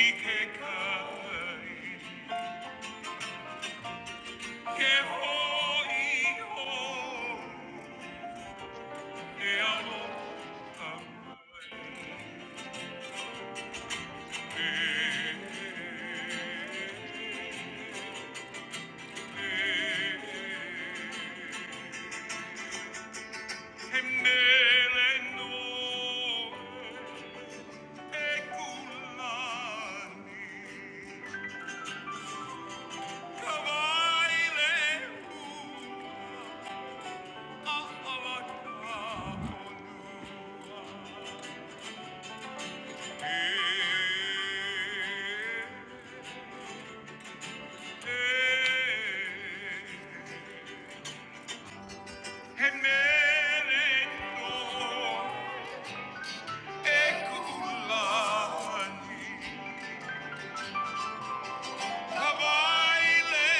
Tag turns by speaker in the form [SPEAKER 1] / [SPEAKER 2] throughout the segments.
[SPEAKER 1] Ikeka, que hoy, hoy, Yeah. Emerendo ekulani kabaile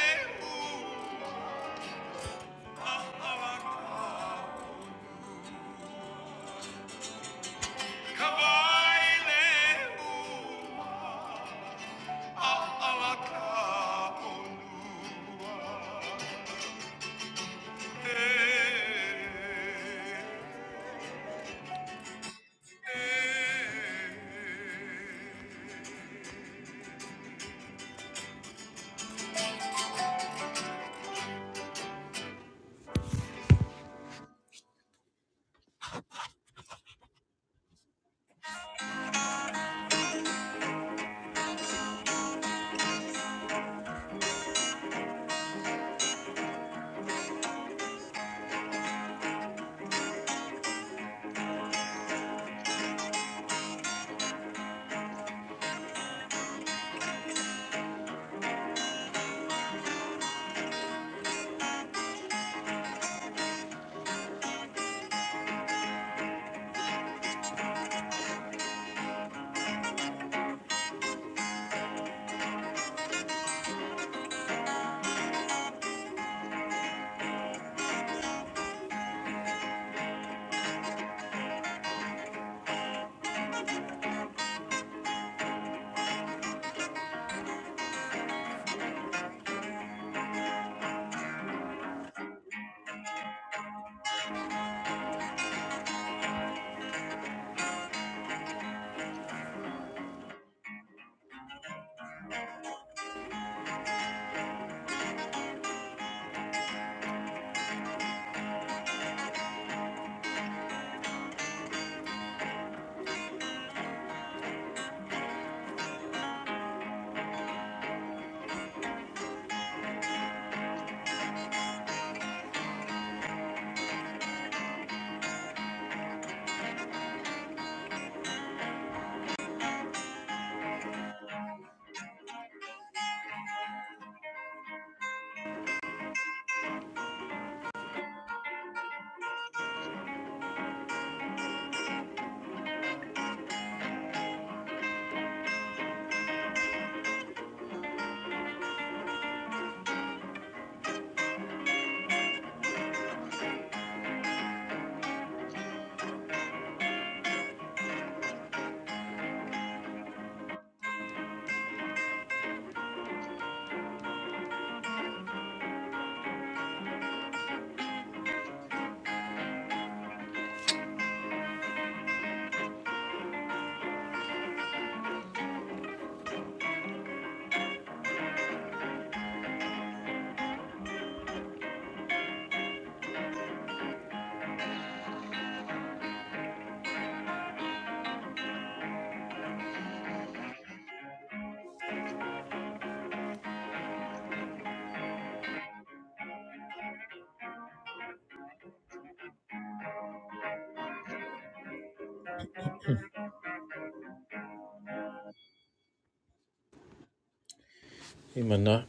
[SPEAKER 1] Hey, Manat,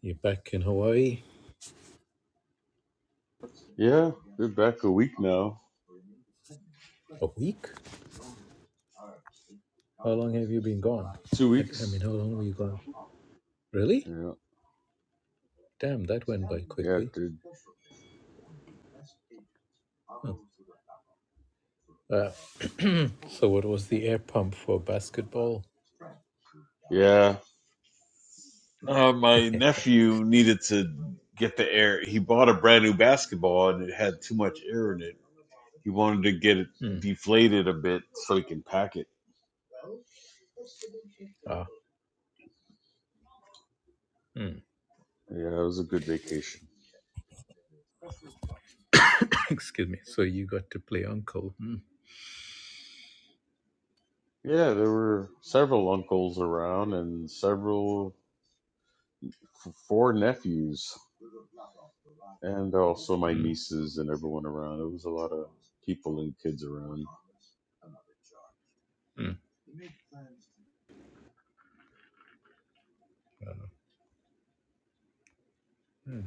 [SPEAKER 1] you're back in Hawaii
[SPEAKER 2] Yeah, we're back a week now.
[SPEAKER 1] a week? How long have you been gone?
[SPEAKER 2] Two
[SPEAKER 1] I, I mean,
[SPEAKER 2] weeks.
[SPEAKER 1] how long were you gone? Really?
[SPEAKER 2] Yeah.
[SPEAKER 1] Damn, that went by
[SPEAKER 2] Yeah,
[SPEAKER 1] quickly.
[SPEAKER 2] dude.
[SPEAKER 1] Oh. Uh, so, what was the air pump for basketball?
[SPEAKER 2] Yeah. Uh, my nephew needed to get the air. He bought a brand new basketball and it had too much air in it. He wanted to get it
[SPEAKER 1] Hmm.
[SPEAKER 2] deflated a bit so he can pack it.
[SPEAKER 1] Ah. Hmm.
[SPEAKER 2] Yeah, it was a good vacation.
[SPEAKER 1] Excuse me. So, you got to play uncle. Hmm.
[SPEAKER 2] Yeah, there were several uncles around and several f- four nephews and also my
[SPEAKER 1] Hmm.
[SPEAKER 2] nieces and everyone around. It was a lot of people and kids around.
[SPEAKER 1] Hmm. Hmm.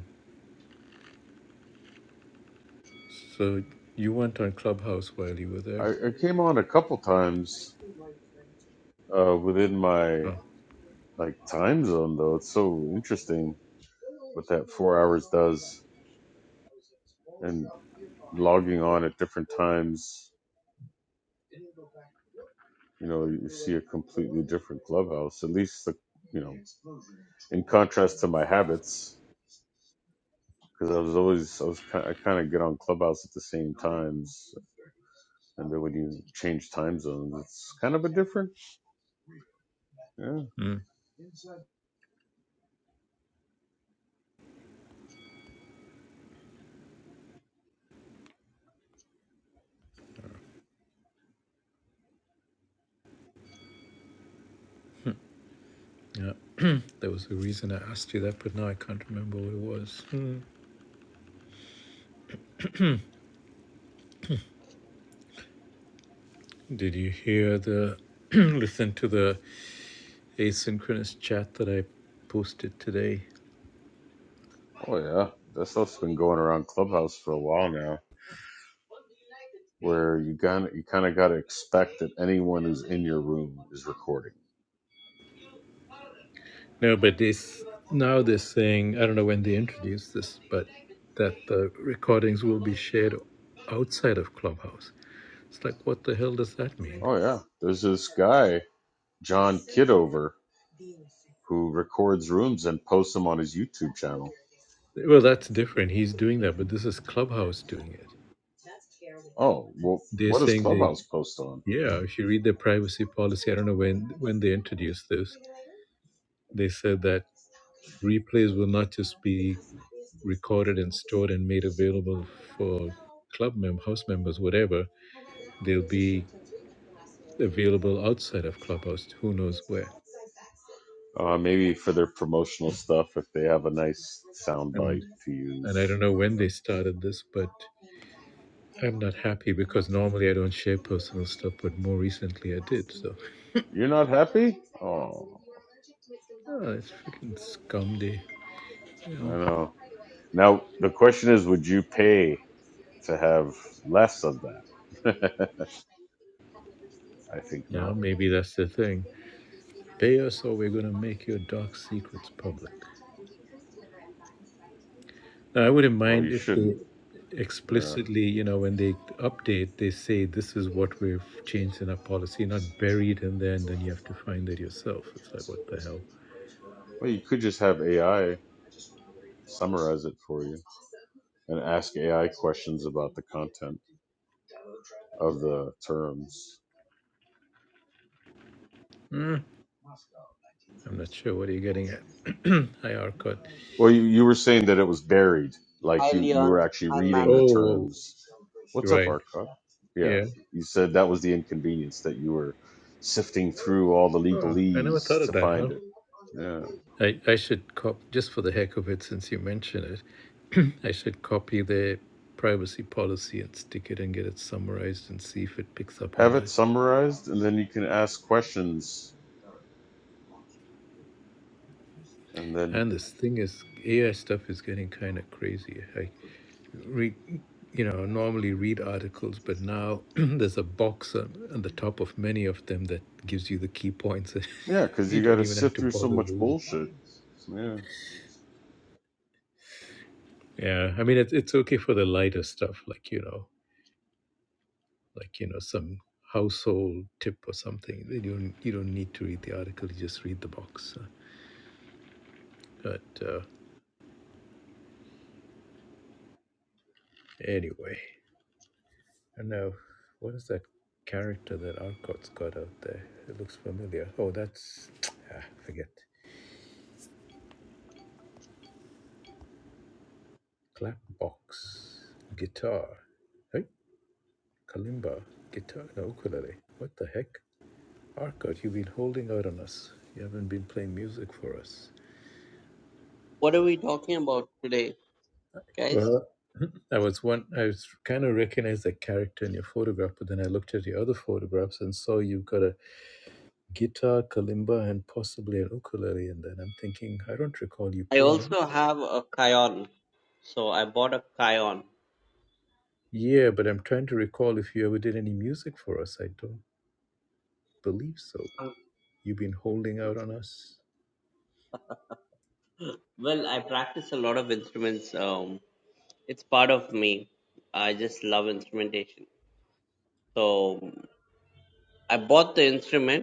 [SPEAKER 1] So, you went on Clubhouse while you were there.
[SPEAKER 2] I, I came on a couple times uh, within my
[SPEAKER 1] Oh.
[SPEAKER 2] like time zone though. It's so interesting what that four hours does, and logging on at different times. You know, you see a completely different clubhouse. At least the you know, in contrast to my habits. because I was always I was kind I kind of get on Clubhouse at the same times, and then when you change time zones, it's kind of a different. Yeah.
[SPEAKER 1] Hmm. Yeah. there was a reason I asked you that, but now I can't remember what it was. Hmm. Did you hear the. listen to the asynchronous chat that I posted today?
[SPEAKER 2] Oh yeah, that stuff's been going around Clubhouse for a while now, where you kind you kind of got to expect that anyone who's in your room is recording.
[SPEAKER 1] No, but this now this thing, I don't know when they introduced this, but that the recordings will be shared outside of Clubhouse. It's like, what the hell does that mean?
[SPEAKER 2] Oh yeah, there's this guy John Kidover who records rooms and posts them on his YouTube channel.
[SPEAKER 1] Well, that's different. He's doing that, but this is Clubhouse doing it.
[SPEAKER 2] Oh well,
[SPEAKER 1] They're
[SPEAKER 2] what does
[SPEAKER 1] saying they,
[SPEAKER 2] Clubhouse post on?
[SPEAKER 1] yeah, if you read their privacy policy, I don't know when when they introduced this, they said that replays will not just be recorded and stored and made available for club mem house members, whatever. They'll be available outside of Clubhouse, who knows where.
[SPEAKER 2] Uh, maybe for their promotional stuff, if they have a nice sound bite
[SPEAKER 1] And
[SPEAKER 2] to use.
[SPEAKER 1] and I don't know when
[SPEAKER 2] you
[SPEAKER 1] they started this, but I'm not happy because normally I don't share personal stuff, but more recently I did. So
[SPEAKER 2] You're not happy? Oh.
[SPEAKER 1] oh, it's freaking scum day, you
[SPEAKER 2] I
[SPEAKER 1] know.
[SPEAKER 2] know. Now, the question is would you pay to have less of that? I think
[SPEAKER 1] Yeah,
[SPEAKER 2] not.
[SPEAKER 1] maybe that's the thing. Pay us or we're gonna make your dark secrets public. Now, I wouldn't
[SPEAKER 2] Well, you
[SPEAKER 1] mind if they
[SPEAKER 2] shouldn't. Yeah.
[SPEAKER 1] explicitly, you know, when they update, they say this is what we've changed in our policy, not buried in there,
[SPEAKER 2] It's
[SPEAKER 1] and
[SPEAKER 2] a
[SPEAKER 1] then
[SPEAKER 2] lot
[SPEAKER 1] you
[SPEAKER 2] of
[SPEAKER 1] have
[SPEAKER 2] fun.
[SPEAKER 1] to
[SPEAKER 2] You
[SPEAKER 1] find it
[SPEAKER 2] can play and
[SPEAKER 1] yourself.
[SPEAKER 2] wager
[SPEAKER 1] It's
[SPEAKER 2] on
[SPEAKER 1] like what the
[SPEAKER 2] skill-based
[SPEAKER 1] hell.
[SPEAKER 2] games with players from around the world. Well, you could just have AI summarize it for you and ask AI questions about the content of the terms.
[SPEAKER 1] Mm. I'm not sure what you're getting at. IR code.
[SPEAKER 2] Well, you, you were saying that it was buried,
[SPEAKER 3] Hi
[SPEAKER 2] like you, you
[SPEAKER 3] Leon,
[SPEAKER 2] were actually
[SPEAKER 3] hi
[SPEAKER 2] reading
[SPEAKER 3] Mana.
[SPEAKER 2] the
[SPEAKER 1] Oh,
[SPEAKER 2] terms. What's up,
[SPEAKER 1] right.
[SPEAKER 2] Arcot? Yeah,
[SPEAKER 1] Yeah.
[SPEAKER 2] you said that was the inconvenience that you were sifting through all the
[SPEAKER 1] Oh, I never thought
[SPEAKER 2] legalese
[SPEAKER 1] of
[SPEAKER 2] to
[SPEAKER 1] that, huh?
[SPEAKER 2] find it. Yeah,
[SPEAKER 1] I, I should cop just for the heck of it, since you mention it, I should copy their privacy policy and stick it and get it summarized and see if it picks up on
[SPEAKER 2] have it
[SPEAKER 1] that.
[SPEAKER 2] summarized, and then you can ask questions and then
[SPEAKER 1] And this thing is AI stuff is getting kind of crazy. I read, you know, normally read articles, but now there's a box on, on the top of many of them that gives you the key points.
[SPEAKER 2] yeah, because
[SPEAKER 1] you
[SPEAKER 2] you got
[SPEAKER 1] don't
[SPEAKER 2] to
[SPEAKER 1] even have
[SPEAKER 2] sift
[SPEAKER 1] to
[SPEAKER 2] through so
[SPEAKER 1] bother
[SPEAKER 2] much
[SPEAKER 1] reading.
[SPEAKER 2] bullshit. Yeah,
[SPEAKER 1] Yeah, I mean, it's it's okay for the lighter stuff, like you know, like you know, some household tip or something. You don't you don't need to read the article; you just read the box. But uh, anyway, I know what is that character that Arcot's got out there? It looks familiar. Oh, that's ah, forget. Clapbox, guitar. Hey, kalimba, guitar, no ukulele. What the heck? Arkot, you've been holding out on us. You haven't been playing music for us.
[SPEAKER 3] What are we talking about today, guys?
[SPEAKER 1] Well, I was one. I was kind of recognized that character in your photograph, but then I looked at your other photographs and saw you've got a guitar, kalimba, and possibly an ukulele. And then I'm thinking, I don't recall you
[SPEAKER 3] I
[SPEAKER 1] playing.
[SPEAKER 3] also have a Kion, so I bought a Kion.
[SPEAKER 1] Yeah, but I'm trying to recall if you ever did any music for us. I don't believe so.
[SPEAKER 3] Um,
[SPEAKER 1] You've been holding out on us.
[SPEAKER 3] Well, I practice a lot of instruments. Um, it's part of me. I just love instrumentation. So I bought the instrument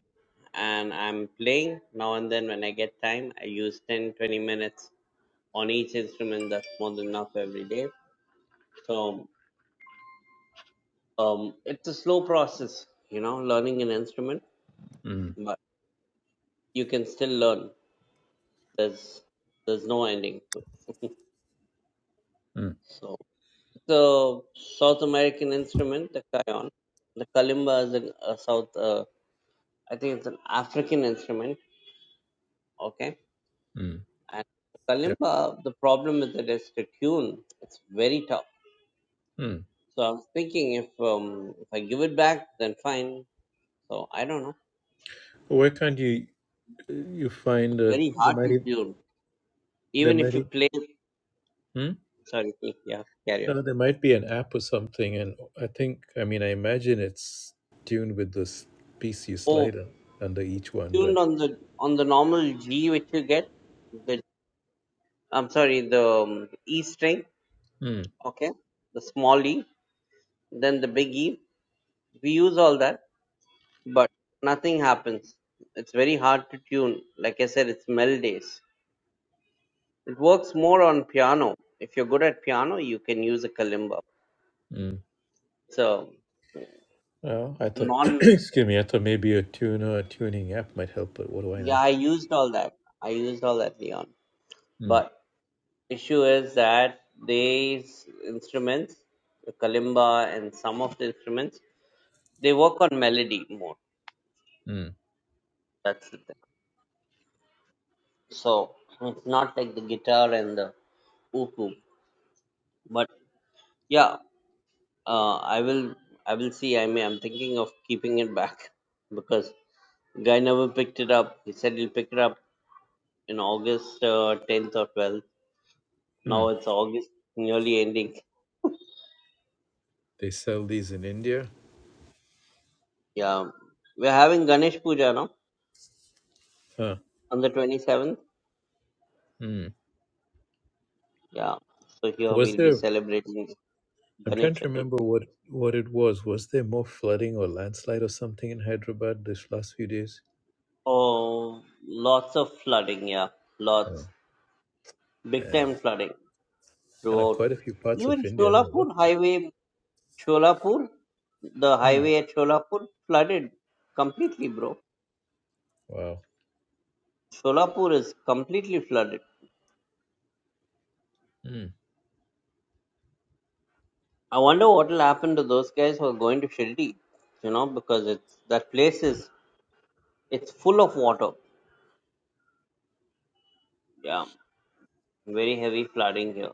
[SPEAKER 3] and I'm playing now and then when I get time. I use 10 20 minutes on each instrument. That's more than enough every day. So um, it's a slow process, you know, learning an instrument.
[SPEAKER 1] Mm,
[SPEAKER 3] but you can still learn. There's there's no ending to it.
[SPEAKER 1] mm.
[SPEAKER 3] So it's a South American instrument, the cajon. The kalimba is an, a South. Uh, I think it's an African instrument. Okay,
[SPEAKER 1] Mm.
[SPEAKER 3] and the
[SPEAKER 1] Yeah.
[SPEAKER 3] kalimba. The problem is that it's to tune. It's very tough.
[SPEAKER 1] Mm.
[SPEAKER 3] So I'm thinking if um, if I give it back, then fine. So I don't know.
[SPEAKER 1] Why can't you you find
[SPEAKER 3] It's
[SPEAKER 1] that
[SPEAKER 3] very
[SPEAKER 1] there
[SPEAKER 3] hard
[SPEAKER 1] might
[SPEAKER 3] to
[SPEAKER 1] be-
[SPEAKER 3] tune.
[SPEAKER 1] there
[SPEAKER 3] Even
[SPEAKER 1] might
[SPEAKER 3] if you
[SPEAKER 1] be-
[SPEAKER 3] play,
[SPEAKER 1] Mm.
[SPEAKER 3] sorry, yeah, carry on.
[SPEAKER 1] no, there might be an app or something, and I think I mean I imagine it's tuned with this PC
[SPEAKER 3] Oh,
[SPEAKER 1] slider under each one, but
[SPEAKER 3] tuned on the on the normal G which you get. the I'm sorry, the um, E string,
[SPEAKER 1] Mm.
[SPEAKER 3] okay, the small e, then the big E. We use all that, but nothing happens. It's very hard to tune. Like I said, it's melodies. It works more on piano. If you're good at piano, you can use a kalimba.
[SPEAKER 1] Mm.
[SPEAKER 3] So
[SPEAKER 1] uh, I thought
[SPEAKER 3] non,
[SPEAKER 1] excuse me, I thought maybe a tuner a tuning app might help, but what do I know?
[SPEAKER 3] yeah, I used all that. I used all that, Leon.
[SPEAKER 1] Mm.
[SPEAKER 3] But issue is that these instruments, the kalimba and some of the instruments, they work on melody more.
[SPEAKER 1] Mm.
[SPEAKER 3] That's the thing So it's not like the guitar and the oop oop. But yeah, uh, I will I will see. I mean, I'm thinking of keeping it back because guy never picked it up. He said he'll pick it up in August uh, 10th or 12th. Now
[SPEAKER 1] Mm.
[SPEAKER 3] it's August nearly ending.
[SPEAKER 1] They sell these in India.
[SPEAKER 3] Yeah, we're having Ganesh Puja now
[SPEAKER 1] Huh.
[SPEAKER 3] on the 27th.
[SPEAKER 1] Mm.
[SPEAKER 3] Yeah, so here
[SPEAKER 1] Was
[SPEAKER 3] we'll be
[SPEAKER 1] there?
[SPEAKER 3] celebrating
[SPEAKER 1] I'm
[SPEAKER 3] Ganesh
[SPEAKER 1] trying to remember
[SPEAKER 3] Chaturthi.
[SPEAKER 1] what what it was. Was there more flooding or landslide or something in Hyderabad this last few days?
[SPEAKER 3] Oh, lots of flooding. Yeah,
[SPEAKER 1] Oh
[SPEAKER 3] lots big
[SPEAKER 1] man,
[SPEAKER 3] time flooding.
[SPEAKER 1] kind of
[SPEAKER 3] throughout
[SPEAKER 1] quite a few parts of
[SPEAKER 3] even
[SPEAKER 1] India. I don't know what.
[SPEAKER 3] Sholapur
[SPEAKER 1] The,
[SPEAKER 3] highway, Sholapur, the
[SPEAKER 1] Hmm.
[SPEAKER 3] highway at Sholapur flooded completely, bro.
[SPEAKER 1] Wow.
[SPEAKER 3] Sholapur is completely flooded.
[SPEAKER 1] Hmm.
[SPEAKER 3] I wonder what will happen to those guys who are going to Shirdi, you know, because it's that place is it's full of water. Yeah, very heavy flooding here.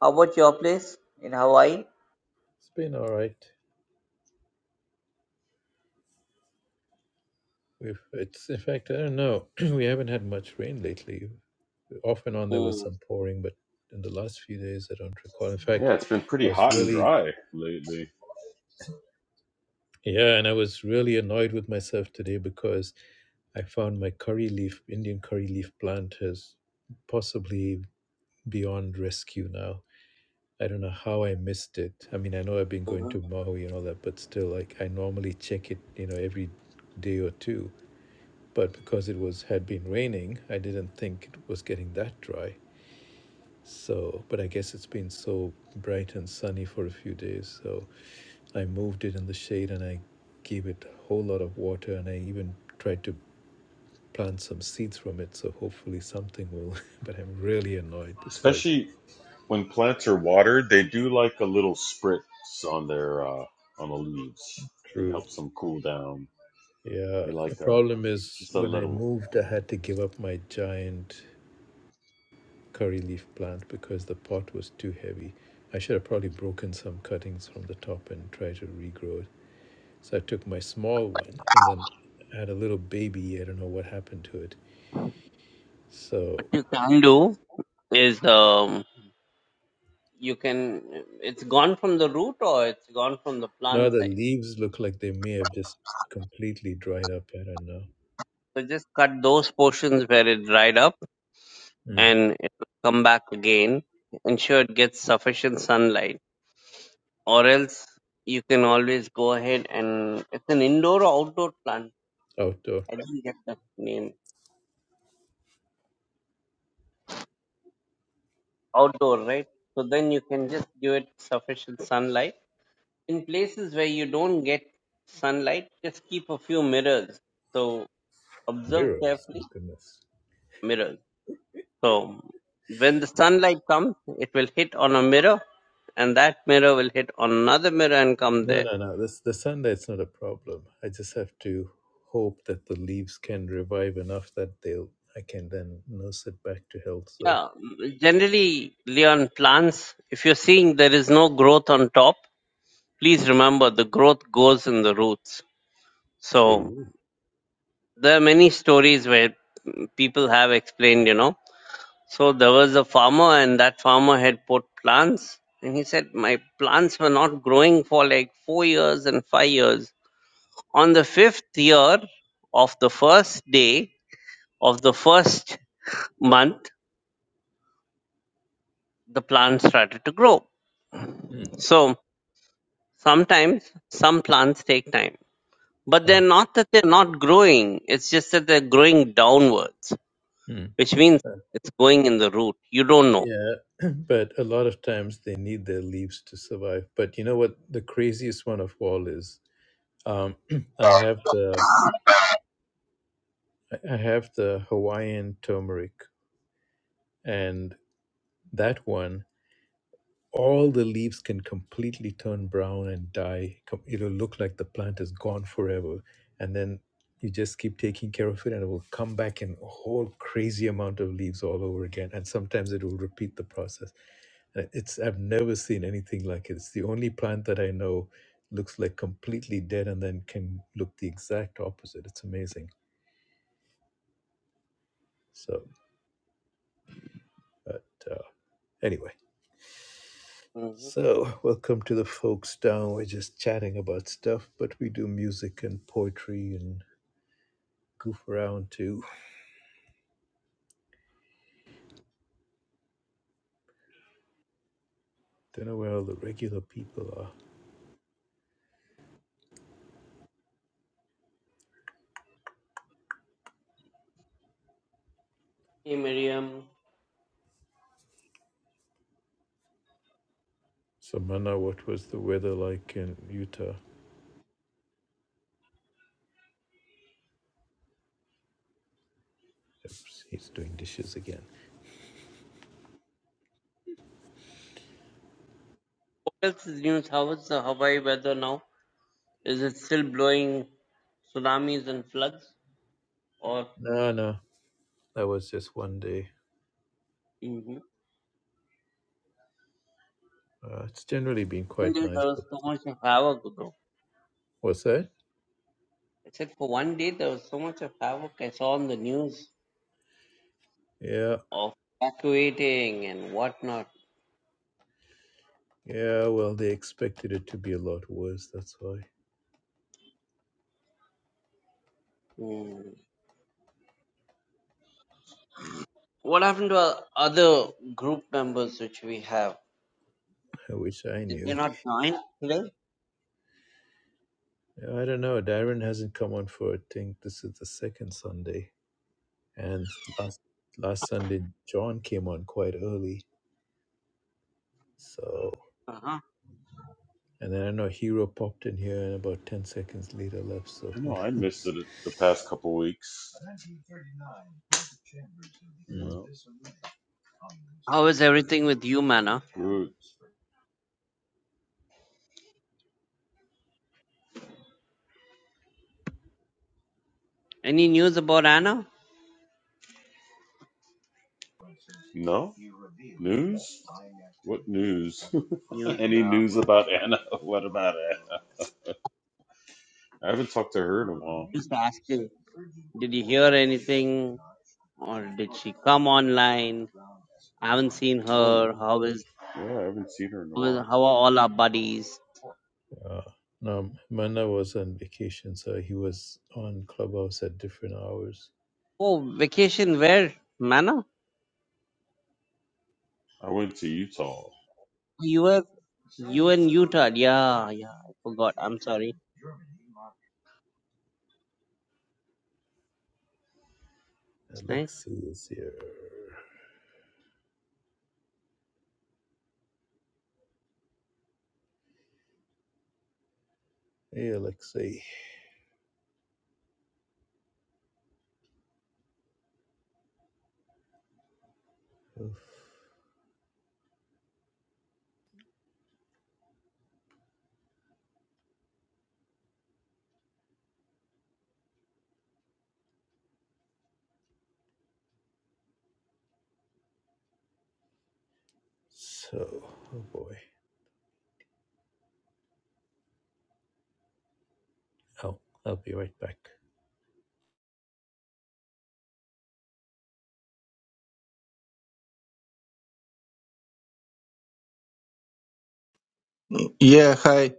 [SPEAKER 3] How about your place in Hawaii?
[SPEAKER 1] It's been all right. We've it's in fact I don't know. we haven't had much rain lately. Off and on there was
[SPEAKER 3] Mm-hmm.
[SPEAKER 1] some pouring, but in the last few days I don't recall. In fact,
[SPEAKER 2] yeah, it's been pretty
[SPEAKER 1] I was
[SPEAKER 2] hot and
[SPEAKER 1] really
[SPEAKER 2] dry lately,
[SPEAKER 1] yeah, and I was really annoyed with myself today because I found my curry leaf Indian curry leaf plant has possibly beyond rescue now. I don't know how I missed it. I mean, I know I've been going to
[SPEAKER 3] What
[SPEAKER 1] Maui and all that, but still, like, I normally check it, you know, every day or two. But because it was had been raining, I didn't think it was getting that dry. So, but I guess it's been so bright and sunny for a few days. So I moved it in the shade and I gave it a whole lot of water and I even tried to plant some seeds from it. So hopefully something will. But I'm really annoyed because
[SPEAKER 2] especially when plants are watered. They do like a little spritz on their uh, on the leaves. It
[SPEAKER 1] true
[SPEAKER 2] helps them cool down.
[SPEAKER 1] Yeah,
[SPEAKER 2] They
[SPEAKER 1] the
[SPEAKER 2] like a
[SPEAKER 1] problem is
[SPEAKER 2] just a
[SPEAKER 1] when I
[SPEAKER 2] little.
[SPEAKER 1] moved, I had to give up my giant curry leaf plant because the pot was too heavy. I should have probably broken some cuttings from the top and tried to regrow it. So I took my small one and then I had a little baby. I don't know what happened to it. So
[SPEAKER 3] you can do is um, you can it's gone from the root or it's gone from the
[SPEAKER 1] now
[SPEAKER 3] plant
[SPEAKER 1] the
[SPEAKER 3] side.
[SPEAKER 1] leaves look like they may have just completely dried up. I don't know.
[SPEAKER 3] So just cut those portions where it dried up
[SPEAKER 1] Mm.
[SPEAKER 3] and it will come back again. Ensure it gets sufficient sunlight. Or else you can always go ahead and it's an indoor or outdoor plant.
[SPEAKER 1] Outdoor.
[SPEAKER 3] I didn't get the name. Outdoor, right? So then you can just give it sufficient sunlight. In places where you don't get sunlight, just keep a few mirrors. So observe
[SPEAKER 1] Virus,
[SPEAKER 3] carefully
[SPEAKER 1] my goodness.
[SPEAKER 3] mirrors. So when the sunlight comes, it will hit on a mirror, and that mirror will hit on another mirror and come
[SPEAKER 1] No,
[SPEAKER 3] there.
[SPEAKER 1] no, no. This the sunlight's not a problem. I just have to hope that the leaves can revive enough that they'll I can then nurse it back to health. So
[SPEAKER 3] Yeah, mm, generally, Leon, plants, if you're seeing there is no growth on top, please remember the growth goes in the roots. So
[SPEAKER 1] True.
[SPEAKER 3] there are many stories where mm, people have explained, you know. So there was a farmer, and that farmer had put plants, and he said, My plants were not growing for like four years and five years On the fifth year of the first day of the first month, the plant started to grow.
[SPEAKER 1] Mm.
[SPEAKER 3] So sometimes some plants take time, but they're
[SPEAKER 1] oh.
[SPEAKER 3] not that they're not growing. It's just that they're growing downwards,
[SPEAKER 1] Mm.
[SPEAKER 3] which means
[SPEAKER 1] uh,
[SPEAKER 3] it's going in the root. You don't know.
[SPEAKER 1] yeah. but a lot of times they need their leaves to survive. But you know what the craziest one of all is? Um I have the I I have the Hawaiian turmeric and that one all the leaves can completely turn brown and die. com- It'll look like the plant is gone forever. And then you just keep taking care of it, and it will come back in a whole crazy amount of leaves all over again. And sometimes it will repeat the process. And It's I've never seen anything like it. It's the only plant that I know looks like completely dead and then can look the exact opposite. It's amazing. So, but uh, anyway
[SPEAKER 3] Mhm.
[SPEAKER 1] So, welcome to the folks down. We're just chatting about stuff, but we do music and poetry and goof around too. Don't know where all the regular people are.
[SPEAKER 3] Hey Miriam,
[SPEAKER 1] Samana, what was the weather like in Utah? Oops, he's doing dishes again.
[SPEAKER 3] what else is news? How is the Hawaii weather now? Is it still blowing tsunamis and floods? Or
[SPEAKER 1] No, no, that was just one day.
[SPEAKER 3] Mhm.
[SPEAKER 1] Uh, it's generally been
[SPEAKER 3] one
[SPEAKER 1] quite
[SPEAKER 3] day
[SPEAKER 1] nice,
[SPEAKER 3] there was
[SPEAKER 1] but
[SPEAKER 3] so much havoc, bro.
[SPEAKER 1] what's that?
[SPEAKER 3] I said for one day there was so much of havoc I saw on the news
[SPEAKER 1] Yeah,
[SPEAKER 3] of evacuating and whatnot.
[SPEAKER 1] yeah, well, they expected it to be a lot worse, that's why.
[SPEAKER 3] Hmm. What happened to our other group members which we have?
[SPEAKER 1] I wish I
[SPEAKER 3] Did they
[SPEAKER 1] knew.
[SPEAKER 3] not join today?
[SPEAKER 1] Yeah, I don't know. Darren hasn't come on for, I think this is the second Sunday. and last last Sunday John came on quite early. So
[SPEAKER 3] Uh-huh.
[SPEAKER 1] and then I know Hero popped in here and about ten seconds later left. So
[SPEAKER 2] I
[SPEAKER 1] who
[SPEAKER 2] know I missed
[SPEAKER 1] knows?
[SPEAKER 2] it the past couple weeks.
[SPEAKER 1] Mm.
[SPEAKER 2] You know?
[SPEAKER 3] How is everything with you, Manna?
[SPEAKER 2] Good.
[SPEAKER 3] Any news about Anna?
[SPEAKER 2] No? News? What news?
[SPEAKER 3] News.
[SPEAKER 2] Any news
[SPEAKER 3] Uh,
[SPEAKER 2] about Anna? What about Anna? I haven't talked to her in a while.
[SPEAKER 3] just asking. Did you hear anything, or did she come online? I haven't seen
[SPEAKER 2] Oh,
[SPEAKER 3] her.
[SPEAKER 2] no.
[SPEAKER 3] How is
[SPEAKER 2] yeah, I haven't seen her in a
[SPEAKER 3] how, is,
[SPEAKER 2] while.
[SPEAKER 3] how are all our buddies?
[SPEAKER 1] Uh, no, Manna was on vacation, so he was on Clubhouse at different hours.
[SPEAKER 3] Oh, vacation where, Manna?
[SPEAKER 2] I went to Utah
[SPEAKER 3] You were you in Utah? Yeah, yeah. I forgot. I'm sorry. It's nice.
[SPEAKER 1] Alexei is here. Hey, Alexei. Oof. So, oh boy. Oh, I'll be right back.
[SPEAKER 4] Yeah, hi.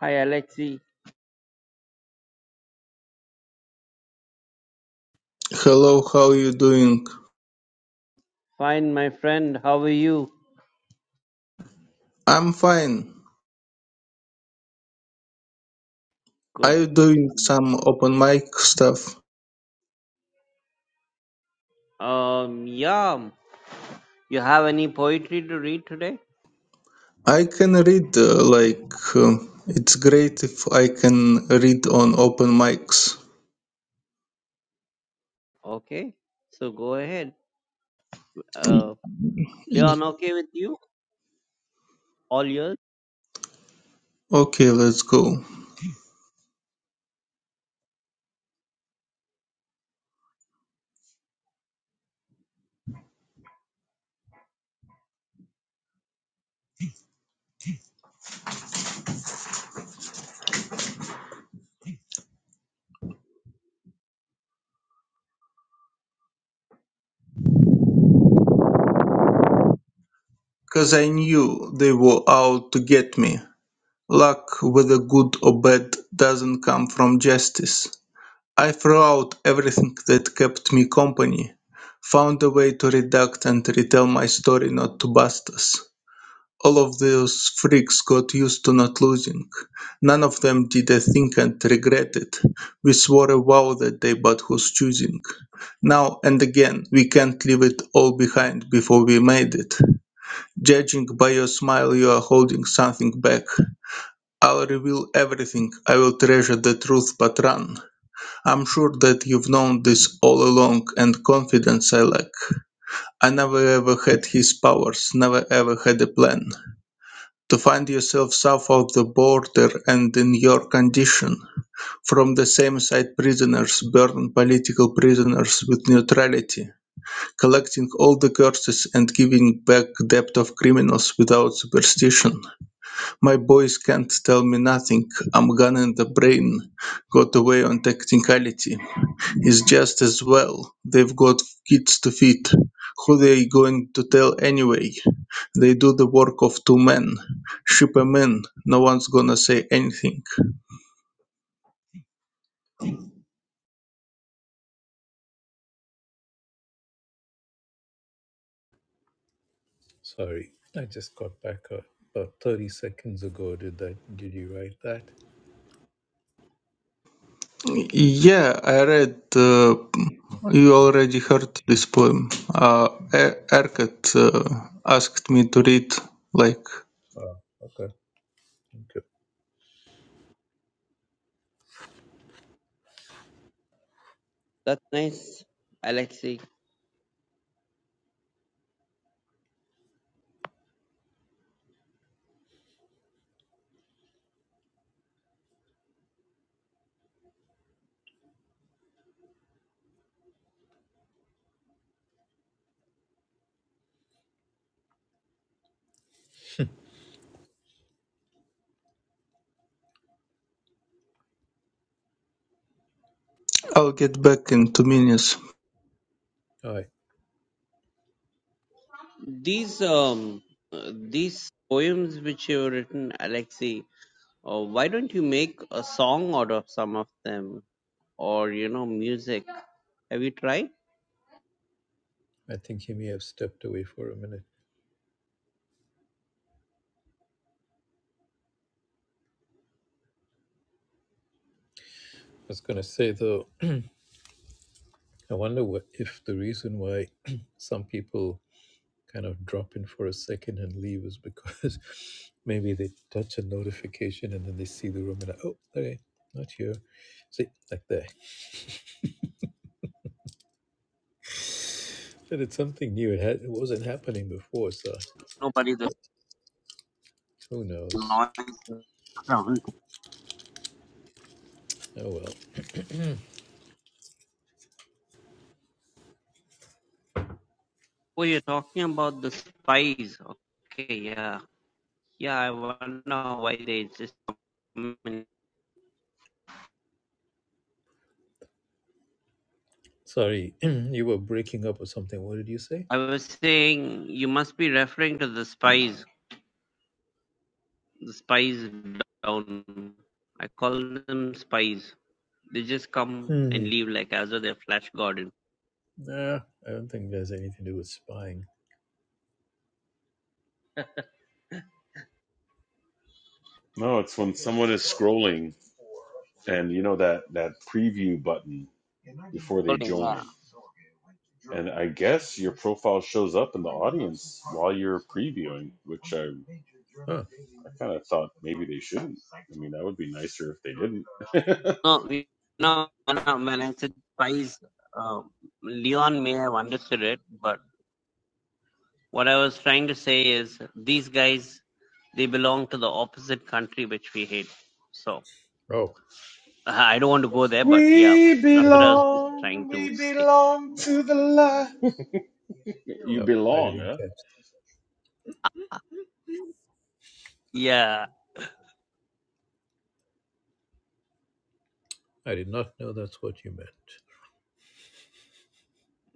[SPEAKER 3] Hi, Alexi.
[SPEAKER 4] Hello, how you doing?
[SPEAKER 3] Fine, my friend. How are you?
[SPEAKER 4] I'm fine.
[SPEAKER 3] Good.
[SPEAKER 4] Are you
[SPEAKER 3] That's
[SPEAKER 4] doing
[SPEAKER 3] good.
[SPEAKER 4] some open mic stuff?
[SPEAKER 3] Um, yeah. You have any poetry to read today?
[SPEAKER 4] I can read, uh, like, uh, it's great if I can read on open mics.
[SPEAKER 3] Okay. So go ahead.
[SPEAKER 4] Y-
[SPEAKER 3] Uh,
[SPEAKER 4] y-
[SPEAKER 3] Leon, okay with you? All yours.
[SPEAKER 4] Okay, let's go. Because I knew they were out to get me. Luck, whether good or bad, doesn't come from justice. I threw out everything that kept me company, found a way to redact and retell my story not to bust us. All of those freaks got used to not losing. None of them did a thing and regret it. We swore a vow that day, but who's choosing? Now and again, we can't leave it all behind before we made it. Judging by your smile, you are holding something back. I'll reveal everything. I will treasure the truth, but run. I'm sure that you've known this all along, and confidence I lack. I never ever had his powers, never ever had a plan. To find yourself south of the border and in your condition, from the same side prisoners burn political prisoners with neutrality, collecting all the curses and giving back debt of criminals without superstition. My boys can't tell me nothing, I'm gun in the brain, got away on technicality. It's just as well they've got kids to feed. Who they going to tell anyway? They do the work of two men. Ship 'em in. No one's gonna say anything.
[SPEAKER 1] Sorry, I just got back uh, about 30 seconds ago. Did that? Did you write that?
[SPEAKER 4] Yeah, I read. Uh, you already heard this poem. Uh, Er- Erkat uh, asked me to read. Like,
[SPEAKER 1] Oh, okay. Good.
[SPEAKER 3] That's nice, Alexi.
[SPEAKER 4] I'll get back in two minutes.
[SPEAKER 1] I,
[SPEAKER 3] These um, uh, these poems which you've written, Alexi. Uh, why don't you make a song out of some of them? or you know music. Have you tried?
[SPEAKER 1] I think he may have stepped away for a minute. I was going to say, though, I wonder what, if the reason why some people kind of drop in for a second and leave is because maybe they touch a notification and then they see the room and, oh, okay, not here. See, like that. But it's something new. It, had, it wasn't happening before, so
[SPEAKER 3] Nobody the
[SPEAKER 1] who knows?
[SPEAKER 3] noise background.
[SPEAKER 1] Oh, well.
[SPEAKER 3] Oh, you're talking about the spies. Okay, yeah, yeah. I wonder why they just.
[SPEAKER 1] Sorry, you were breaking up or something. What did you say?
[SPEAKER 3] I was saying you must be referring to the spies. The spies down. I call them spies. They just come and
[SPEAKER 1] hmm
[SPEAKER 3] leave like as though they're flash garden.
[SPEAKER 1] Nah, I don't think there's anything to do with spying.
[SPEAKER 2] No, it's when someone is scrolling and you know that that preview button before they
[SPEAKER 3] Yeah.
[SPEAKER 2] join. And I guess your profile shows up in the audience while you're previewing, which I
[SPEAKER 1] Huh.
[SPEAKER 2] I kind of thought maybe they shouldn't. I mean, that would be nicer if they didn't.
[SPEAKER 3] No, we, no. When I when I said spies, uh, Leon may have understood it, but What I was trying to say is these guys they belong to the opposite country which we hate. So
[SPEAKER 1] Oh.
[SPEAKER 3] I don't want to go there, but yeah,
[SPEAKER 2] we
[SPEAKER 1] I
[SPEAKER 3] that's what
[SPEAKER 1] did
[SPEAKER 3] I was just trying
[SPEAKER 2] belong,
[SPEAKER 3] to
[SPEAKER 2] we
[SPEAKER 3] say.
[SPEAKER 2] belong
[SPEAKER 1] not.
[SPEAKER 2] to the light. you
[SPEAKER 1] No, I
[SPEAKER 2] belong,
[SPEAKER 1] didn't
[SPEAKER 2] huh?
[SPEAKER 1] catch.
[SPEAKER 3] Yeah,
[SPEAKER 1] I did not know that's what you meant.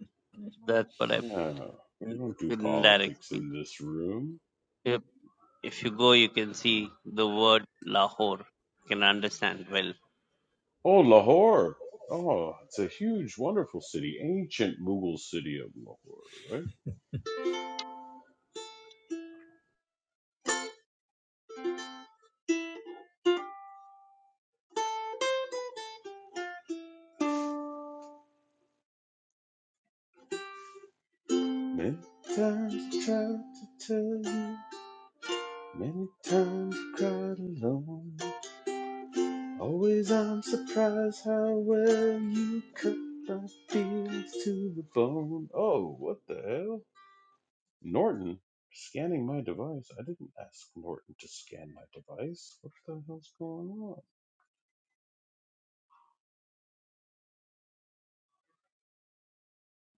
[SPEAKER 3] that's what I.
[SPEAKER 2] Yeah, we don't
[SPEAKER 3] It's
[SPEAKER 2] do
[SPEAKER 3] in indirect
[SPEAKER 2] politics
[SPEAKER 3] speech.
[SPEAKER 2] in this room.
[SPEAKER 3] If, if you go, you can
[SPEAKER 2] Well,
[SPEAKER 3] see the word Lahore. You can understand well.
[SPEAKER 2] Oh, Lahore. Oh, it's a huge, wonderful city. Ancient Mughal city of Lahore, right? Many times I tried to tell you, many times I cried alone. Always I'm surprised how well you cut my feelings to the bone. Oh, what the hell? Norton scanning my device. I didn't ask Norton to scan my device. What the hell's going on?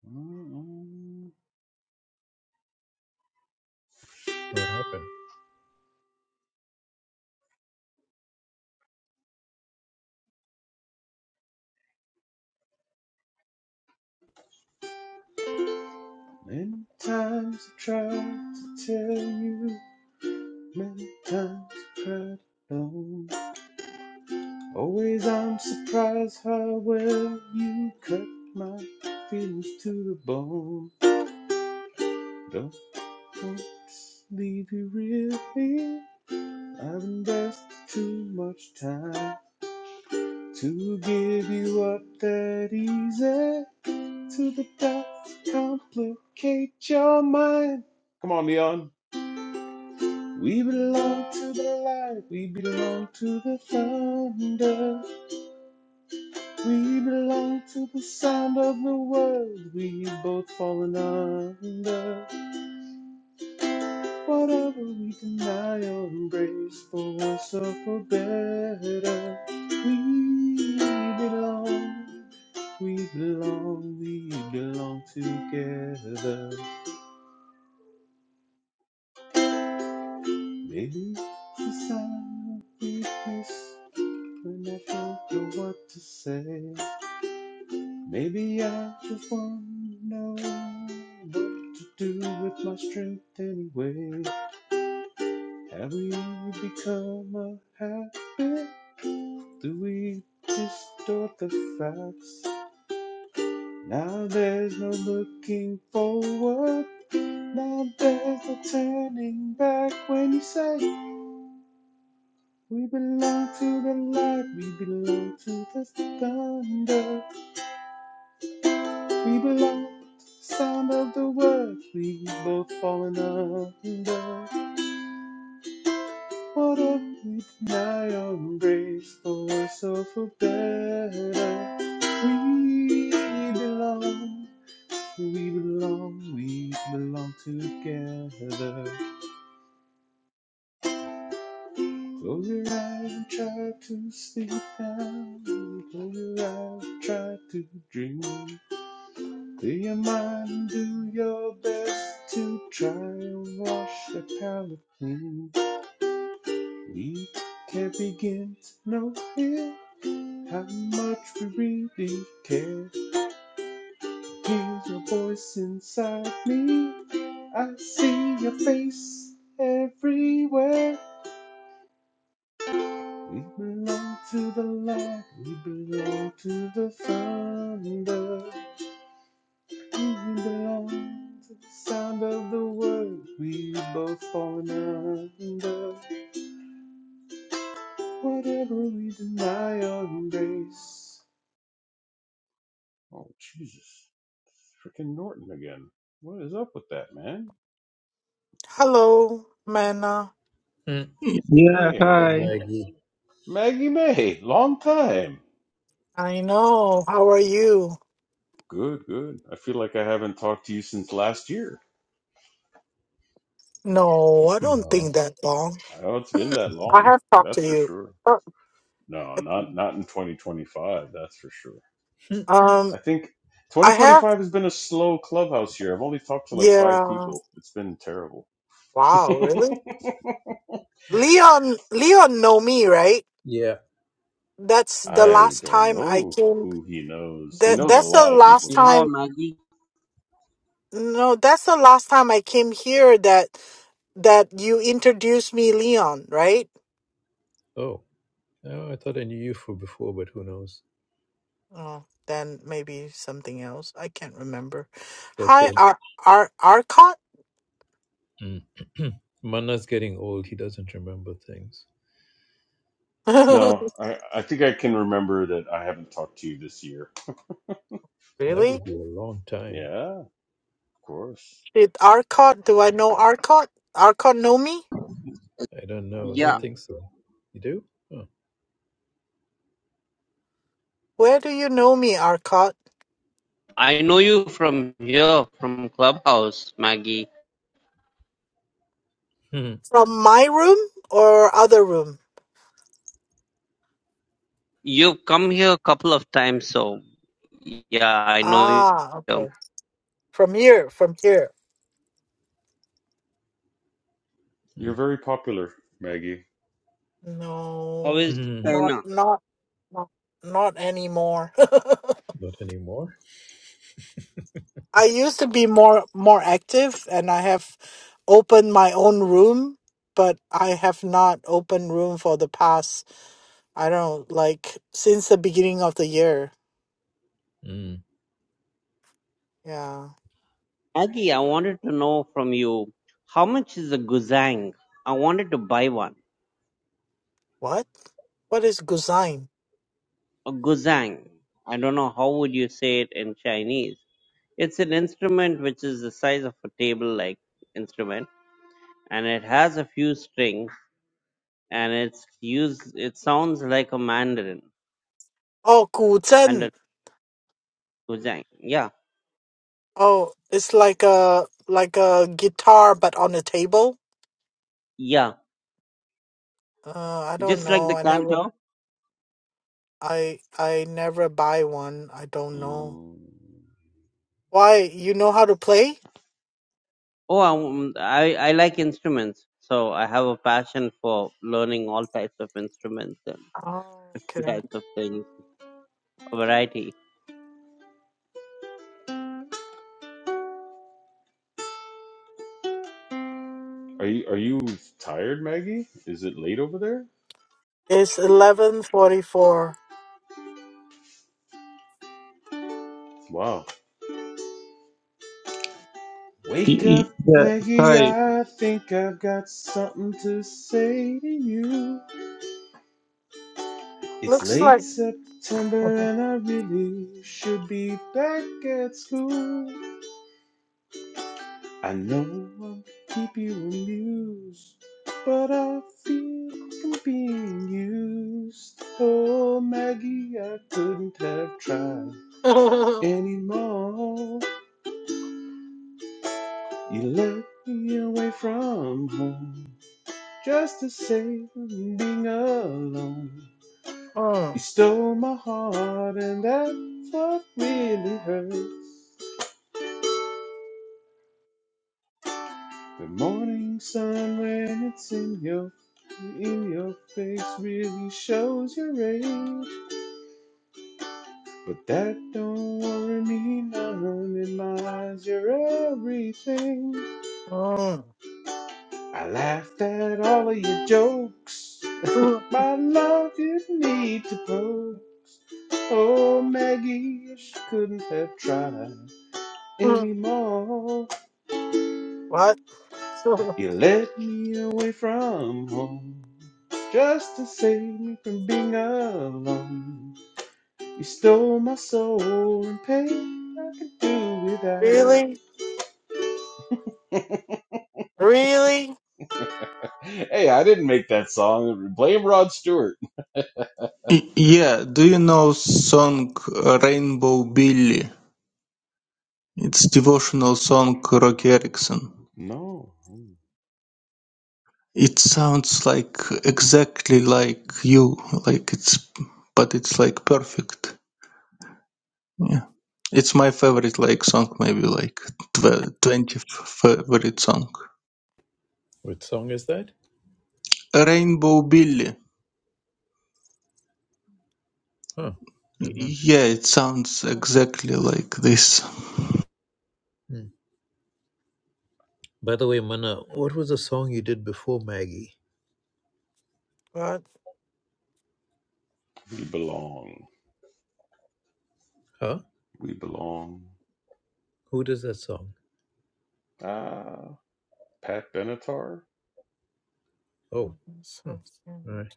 [SPEAKER 2] Mm-mm.
[SPEAKER 1] What happened?
[SPEAKER 2] Many times I tried to tell you, many times I cried alone. Always I'm surprised how well you cut my feelings to the bone. Don't want to leave you really. I've invested too much time to give you up that easy. To the dots complicate your mind. Come on, Leon. We belong to the light, we belong to the thunder, we belong to the sound of the world, we both fallen under. Whatever we deny or embrace, for worse or for better, we belong, we belong, we belong together. Maybe it's a sign of weakness, when I don't know what to say. Maybe I just want to know what to do with my strength anyway. Have we become a habit? Do we distort the facts? Now there's no looking forward. Now there's no turning back when you say we belong to the light, we belong to the thunder. We belong. Sound of the word, we both fallen under. What if we deny our grace for worse or for better? We belong, we belong, we belong together. Close your eyes and try to sleep now. Close your eyes and try to dream. Do your mind, do your best to try and wash the palate clean. We can't begin to know here how much we really care. Hear your voice inside me. I see your face everywhere. We belong to the light, we belong to the thunder. You belong to the sound of the words we both fallen under. Whatever we deny or embrace. Oh Jesus, freaking Norton again. What is up with that man?
[SPEAKER 5] Hello, Manna.
[SPEAKER 1] Mm.
[SPEAKER 4] Yeah,
[SPEAKER 2] Hey, how's
[SPEAKER 1] Hey
[SPEAKER 2] it
[SPEAKER 4] hi.
[SPEAKER 2] going,
[SPEAKER 1] Maggie.
[SPEAKER 2] Maggie May? Long time.
[SPEAKER 5] I know. How are you?
[SPEAKER 2] Good, good. I feel like I haven't talked to you since last year.
[SPEAKER 5] No, I don't
[SPEAKER 1] No.
[SPEAKER 5] think that long.
[SPEAKER 2] Oh, it's been that
[SPEAKER 5] I
[SPEAKER 2] long.
[SPEAKER 5] have talked
[SPEAKER 2] That's
[SPEAKER 5] to
[SPEAKER 2] for
[SPEAKER 5] you.
[SPEAKER 2] sure.
[SPEAKER 5] Uh,
[SPEAKER 2] No, not not in 2025. That's for sure.
[SPEAKER 1] Mm.
[SPEAKER 5] Um,
[SPEAKER 2] I think
[SPEAKER 5] I have.
[SPEAKER 2] 2025 has been a slow clubhouse year. I've only talked to like five
[SPEAKER 5] Yeah.
[SPEAKER 2] people. It's been terrible.
[SPEAKER 5] Wow, really? Leon, Leon know me, right?
[SPEAKER 1] Yeah.
[SPEAKER 5] That's the
[SPEAKER 2] I
[SPEAKER 5] last
[SPEAKER 2] don't
[SPEAKER 5] time I
[SPEAKER 2] know
[SPEAKER 5] came.
[SPEAKER 2] who he knows. He
[SPEAKER 5] That
[SPEAKER 2] knows a
[SPEAKER 5] that's the
[SPEAKER 2] lot of
[SPEAKER 5] last
[SPEAKER 2] people though.
[SPEAKER 3] Yeah,
[SPEAKER 5] time.
[SPEAKER 3] Maggie.
[SPEAKER 5] No, that's the last time I came here. That that you introduced me, Leon, right?
[SPEAKER 1] Oh. Oh, I thought I knew you for before, but who knows?
[SPEAKER 5] Oh, then maybe something else. I can't remember. Hi,
[SPEAKER 1] Okay.
[SPEAKER 5] Ar Ar Arcot?
[SPEAKER 1] Mm. Manna's getting old. He doesn't remember things.
[SPEAKER 2] No, I, I think I can remember that I haven't talked to you this year.
[SPEAKER 1] That
[SPEAKER 5] Really?
[SPEAKER 1] would be a long time.
[SPEAKER 2] Yeah, of course.
[SPEAKER 5] Did Arcot, do I know Arcot? Arcot know me?
[SPEAKER 1] I don't
[SPEAKER 2] I
[SPEAKER 1] know.
[SPEAKER 2] don't
[SPEAKER 1] Don't
[SPEAKER 3] Yeah,
[SPEAKER 2] know.
[SPEAKER 1] think so. You do? Huh.
[SPEAKER 5] Where do you know me, Arcot?
[SPEAKER 3] I know you from here, from Clubhouse, Maggie.
[SPEAKER 1] Mm.
[SPEAKER 5] From my room or other room?
[SPEAKER 3] You've come here a couple of times, so yeah, I know you.
[SPEAKER 5] Ah, okay. From here, from here.
[SPEAKER 2] You're
[SPEAKER 1] Mm.
[SPEAKER 2] very popular, Maggie.
[SPEAKER 3] How
[SPEAKER 5] No,
[SPEAKER 3] is
[SPEAKER 1] Mhm.
[SPEAKER 5] not
[SPEAKER 3] China?
[SPEAKER 5] not not, not anymore.
[SPEAKER 1] Not anymore.
[SPEAKER 5] I used to be more more active, and I have opened my own room, but I have not opened room for the past I don't know, like since the beginning of the year.
[SPEAKER 1] Mm.
[SPEAKER 5] Yeah.
[SPEAKER 3] Aggie, I wanted to know from you how much is a guzheng? I wanted to buy one.
[SPEAKER 5] What? What is guzheng?
[SPEAKER 3] A guzheng. I don't know how would you say it in Chinese. It's an instrument which is the size of a table-like instrument, and it has a few strings, and it's used. It sounds like a mandarin.
[SPEAKER 5] Oh,
[SPEAKER 3] And
[SPEAKER 5] 古筝.
[SPEAKER 3] a guzheng. Yeah,
[SPEAKER 5] Oh, it's like a like a guitar but on a table.
[SPEAKER 3] yeah,
[SPEAKER 5] Uh, I don't
[SPEAKER 3] just like
[SPEAKER 5] know.
[SPEAKER 3] the
[SPEAKER 5] I never
[SPEAKER 3] canto.
[SPEAKER 5] I I never buy one. I don't know.
[SPEAKER 2] Mm.
[SPEAKER 5] Why? You know how to play?
[SPEAKER 3] Oh, I, um, I I like instruments, so I have a passion for learning all types of instruments and
[SPEAKER 5] Oh, okay.
[SPEAKER 3] types of things. variety.
[SPEAKER 2] Are you are you tired, Maggie? Is it late over there?
[SPEAKER 5] It's eleven forty four.
[SPEAKER 2] Wow. Wake
[SPEAKER 4] Y- y-
[SPEAKER 2] up,
[SPEAKER 4] Yeah,
[SPEAKER 2] Maggie.
[SPEAKER 4] hi.
[SPEAKER 2] I think I've got something to say to you. It's
[SPEAKER 5] Looks
[SPEAKER 2] late
[SPEAKER 5] like
[SPEAKER 2] September and I really should be back at school. I know I'll keep you amused, but I feel like I'm being used. Oh, Maggie, I couldn't have tried anymore. You let me away from home. just to save me from being alone. You
[SPEAKER 5] Mm, mm,
[SPEAKER 2] stole my heart, and that's what really hurts. The morning sun, when it's in your in your face, really shows your age. But that don't worry me none. It lies, you're everything. I laughed at all of your jokes.
[SPEAKER 5] mm,
[SPEAKER 2] My love you need to pose. Oh, Maggie, you couldn't have tried
[SPEAKER 5] mm.
[SPEAKER 2] anymore.
[SPEAKER 5] what?
[SPEAKER 2] You led me away from home just to save me from being alone. You stole my soul and pain I could do
[SPEAKER 5] really?
[SPEAKER 2] without.
[SPEAKER 5] Really?
[SPEAKER 2] Hey, I didn't make that song. Blame Rod Stewart.
[SPEAKER 4] Y- Yeah, do you know song uh, Rainbow Billy? It's devotional song Rocky Erickson.
[SPEAKER 2] No,
[SPEAKER 4] It sounds like exactly like you, like it's, but it's like perfect. Yeah, it's my favorite like song, maybe like tw- twenty favorite song.
[SPEAKER 1] What song is that?
[SPEAKER 4] Rainbow Billy.
[SPEAKER 1] Huh. Don't know.
[SPEAKER 4] Yeah, it sounds exactly like this.
[SPEAKER 1] Mm. By the way, Manna, what was the song you did before Maggie?
[SPEAKER 5] What?
[SPEAKER 2] we belong.
[SPEAKER 1] Huh?
[SPEAKER 2] We belong.
[SPEAKER 1] Who does that song?
[SPEAKER 2] Ah, Pat Benatar.
[SPEAKER 1] Oh, hmm. all right.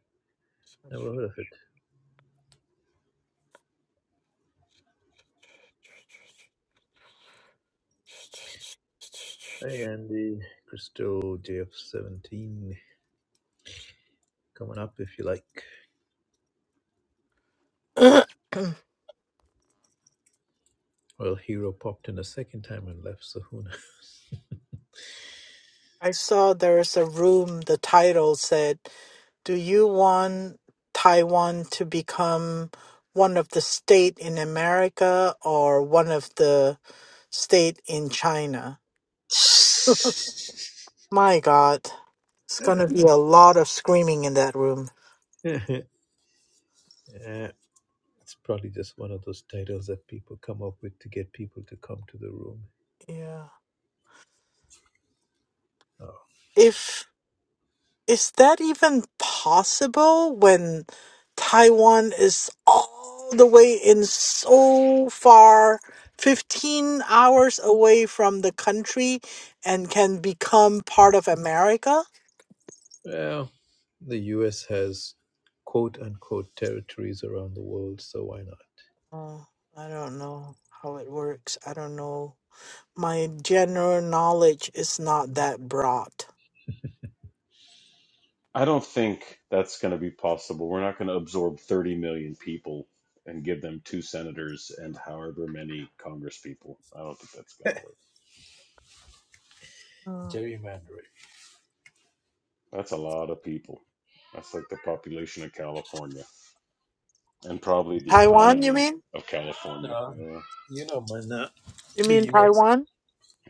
[SPEAKER 1] Never heard of it. Hey, Andy, Crystal, JF17, coming up if you like. Yeah. Well, Hero popped in a second time and left, so who knows?
[SPEAKER 5] I saw there is a room. The title said, "Do you want Taiwan to become one of the state in America or one of the state in China?" My God, it's going to be a lot of screaming in that room.
[SPEAKER 1] yeah, it's probably just one of those titles that people come up with to get people to come to the room.
[SPEAKER 5] Yeah.
[SPEAKER 1] Oh.
[SPEAKER 5] If is that even possible when Taiwan is all the way in so far 15 hours away from the country and can become part of America?
[SPEAKER 1] Well, the US has quote unquote territories around the world, so why not?
[SPEAKER 5] Oh, I don't know how it works. I don't know. My general knowledge is not that broad.
[SPEAKER 2] I don't think that's going to be possible. We're not going to absorb 30 million people and give them two senators and however many Congress people. I don't think that's going to work.
[SPEAKER 5] Uh,
[SPEAKER 1] Gerrymandering.
[SPEAKER 2] That's a lot of people. That's like the population of California and probably the
[SPEAKER 5] Taiwan, you
[SPEAKER 2] economy
[SPEAKER 5] mean?
[SPEAKER 2] of California.
[SPEAKER 1] No,
[SPEAKER 2] Yeah.
[SPEAKER 1] you know, man, uh,
[SPEAKER 5] You
[SPEAKER 1] the
[SPEAKER 5] mean
[SPEAKER 1] US.
[SPEAKER 5] Taiwan?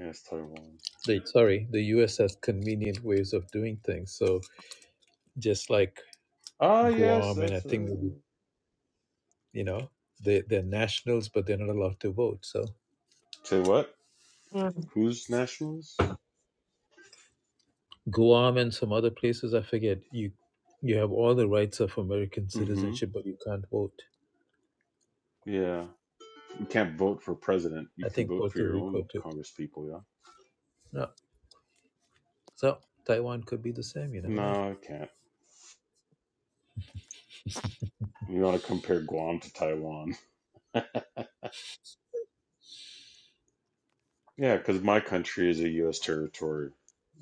[SPEAKER 2] Yes, Taiwan.
[SPEAKER 1] They, sorry, the US has convenient ways of doing things. So just like
[SPEAKER 2] Ah, yes,
[SPEAKER 1] Guam, and I
[SPEAKER 2] that's
[SPEAKER 1] think maybe
[SPEAKER 2] right.
[SPEAKER 1] you know they they're nationals, but they're not allowed to vote. So
[SPEAKER 2] Say what?
[SPEAKER 5] Mm,
[SPEAKER 2] Who's nationals?
[SPEAKER 1] Guam and some other places, I forget. You you have all the rights of American
[SPEAKER 2] Mm hmm.
[SPEAKER 1] citizenship, but you can't vote.
[SPEAKER 2] Yeah. You can't vote for president. You
[SPEAKER 1] I
[SPEAKER 2] can
[SPEAKER 1] think
[SPEAKER 2] vote for
[SPEAKER 1] Puerto
[SPEAKER 2] your
[SPEAKER 1] Rico
[SPEAKER 2] own
[SPEAKER 1] too.
[SPEAKER 2] Congress people, yeah?
[SPEAKER 1] No, so Taiwan could be the same. You never know.
[SPEAKER 2] No, I can't. You want to compare Guam to Taiwan? Yeah, because my country is a U.S. territory,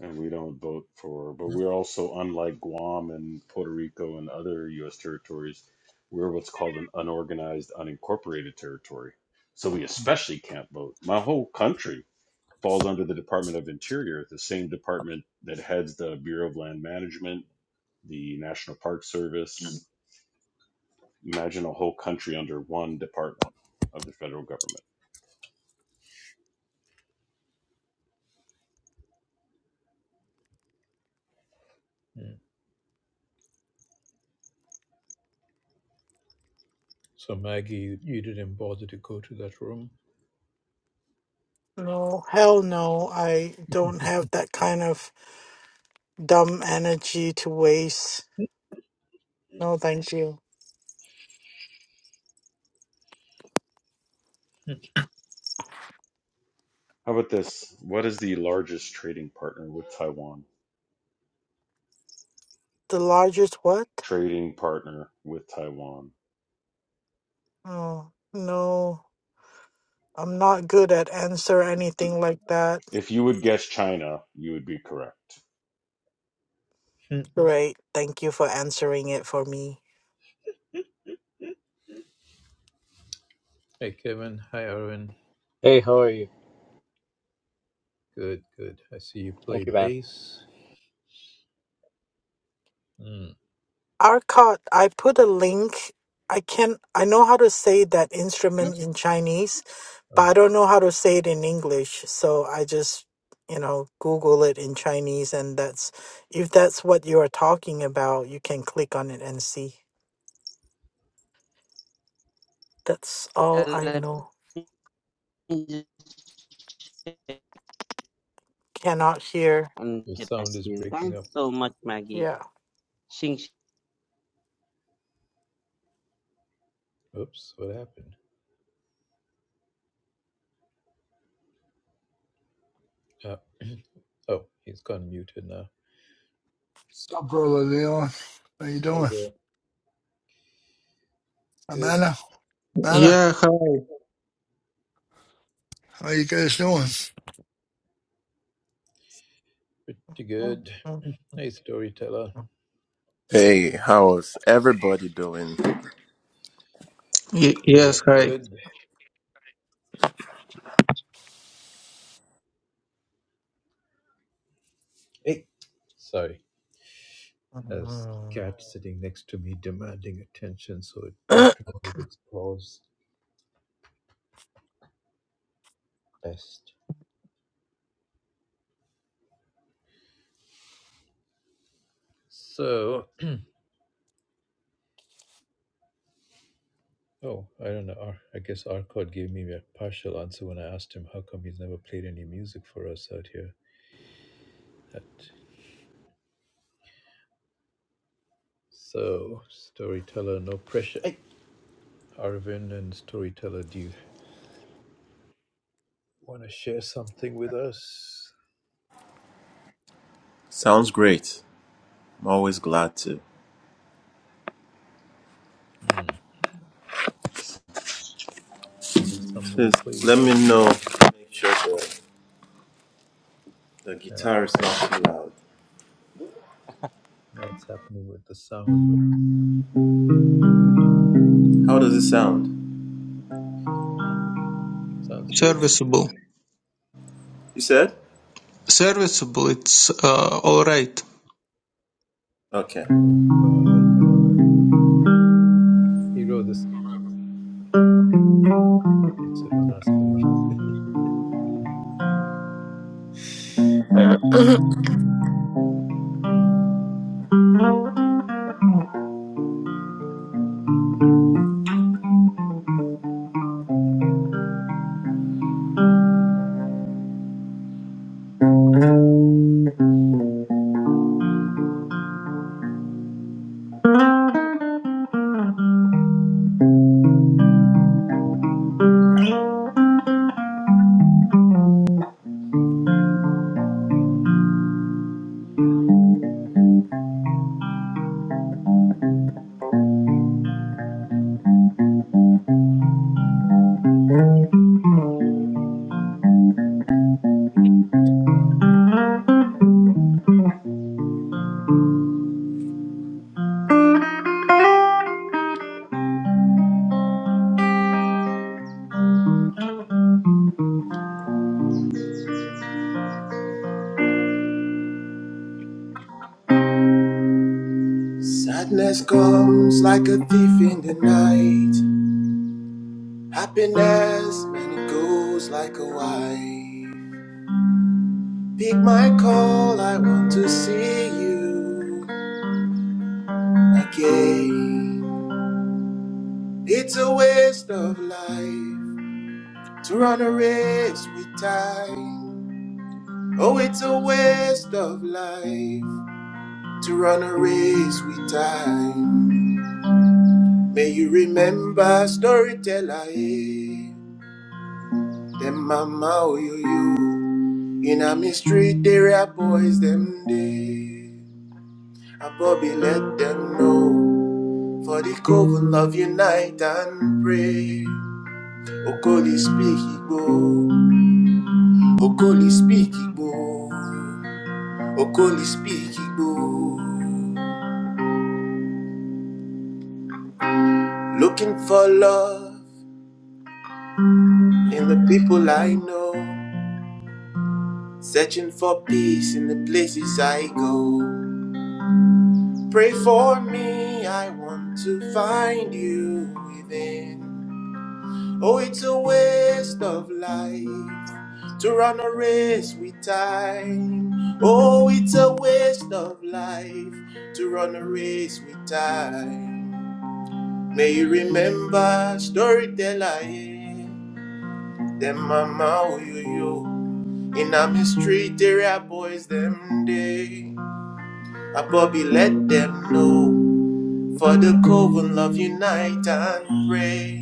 [SPEAKER 2] and we don't vote for. But
[SPEAKER 1] Mm,
[SPEAKER 2] we're also unlike Guam and Puerto Rico and other U.S. territories. We're what's called an unorganized, unincorporated territory. So we especially can't vote. My whole country falls under the Department of Interior, the same department that heads the Bureau of Land Management, the National Park Service. Imagine a whole country under one department of the federal government.
[SPEAKER 1] mm. So Maggie, you, you didn't bother to go to that room.
[SPEAKER 5] No, hell no. I don't have that kind of dumb energy to waste. No, thank you.
[SPEAKER 2] How about this? What is the largest trading partner with Taiwan?
[SPEAKER 5] The largest what?
[SPEAKER 2] Trading partner with Taiwan.
[SPEAKER 5] Oh, no. I'm not good at answer anything like that.
[SPEAKER 2] If you would guess China, you would be correct.
[SPEAKER 1] hey
[SPEAKER 5] Great. Thank you for answering it for me.
[SPEAKER 1] Kevin, hi Arvin.
[SPEAKER 6] Hey, how are you?
[SPEAKER 1] Good, good. I see you play
[SPEAKER 6] Thank you, man.
[SPEAKER 1] bass. Hmm.
[SPEAKER 5] Arcot, I put a link. I can I know how to say that instrument in Chinese, but
[SPEAKER 1] Oh,
[SPEAKER 5] I don't know how to say it in English. So I just, you know, Google it in Chinese and that's if that's what you are talking about, you can click on it and see. That's all
[SPEAKER 3] Yeah,
[SPEAKER 5] I know. Cannot hear.
[SPEAKER 1] your sound is breaking
[SPEAKER 3] Thanks
[SPEAKER 1] up.
[SPEAKER 3] so much, Maggie.
[SPEAKER 5] Yeah.
[SPEAKER 3] Sing
[SPEAKER 1] Oops, what happened? Uh, oh, he's gone muted now.
[SPEAKER 7] What's up, brother Leon? How you
[SPEAKER 1] Hi
[SPEAKER 7] doing?
[SPEAKER 1] there. Good,
[SPEAKER 7] Amanda, Amanda,
[SPEAKER 4] Yeah, hi.
[SPEAKER 7] how you guys doing?
[SPEAKER 1] pretty good. Hey, storyteller.
[SPEAKER 8] Hey, how's everybody doing?
[SPEAKER 4] Y-
[SPEAKER 1] We
[SPEAKER 4] yes,
[SPEAKER 1] are
[SPEAKER 4] hi.
[SPEAKER 1] good. Hey, sorry. There's a cat sitting next to me demanding attention, so it poked me with its claws. Best. So, oh, I don't know. Ar- I guess Arcot gave me a partial answer when I asked him how come he's never played any music for us out here. That So, storyteller, no pressure. Hey, Arvin and storyteller, do you want to share something with us?
[SPEAKER 8] Sounds great. I'm always glad to.
[SPEAKER 1] Hmm. Maybe somebody
[SPEAKER 8] Please
[SPEAKER 1] play with.
[SPEAKER 8] let
[SPEAKER 1] you.
[SPEAKER 8] me know. Make sure the, the
[SPEAKER 1] Yeah,
[SPEAKER 8] guitar is not too loud.
[SPEAKER 1] You know what's happening with the sound. But
[SPEAKER 8] How does it sound?
[SPEAKER 1] sounds good.
[SPEAKER 4] Serviceable.
[SPEAKER 8] You said?
[SPEAKER 4] Serviceable. It's uh, all right.
[SPEAKER 8] Okay.
[SPEAKER 1] Oh God, hero, this it don't ask me.
[SPEAKER 8] Sadness comes like a thief in the night. Happiness, man, it goes like a wife. Pick my call, I want to see you again. It's a waste of life. To run a race with time. Oh, it's a waste of life. To run a race with time. May you remember storyteller. Eh? Them mama oh, yo yo, In a mystery area boys them day. And Bobby let them know. For the coven love unite and pray. Okoli speak Igbo. Okoli speak Igbo. Okoli speak Igbo. Looking for love in the people I know. Searching for peace in the places I go. Pray for me, I want to find you within. Oh, it's a waste of life to run a race with time. Oh, it's a waste of life to run a race with time. May you remember storyteller, yeah. Them mama oyoyo. In a mystery, area boys, them day. A Bobby let them know. For the coven love unite and pray.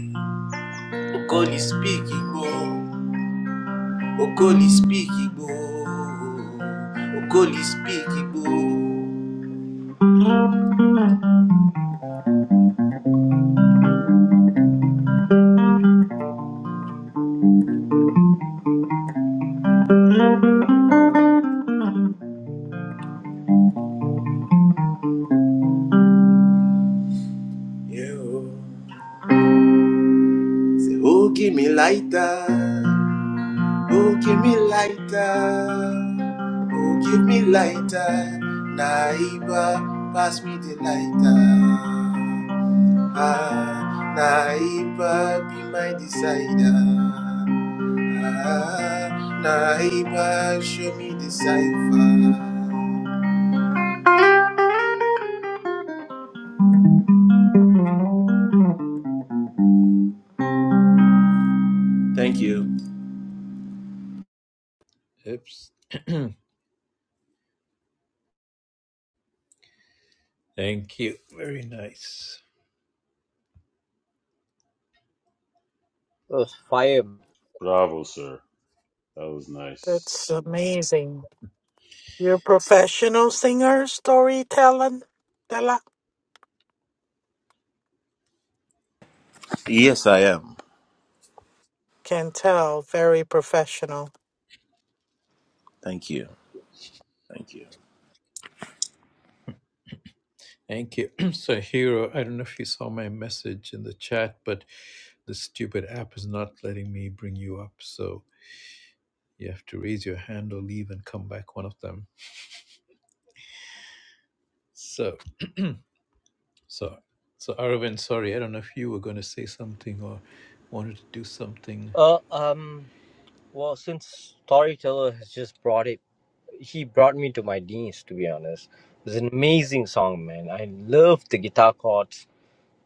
[SPEAKER 8] Okoli speak Igbo. Okoli speak Igbo. Okoli speak Igbo. Yeah. oh. Say, oh, give me lighter. Oh, give me lighter. Oh, give me lighter. Naiba, pass me the lighter. Ah, Naiba, be my decider. Ah, Naiba, show me the cipher. Thank you.
[SPEAKER 1] Oops. Thank you. Very nice.
[SPEAKER 6] It was fire.
[SPEAKER 2] Bravo, sir. That was nice.
[SPEAKER 5] That's amazing. You're a professional singer, storyteller? Della?
[SPEAKER 8] Yes, I am.
[SPEAKER 5] Can tell, very professional.
[SPEAKER 8] Thank you. Thank you.
[SPEAKER 1] Thank you. so, hero, I don't know if you saw my message in the chat, but the stupid app is not letting me bring you up. So. You have to raise your hand or leave and come back, one of them. So, so, so Aravind, sorry, I don't know if you were going to say something or wanted to do something.
[SPEAKER 6] Uh, um, well, since Storyteller has just brought it, he brought me to my knees, to be honest. It's an amazing song, man. I love the guitar chords.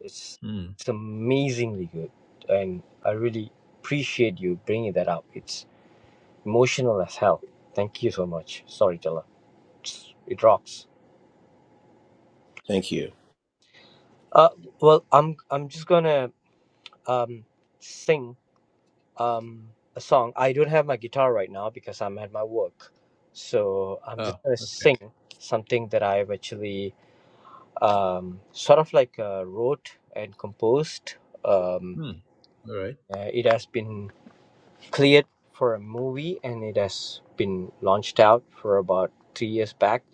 [SPEAKER 6] It's,
[SPEAKER 1] Hmm.
[SPEAKER 6] it's amazingly good. And I really appreciate you bringing that up. It's emotional as hell. Thank you so much, Storyteller. It's, it rocks.
[SPEAKER 8] Thank you.
[SPEAKER 6] Uh, well, I'm, I'm just gonna, um, sing um a song. I don't have my guitar right now because I'm at my work. So I'm
[SPEAKER 1] Oh,
[SPEAKER 6] just gonna
[SPEAKER 1] okay.
[SPEAKER 6] sing something that I've actually um sort of like uh, wrote and composed. Um
[SPEAKER 1] Hmm. All right.
[SPEAKER 6] uh, it has been cleared for a movie and it has been launched out for about 3 years back.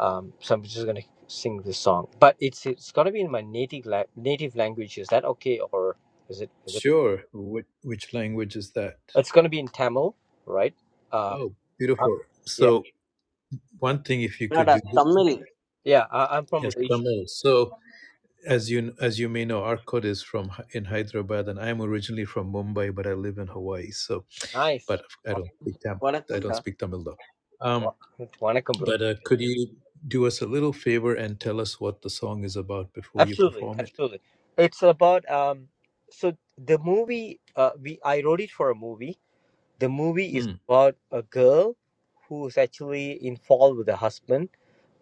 [SPEAKER 6] Um so I'm just going to sing this song. But it's it's going to be in my native la- native language. Is that okay or is it is it
[SPEAKER 1] Sure. Which, which language is that?
[SPEAKER 6] it's going to be in Tamil, right? Uh,
[SPEAKER 1] Oh,
[SPEAKER 6] uh,
[SPEAKER 1] beautiful.
[SPEAKER 6] yeah
[SPEAKER 1] So, one thing, if you could
[SPEAKER 3] Nada,
[SPEAKER 1] do,
[SPEAKER 3] Tamil.
[SPEAKER 6] Yeah, I, I'm from
[SPEAKER 1] yes,
[SPEAKER 6] Malaysia.
[SPEAKER 1] Tamil. So, as you as you may know, Arcot is from Hy- in Hyderabad, and I'm originally from Mumbai, but I live in Hawaii. So,
[SPEAKER 6] Nice.
[SPEAKER 1] but I
[SPEAKER 6] Awesome.
[SPEAKER 1] don't speak Tamil. I don't
[SPEAKER 3] Vanakkam-da.
[SPEAKER 1] speak Tamil though. Um,
[SPEAKER 6] Wa- Wanakkam, bro.
[SPEAKER 1] But uh, could you do us a little favor and tell us what the song is about before you
[SPEAKER 6] Absolutely,
[SPEAKER 1] perform it?
[SPEAKER 6] absolutely. It's about um. So the movie, uh, we I wrote it for a movie. The movie is
[SPEAKER 1] Mm,
[SPEAKER 6] about a girl who's actually in fall with her husband,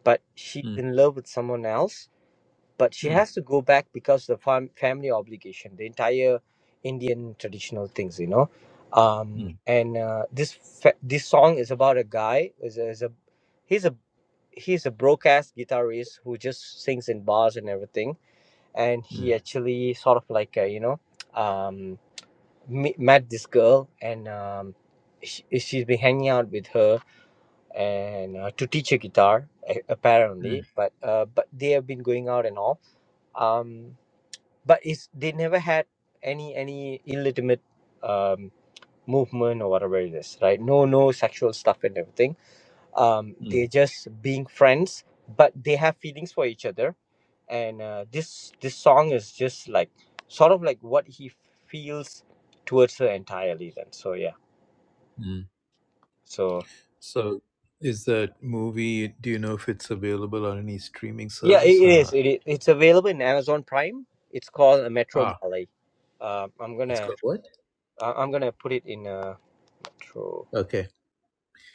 [SPEAKER 6] but she's
[SPEAKER 1] mm,
[SPEAKER 6] in love with someone else. but she
[SPEAKER 1] mm,
[SPEAKER 6] has to go back because the fam- family obligation the entire indian traditional things you know um
[SPEAKER 1] mm,
[SPEAKER 6] and uh, this fa- this song is about a guy is a, is a he's a he's a broadcast guitarist who just sings in bars and everything and he
[SPEAKER 1] mm,
[SPEAKER 6] actually sort of like uh, you know um me- met this girl and um she, she's been hanging out with her and uh, to teach her guitar a- apparently
[SPEAKER 1] mm,
[SPEAKER 6] but uh, but they have been going out and all um but it's they never had any any illegitimate um movement or whatever it is right no no sexual stuff and everything um
[SPEAKER 1] mm,
[SPEAKER 6] they're just being friends but they have feelings for each other and uh, this this song is just like sort of like what he feels towards her entirely then so yeah
[SPEAKER 1] mm.
[SPEAKER 6] so
[SPEAKER 1] So, is that movie? Do you know if it's available on any streaming
[SPEAKER 6] yeah it,
[SPEAKER 1] service
[SPEAKER 6] it
[SPEAKER 1] or
[SPEAKER 6] is
[SPEAKER 1] not?
[SPEAKER 6] it, i- it's available in amazon prime it's called a metro
[SPEAKER 1] Ah,
[SPEAKER 6] malay um i'm
[SPEAKER 1] it's
[SPEAKER 6] gonna
[SPEAKER 1] called what?
[SPEAKER 6] I- i'm gonna put it in a metro
[SPEAKER 1] Okay,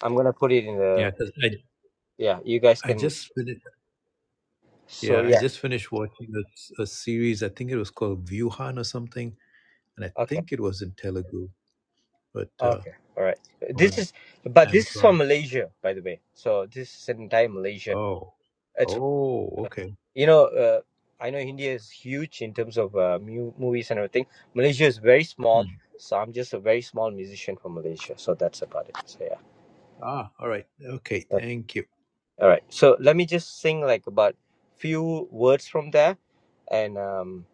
[SPEAKER 6] i'm gonna put it in the
[SPEAKER 1] yeah, 'cause I
[SPEAKER 6] Yeah, you guys
[SPEAKER 1] I
[SPEAKER 6] can.
[SPEAKER 1] just finished,
[SPEAKER 6] So
[SPEAKER 1] yeah I
[SPEAKER 6] yeah.
[SPEAKER 1] just finished watching a, s- a series. I think it was called Vyuhan or something, and I
[SPEAKER 6] Okay.
[SPEAKER 1] think it was in Telugu, but uh,
[SPEAKER 6] Okay. All right. This
[SPEAKER 1] on
[SPEAKER 6] is, but this is from
[SPEAKER 1] Amazon.
[SPEAKER 6] Malaysia, by the way. So this is an entire Malaysia.
[SPEAKER 1] Oh,
[SPEAKER 6] It's
[SPEAKER 1] oh, okay.
[SPEAKER 6] you know, uh, I know India is huge in terms of uh, mu- movies and everything. Malaysia is very small, so I'm just a very small musician from Malaysia. So that's about it. So yeah.
[SPEAKER 1] Ah, all right. Okay,
[SPEAKER 6] Okay.
[SPEAKER 1] thank you.
[SPEAKER 6] All right. So let me just sing like about few words from there, and um,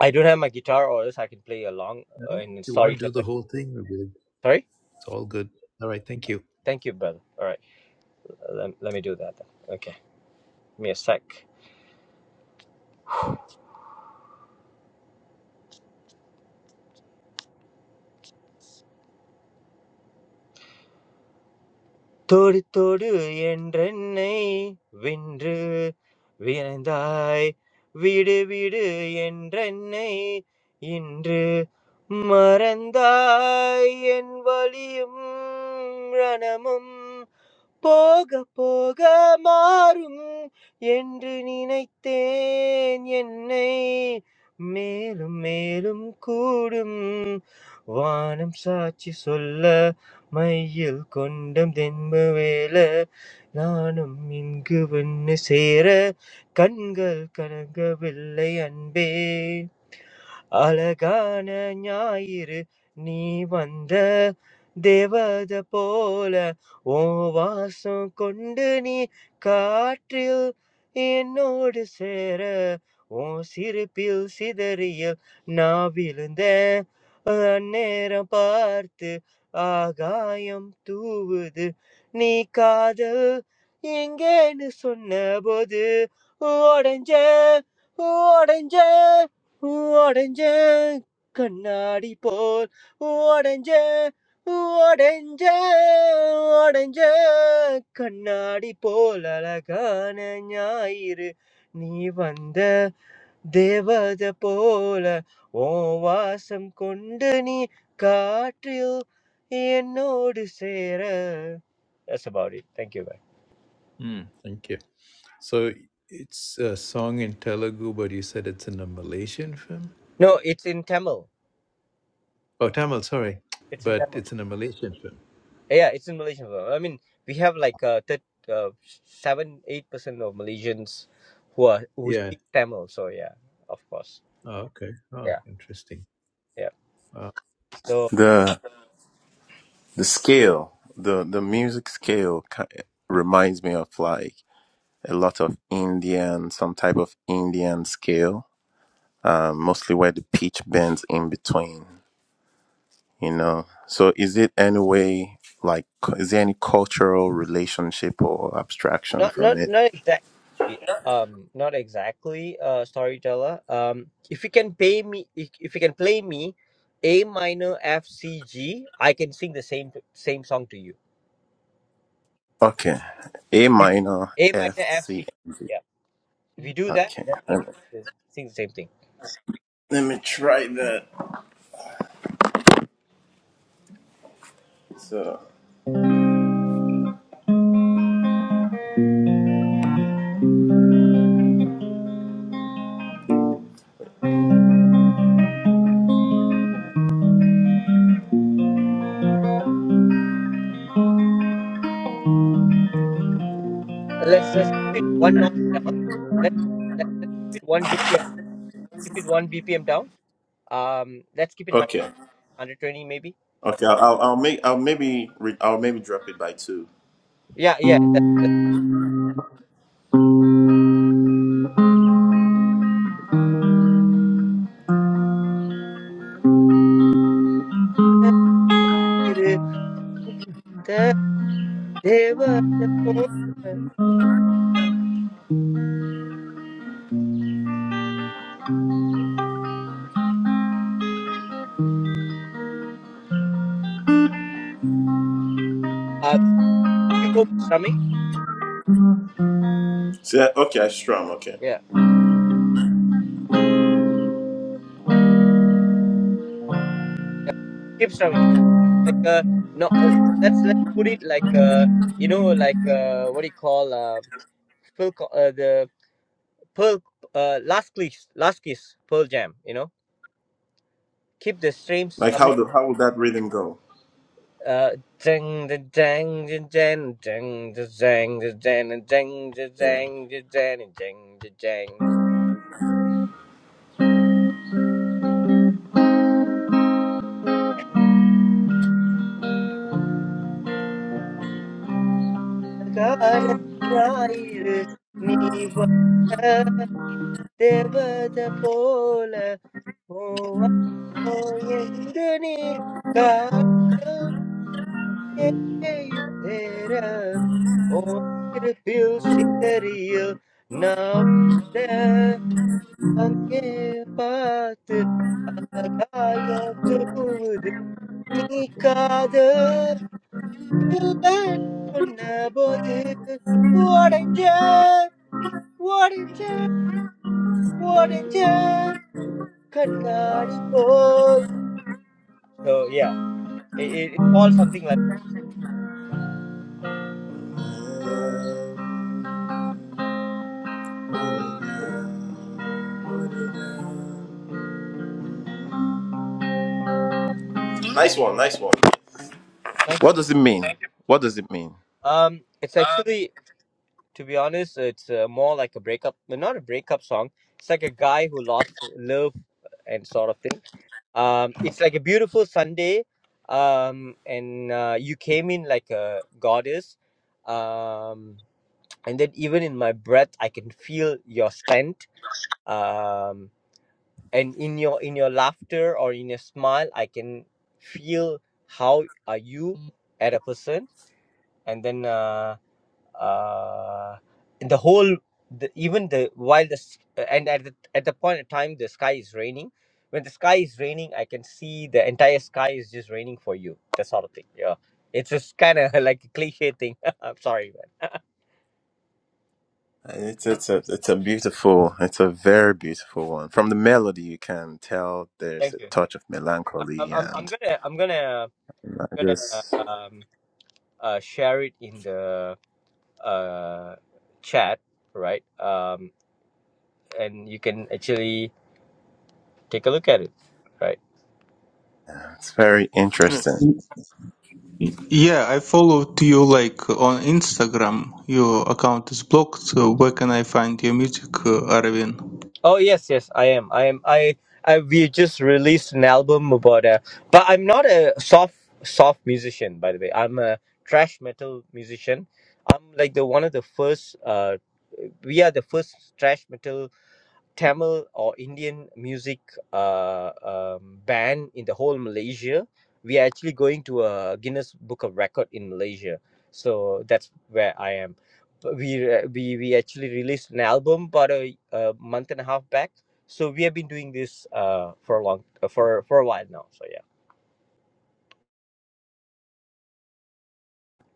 [SPEAKER 6] I don't have my guitar, or else I can play along uh,
[SPEAKER 1] Uh,
[SPEAKER 6] in
[SPEAKER 1] You want to do the
[SPEAKER 6] storyteller.
[SPEAKER 1] whole thing? we'll do it.
[SPEAKER 6] Sorry.
[SPEAKER 1] It's all good. All right, thank you.
[SPEAKER 6] Thank you, brother. All right. Let let me do that then. Okay, give me a sec. Todu todu endrennai vindru virandai vidu vidu endrennai indru மறந்தாய் என் வலியும் ரணமும் Pogapogamaram yenrini naiten yenai melum melum kodum wanam sachisolla mayil kondam denmavile nanam inguvenne sera kangal karanga villai anbe. Alaganayir ni vande deva da pole ovasu kondani kattil inodu sera o sir pilsidare na vilnde annera part agayam tuvdu nikad inge nusunna bodu orange orange. Orange Kannadi pol, orange, orange, orange Kannadi polala kane nayar. Ni vande deva the pola ovasam kundani kattu enood sera. That's about it. Thank you, bye.
[SPEAKER 1] Mm, thank you. So it's a song in Telugu, but you said it's in a Malaysian film?
[SPEAKER 6] No, it's in Tamil.
[SPEAKER 1] Oh, Tamil, sorry.
[SPEAKER 6] It's in
[SPEAKER 1] But
[SPEAKER 6] Tamil.
[SPEAKER 1] it's in a Malaysian film.
[SPEAKER 6] Yeah, it's in Malaysian. film. I mean, we have like uh, that uh, seven, eight percent of Malaysians who are who
[SPEAKER 1] Yeah.
[SPEAKER 6] speak Tamil. So yeah, of course.
[SPEAKER 1] Oh, okay. Oh,
[SPEAKER 6] Yeah,
[SPEAKER 1] interesting.
[SPEAKER 6] yeah.
[SPEAKER 1] Uh,
[SPEAKER 6] So
[SPEAKER 8] The the scale, the the music scale ki- reminds me of like. a lot of Indian, some type of Indian scale, um, mostly where the pitch bends in between, you know. So is it any way, like, cu- is there any cultural relationship or abstraction
[SPEAKER 6] not
[SPEAKER 8] from
[SPEAKER 6] not
[SPEAKER 8] it?
[SPEAKER 6] not exactly. Um, not exactly. Uh, storyteller. Um, if you can pay me, if, if you can play me, A minor F C G, I can sing the same same song to you.
[SPEAKER 8] Okay. A
[SPEAKER 6] We do
[SPEAKER 8] minor,
[SPEAKER 6] A minor
[SPEAKER 8] F,
[SPEAKER 6] F
[SPEAKER 8] C.
[SPEAKER 6] C. Yeah, if you do that,
[SPEAKER 8] Okay.
[SPEAKER 6] then I
[SPEAKER 8] Let
[SPEAKER 6] can
[SPEAKER 8] me,
[SPEAKER 6] sing the same thing.
[SPEAKER 8] let me try that. So,
[SPEAKER 6] Let's just keep it one notch down. Let's, let's let's keep it one BPM. Keep it one BPM down. Um, let's keep it 100,
[SPEAKER 8] okay.
[SPEAKER 6] maybe.
[SPEAKER 8] Okay, I'll, I'll, I'll make, I'll maybe, re- I'll maybe drop it by two.
[SPEAKER 6] Yeah, yeah. The, the, they were the four. uh, keep on strumming.
[SPEAKER 8] So, okay, I strum, okay.
[SPEAKER 6] Yeah, yeah. Keep strumming. Like uh, no. Uh, let's let's put it like uh, you know, like uh, what do you call uh, Pearl, Co- uh the Pearl, uh, last kiss, last kiss, Pearl Jam. You know, keep the stream
[SPEAKER 8] Like,
[SPEAKER 6] strumming.
[SPEAKER 8] how do, how would that rhythm go?
[SPEAKER 6] Uh, ding the dang the dang ding the dang the dang the ding the
[SPEAKER 8] Yeah.
[SPEAKER 6] dang the dang the ding the dang. കാരണമായിരു നീ വന്ന ദേവത പോലെ പോവാമോ എന്തു നീ കാരണയുതേര ഓർത്തിരിപ്പിൽ സിതറിയ നാം Hangi batı agayotuvdu nikadı unnabodu Varınca, varınca, varınca kanari pol. So yeah, it, it, it falls something like
[SPEAKER 8] Nice one, nice one.
[SPEAKER 6] that. Thank you.
[SPEAKER 8] What does it mean? What does it mean?
[SPEAKER 6] Um, it's actually, to be honest, it's uh, more like a breakup, well, not a breakup song. It's like a guy who lost love and sort of thing um, it's like a beautiful Sunday, um, and uh, you came in like a goddess, um, and then even in my breath, I can feel your scent, um, and in your in your laughter or in your smile, I can feel how are you at a person, and then. Uh, uh, in the whole the, even the while the s- uh, and at the, at the point of time the sky is raining when the sky is raining i can see the entire sky is just raining for you that sort of thing yeah it's just kind of like a cliche thing i'm sorry man
[SPEAKER 8] And It's it's a it's a beautiful, it's a very beautiful one. From the melody, you can tell there's
[SPEAKER 6] thank
[SPEAKER 8] a
[SPEAKER 6] you
[SPEAKER 8] touch of
[SPEAKER 6] I- i'm,
[SPEAKER 8] melancholy,
[SPEAKER 6] I'm, I'm
[SPEAKER 8] and
[SPEAKER 6] gonna i'm gonna
[SPEAKER 8] I
[SPEAKER 6] gonna uh,
[SPEAKER 8] just
[SPEAKER 6] um, uh, share it in the uh, chat right um, and you can actually take a look at it right
[SPEAKER 8] yeah, it's very interesting.
[SPEAKER 4] Yeah, I followed you like on Instagram. Your account is blocked. So where can I find your music, uh, Arvin?
[SPEAKER 6] Oh yes, yes, I am. I am. I. I. We just released an album about a. But I'm not a soft soft musician, by the way. I'm a trash metal musician. I'm like the one of the first. Uh, we are the first trash metal Tamil or Indian music uh, um, ban in the whole Malaysia, we are actually going to a Guinness Book of Record in Malaysia. So that's where I am. But We re- we we actually released an album about a, a month and a half back. So we have been doing this uh, for a long uh, for for a while now. So yeah,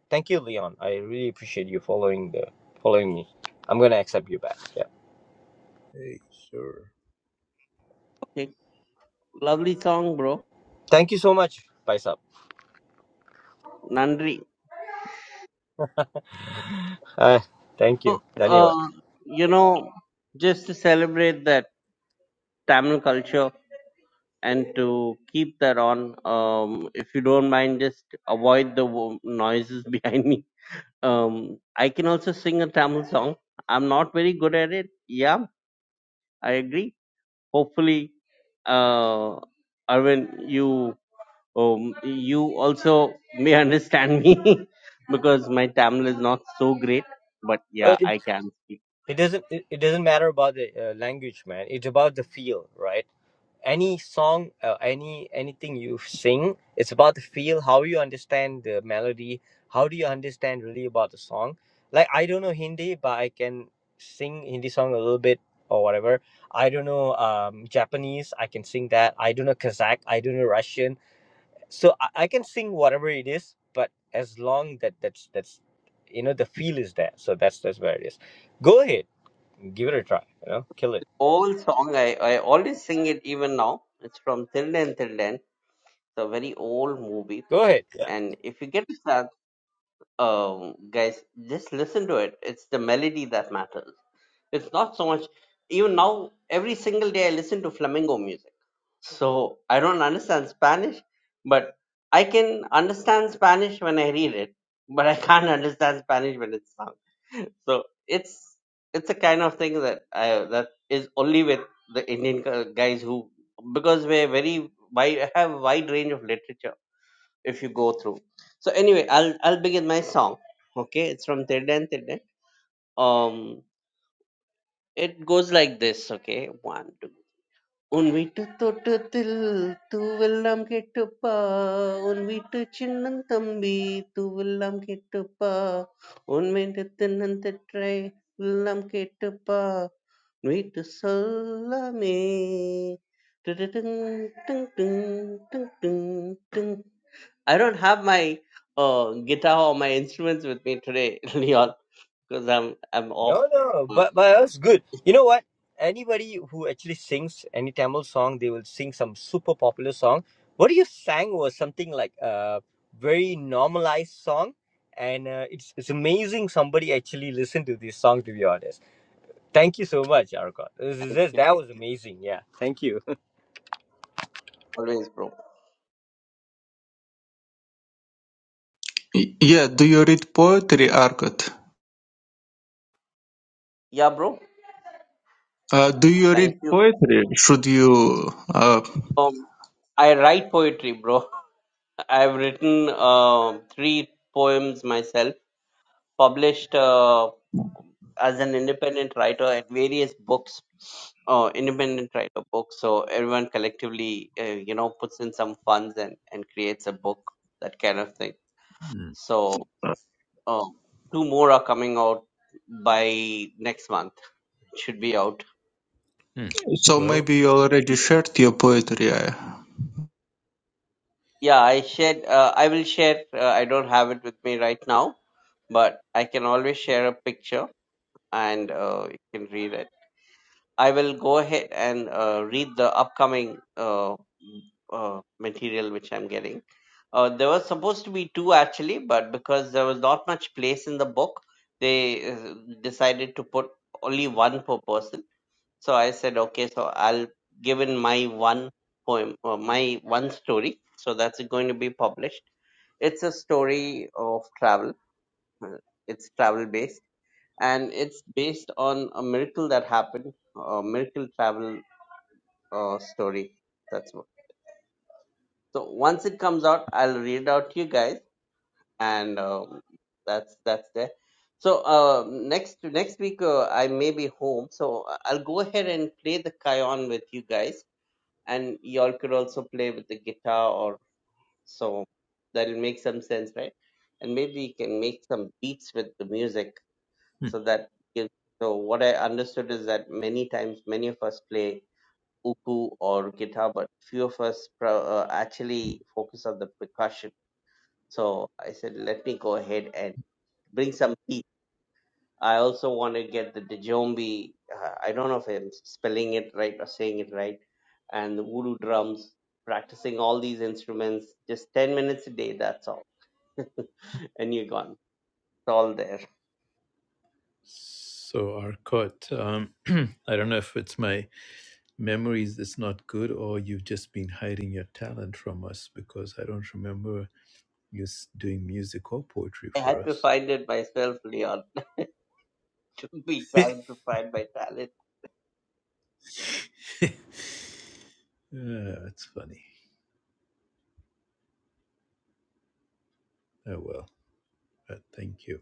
[SPEAKER 6] thank you, Leon. I really appreciate you following the following me. I'm gonna accept you back. Yeah,
[SPEAKER 1] hey, sure.
[SPEAKER 3] Okay. Lovely song, bro.
[SPEAKER 6] thank you so much, Paisap.
[SPEAKER 3] Nandri.
[SPEAKER 6] Uh, thank
[SPEAKER 3] So,
[SPEAKER 6] you, Daniel.
[SPEAKER 3] uh, you know, just to celebrate that Tamil culture and to keep that on, um, if you don't mind, just avoid the wo- noises behind me. Um, I can also sing a Tamil song. I'm not very good at it. Yeah, I agree hopefully uh arvin you um, you also may understand me because my tamil is not so great but yeah i can speak
[SPEAKER 6] it doesn't it, it doesn't matter about the uh, language man it's about the feel right any song uh, any anything you sing it's about the feel how you understand the melody how do you understand really about the song like i don't know hindi but i can sing hindi song a little bit or whatever i don't know um, japanese i can sing that i don't know kazakh i don't know russian so I, I can sing whatever it is but as long that that's that's you know the feel is there so that's that's where it is go ahead give it a try. You know, kill it.
[SPEAKER 3] old song i i always sing it even now it's from till then it's a very old movie
[SPEAKER 6] Go ahead.
[SPEAKER 3] and if you get to that um guys just listen to it it's the melody that matters It's not so much. Even now, every single day I listen to flamenco music. So I don't understand Spanish, but I can understand Spanish when I read it, but I can't understand Spanish when it's sung. So it's it's a kind of thing that I, that is only with the Indian gu- guys who because we're very wide have a wide range of literature if you go through. So anyway, I'll I'll begin my song. Okay, it's from Tirden Tirden. Um, it goes like this, okay? One, two. உன் வீட்டு தோட்டத்தில் தூவெல்லாம் கேட்டுப்பா உன் வீட்டு சின்னந்தம்பி தூவெல்லாம் கேட்டுப்பா உன் வீட்டு தென்னந்தட்டை எல்லாம் கேட்டுப்பா உன் வீட்டு சொல்லாமே டுடுடுங், டுங், டுங், டுங், டுங், டுங். I don't have my uh, guitar or my instruments with me today, Leon, because I'm I'm off.
[SPEAKER 6] No, no,
[SPEAKER 3] Mm,
[SPEAKER 6] but but that's good. You know what? Anybody who actually sings any Tamil song, they will sing some super popular song. What you sang was something like a very normalized song, and uh, it's it's amazing somebody actually listened to this song. To be honest, thank you so much, Arcot. This is
[SPEAKER 3] Thank
[SPEAKER 6] this
[SPEAKER 3] you.
[SPEAKER 6] that was amazing. Yeah, thank you.
[SPEAKER 3] Always, bro.
[SPEAKER 4] Y- Yeah, do you read poetry, Arkad?
[SPEAKER 3] Yeah, bro.
[SPEAKER 4] Uh, do you
[SPEAKER 3] Thank
[SPEAKER 4] read
[SPEAKER 3] you.
[SPEAKER 4] poetry? Should you? Uh,
[SPEAKER 3] Um, I write poetry, bro. I've written uh, three poems myself, published uh, as an independent writer at various books, uh, independent writer books. So everyone collectively, uh, you know, puts in some funds and, and creates a book, that kind of thing.
[SPEAKER 1] Hmm.
[SPEAKER 3] So uh, two more are coming out by next month. It should be out.
[SPEAKER 1] Hmm.
[SPEAKER 4] so
[SPEAKER 1] Well,
[SPEAKER 4] maybe you already shared your poetry. I,
[SPEAKER 3] Yeah, I shared. Uh, I will share. Uh, I don't have it with me right now, but I can always share a picture and uh, you can read it. I will go ahead and uh, read the upcoming uh, uh, material which I'm getting. Uh, there was supposed to be two actually, but because there was not much place in the book, they uh, decided to put only one per person. So I said, okay, so I'll give in my one poem, or my one story. So that's going to be published. It's a story of travel. uh, It's travel based, and it's based on a miracle that happened, a miracle travel uh, story. That's what. So once it comes out, I'll read it out to you guys, and um, that's that's there. So uh, next next week uh, I may be home, so I'll go ahead and play the Kion with you guys and y'all could also play with the guitar or so that'll make some sense right and maybe you can make some beats with the music
[SPEAKER 1] hmm.
[SPEAKER 3] so that gives so what i understood is that many times many of us play uku or guitar but few of us pro- uh, actually focus on the percussion so i said let me go ahead and bring some beats. I also want to get the Djombi. Uh, I don't know if I'm spelling it right or saying it right. And the voodoo drums, practicing all these instruments, just 10 minutes a day, that's all. and you're gone. It's all there.
[SPEAKER 1] so Arcot, um, I don't know if it's my memories is not good or you've just been hiding your talent from us because I don't remember you s- doing music or poetry
[SPEAKER 3] I
[SPEAKER 1] for
[SPEAKER 3] had to
[SPEAKER 1] us.
[SPEAKER 3] find it myself, Leon, to be trying to find my talent.
[SPEAKER 1] Ah, that's funny. Oh well, but thank you.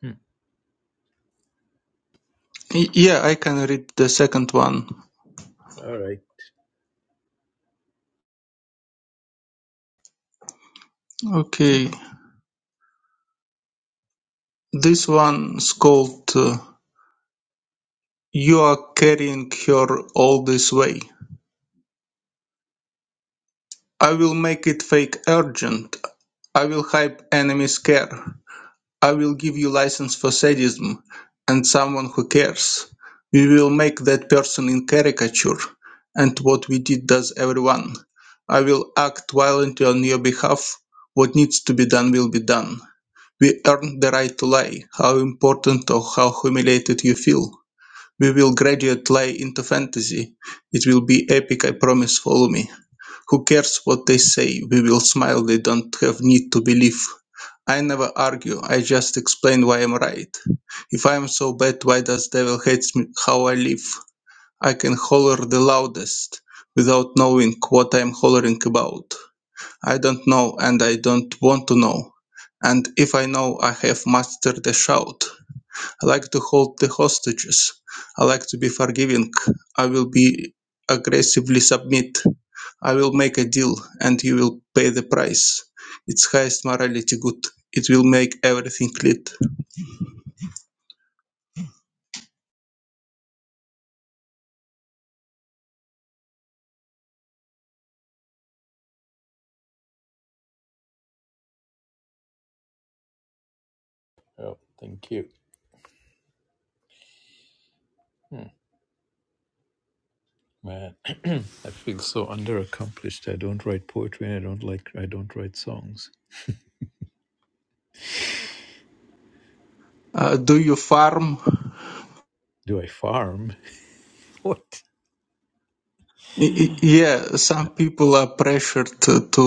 [SPEAKER 1] Hmm.
[SPEAKER 4] Y- yeah, I can read the second one.
[SPEAKER 1] All right.
[SPEAKER 4] Okay, this one's called uh, "You Are Carrying Her All This Way." I will make it fake urgent I will hype enemies care. I will give you license for sadism and someone who cares. We will make that person in caricature, and what we did does everyone. I will act violently on your behalf. What needs to be done will be done. We earn the right to lie, how important or how humiliated you feel. We will graduate lie into fantasy. It will be epic, I promise, follow me. Who cares what they say? We will smile, they don't have need to believe. I never argue, I just explain why I'm right. If I am so bad, why does devil hates me how I live? I can holler the loudest without knowing what I'm hollering about. I don't know and I don't want to know. And if I know, I have mastered the shout. I like to hold the hostages. I like to be forgiving. I will be aggressively submit. I will make a deal and you will pay the price. It's highest morality good. It will make everything lit.
[SPEAKER 1] Oh, thank you. Hmm. Man, I feel so underaccomplished. I don't write poetry and I don't like I don't write songs.
[SPEAKER 4] Uh, do you farm?
[SPEAKER 1] Do I farm? What?
[SPEAKER 4] Y- y- Yeah, some people are pressured to to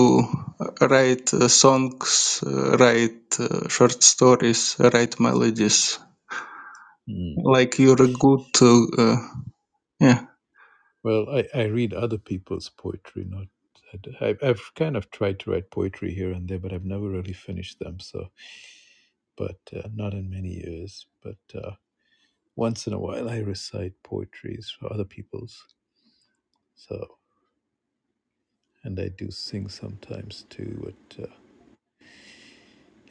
[SPEAKER 4] write uh, songs, uh, write uh, short stories, write melodies. Like you're a good, uh, uh,
[SPEAKER 1] Well, I, I read other people's poetry, not. I, I've kind of tried to write poetry here and there, but I've never really finished them. So, but uh, not in many years. But uh, once in a while, I recite poetries for other people's. So, and I do sing sometimes too. But uh,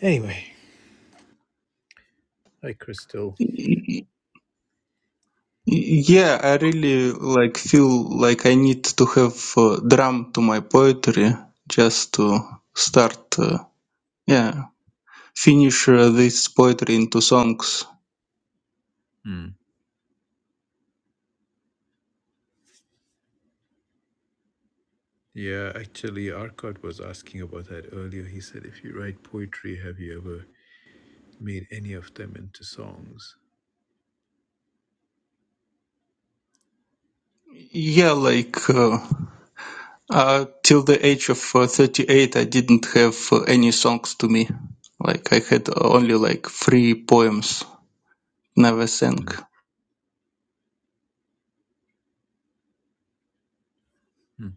[SPEAKER 1] anyway, hi, Crystal.
[SPEAKER 4] yeah. Yeah, I really like feel like I need to have uh, drum to my poetry just to start, uh, yeah, finish uh, this poetry into songs.
[SPEAKER 1] Hmm. Yeah, actually, Arcot was asking about that earlier. He said, if you write poetry, have you ever made any of them into songs?
[SPEAKER 4] Yeah, like uh, uh, till the age of uh, 38, I didn't have uh, any songs to me. Like I had only like three poems, never sang.
[SPEAKER 1] Mm. Hmm.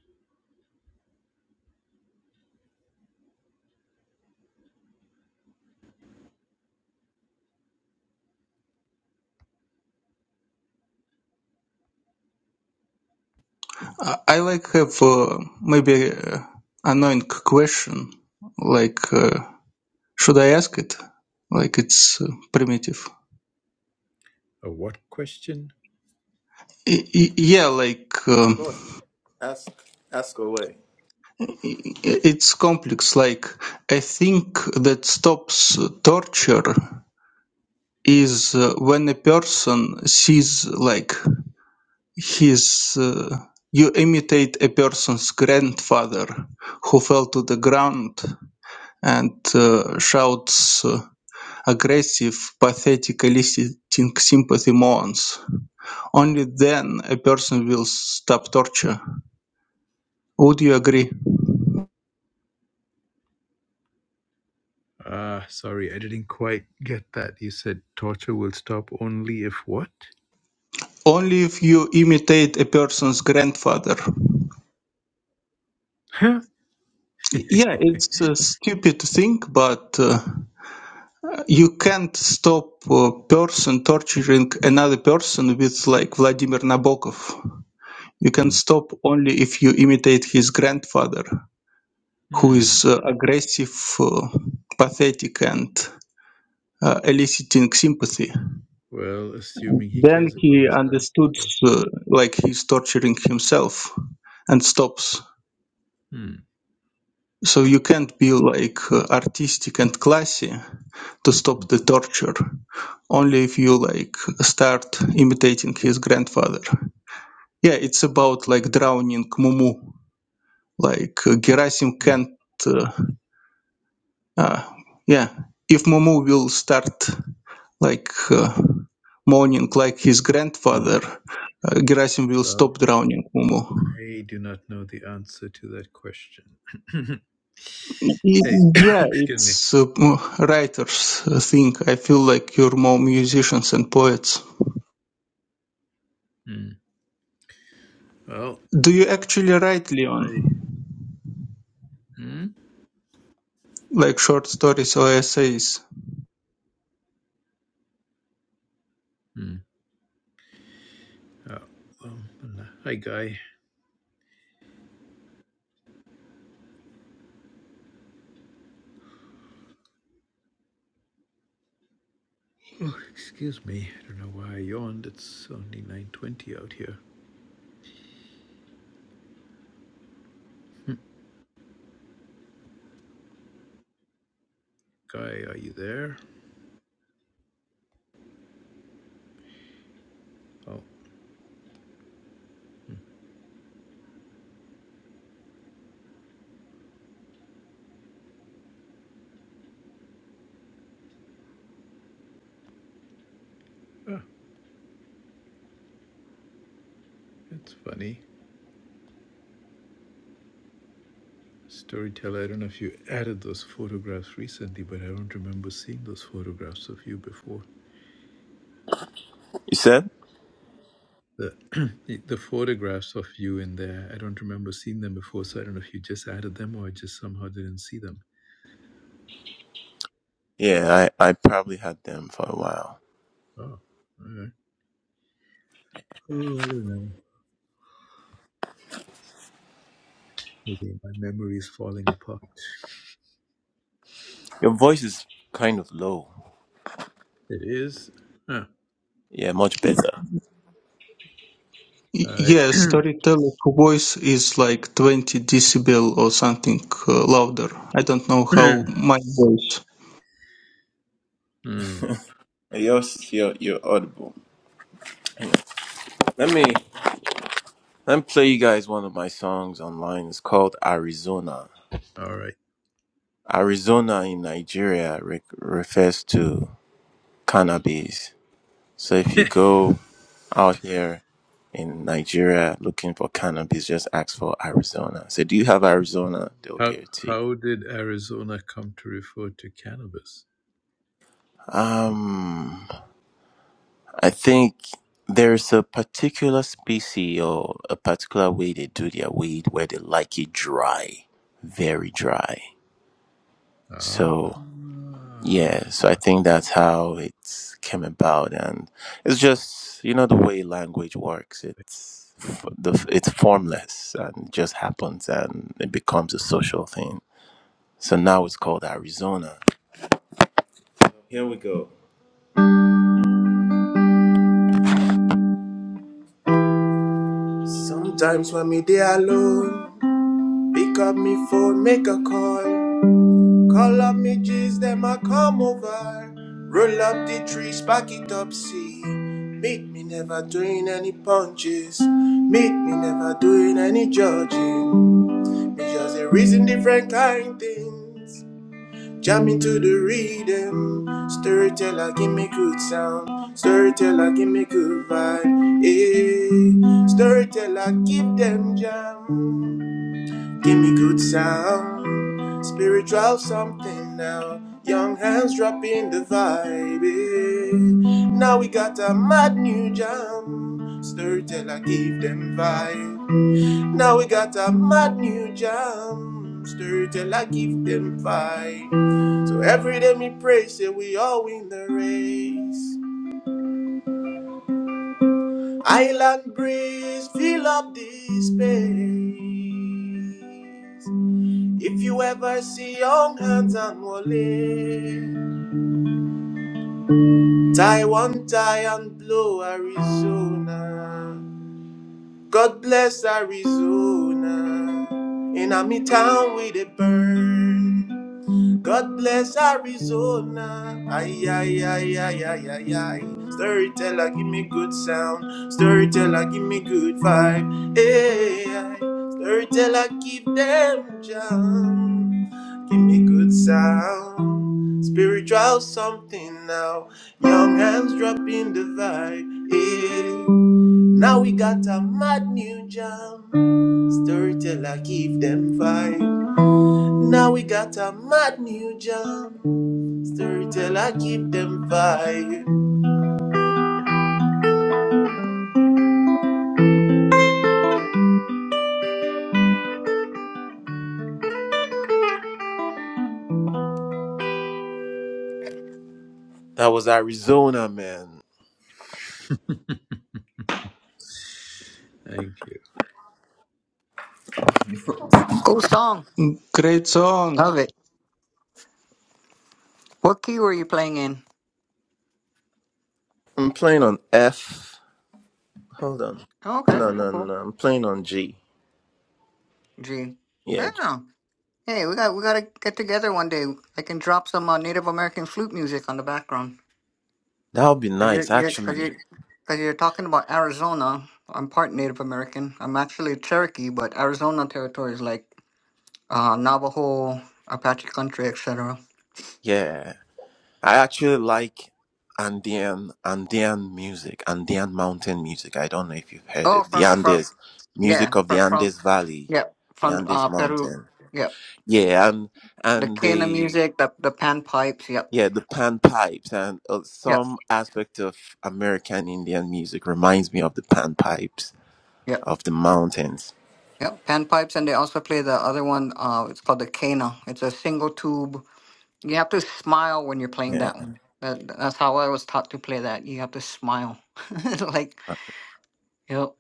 [SPEAKER 4] I, I like have uh, maybe uh, annoying question, like. Uh, Should I ask it? Like it's uh, primitive.
[SPEAKER 1] A what question?
[SPEAKER 4] Y- y- Yeah, like
[SPEAKER 8] Go
[SPEAKER 4] um,
[SPEAKER 8] ahead, ask ask away.
[SPEAKER 4] i- it's complex. Like I think that stops torture is uh, when a person sees like his. Uh, you imitate a person's grandfather who fell to the ground and uh, shouts uh, aggressive, pathetic, eliciting sympathy moans Only then a person will stop torture. Would you agree?
[SPEAKER 1] Uh, sorry, I didn't quite get that. You said torture will stop only if what?
[SPEAKER 4] Only if you imitate a person's grandfather.
[SPEAKER 1] Huh?
[SPEAKER 4] Yeah, it's a stupid thing, but uh, you can't stop a person torturing another person with like Vladimir Nabokov. You can
[SPEAKER 1] Hmm.
[SPEAKER 4] stop only if you imitate his grandfather, who
[SPEAKER 1] Hmm.
[SPEAKER 4] is uh, aggressive, uh, pathetic, and uh, eliciting sympathy.
[SPEAKER 1] Well, assuming he
[SPEAKER 4] Then
[SPEAKER 1] cares about
[SPEAKER 4] he
[SPEAKER 1] his
[SPEAKER 4] understood,
[SPEAKER 1] grandfather.
[SPEAKER 4] uh, like he's torturing himself, and stops.
[SPEAKER 1] Hmm.
[SPEAKER 4] So you can't be like uh, artistic and classy to
[SPEAKER 1] Hmm.
[SPEAKER 4] stop the torture. Only if you like start imitating his grandfather. Yeah, it's about like drowning Mumu. Like uh, Gerasim
[SPEAKER 1] Hmm.
[SPEAKER 4] can't. Uh, uh, yeah, if Mumu will start like uh, mourning like his
[SPEAKER 1] Hmm.
[SPEAKER 4] grandfather, uh, Gerasim will
[SPEAKER 1] Well,
[SPEAKER 4] stop drowning Mumu.
[SPEAKER 1] I do not know the answer to that question. hey,
[SPEAKER 4] Y- Yeah,
[SPEAKER 1] excuse me.
[SPEAKER 4] it's uh, writers' thing. I feel like you're more musicians and poets.
[SPEAKER 1] Hmm. Well,
[SPEAKER 4] Do you actually write, Leon?
[SPEAKER 1] I. Hmm?
[SPEAKER 4] Like short stories or essays?
[SPEAKER 1] Hmm. Oh, um, hi, guy. Oh, excuse me. I don't know why I yawned. It's only nine twenty out here. Guy, are you there? Oh, ah, it's funny. Storyteller, I don't know if you added those photographs recently, but I don't remember seeing those photographs of you before.
[SPEAKER 8] You said,
[SPEAKER 1] The the the photographs of you in there, I don't remember seeing them before, so I don't know if you just added them or I just somehow didn't see them.
[SPEAKER 8] yeah, I I probably had them for a while.
[SPEAKER 1] Oh, alright. oh I don't know. Maybe my memory is falling apart.
[SPEAKER 8] Your voice is kind of low.
[SPEAKER 1] It is. Huh.
[SPEAKER 8] Yeah, much
[SPEAKER 4] Y-
[SPEAKER 8] better.
[SPEAKER 1] All right.
[SPEAKER 4] Yeah, storyteller's voice is like 20 decibel or something uh, louder. I don't know how my voice.
[SPEAKER 1] Hmm.
[SPEAKER 8] Yours, you're you're audible. Let me let me play you guys one of my songs online. It's called Arizona.
[SPEAKER 1] All right.
[SPEAKER 8] Arizona in Nigeria re- refers to cannabis. So if you go out here in Nigeria looking for cannabis, just ask for Arizona. So do you have Arizona? They'll
[SPEAKER 1] How
[SPEAKER 8] give it to you.
[SPEAKER 1] how did Arizona come to refer to cannabis?
[SPEAKER 8] Um, I think there's a particular species or a particular way they do their weed where they like it dry, very dry.
[SPEAKER 1] Ah.
[SPEAKER 8] So Yeah, so I think that's how it came about, and it's just you know the way language works. It's f- the it's formless and it just happens, and it becomes a social thing. So now it's called Arizona. Here we go. Sometimes when me there alone, pick up me phone, make a call. Calamities, them a come over. Roll up the trees, back it up, see. Meet me never doing any punches. Meet me never doing any judging. Me just a reason different kind things. Jam into the rhythm. Storyteller, give me good sound. Storyteller, give me good vibe. Hey, storyteller, give them jam. Give me good sound, spiritual something now. Young hands dropping the vibe. eh. Now we got a mad new jam. Storyteller give them vibe. Now we got a mad new jam. Storyteller give them vibe. So every day me pray, say we all win the race. Island breeze, fill up this space. If you ever see young hands and Wale, Taiwan, tie and blow Arizona. God bless Arizona. In a me town with a burn. God bless Arizona. Ay, ay, ay, ay, ay, ay, ay. Storyteller, give me good sound. Storyteller, give me good vibe. Hey, ay. storyteller, give them jam. Give me good sound. Spiritual something now. Young hands dropping the vibe. Hey. Now we got a mad new jam. Storyteller, give them vibe. Now we got a mad new jam. Storyteller, keep them fire. That was Arizona, man.
[SPEAKER 1] Thank you.
[SPEAKER 9] Cool song.
[SPEAKER 4] Great song.
[SPEAKER 9] Love it. What key were you playing in?
[SPEAKER 8] I'm playing on F. Hold on.
[SPEAKER 9] Oh, okay,
[SPEAKER 8] No,
[SPEAKER 9] cool,
[SPEAKER 8] no,
[SPEAKER 9] cool.
[SPEAKER 8] no. I'm playing on G.
[SPEAKER 9] G.
[SPEAKER 8] Yeah, G.
[SPEAKER 9] Oh. Hey, we got we gotta get together one day. I can drop some uh, Native American flute music on the background.
[SPEAKER 8] that would be
[SPEAKER 9] you
[SPEAKER 8] nice,
[SPEAKER 9] you're, you're, cause you're,
[SPEAKER 8] actually.
[SPEAKER 9] cause you're talking about Arizona. I'm part Native American. I'm actually Cherokee, but Arizona territory is like uh, Navajo, Apache country, etc.
[SPEAKER 8] Yeah, I actually like Andean Andean music, Andean mountain music. I don't know if you've heard
[SPEAKER 9] Oh,
[SPEAKER 8] it. The
[SPEAKER 9] from from
[SPEAKER 8] Andes music
[SPEAKER 9] yeah,
[SPEAKER 8] of the
[SPEAKER 9] from from
[SPEAKER 8] Andes Valley,
[SPEAKER 9] yeah,
[SPEAKER 8] the
[SPEAKER 9] from
[SPEAKER 8] Andes
[SPEAKER 9] uh, Peru.
[SPEAKER 8] Mountain.
[SPEAKER 9] Yeah,
[SPEAKER 8] Yeah, and
[SPEAKER 9] The
[SPEAKER 8] and
[SPEAKER 9] cana
[SPEAKER 8] the
[SPEAKER 9] music, the the pan pipes. Yep.
[SPEAKER 8] Yeah, the panpipes and uh,
[SPEAKER 9] Yep.
[SPEAKER 8] some aspect of American Indian music reminds me of the panpipes
[SPEAKER 9] Yep.
[SPEAKER 8] of the mountains.
[SPEAKER 9] Yep, panpipes, and they also play the other one. Uh, it's called the Kena. It's a single tube. You have to smile when you're playing
[SPEAKER 8] Yeah.
[SPEAKER 9] that one. That, that's how I was taught to play that. You have to smile. like, yep.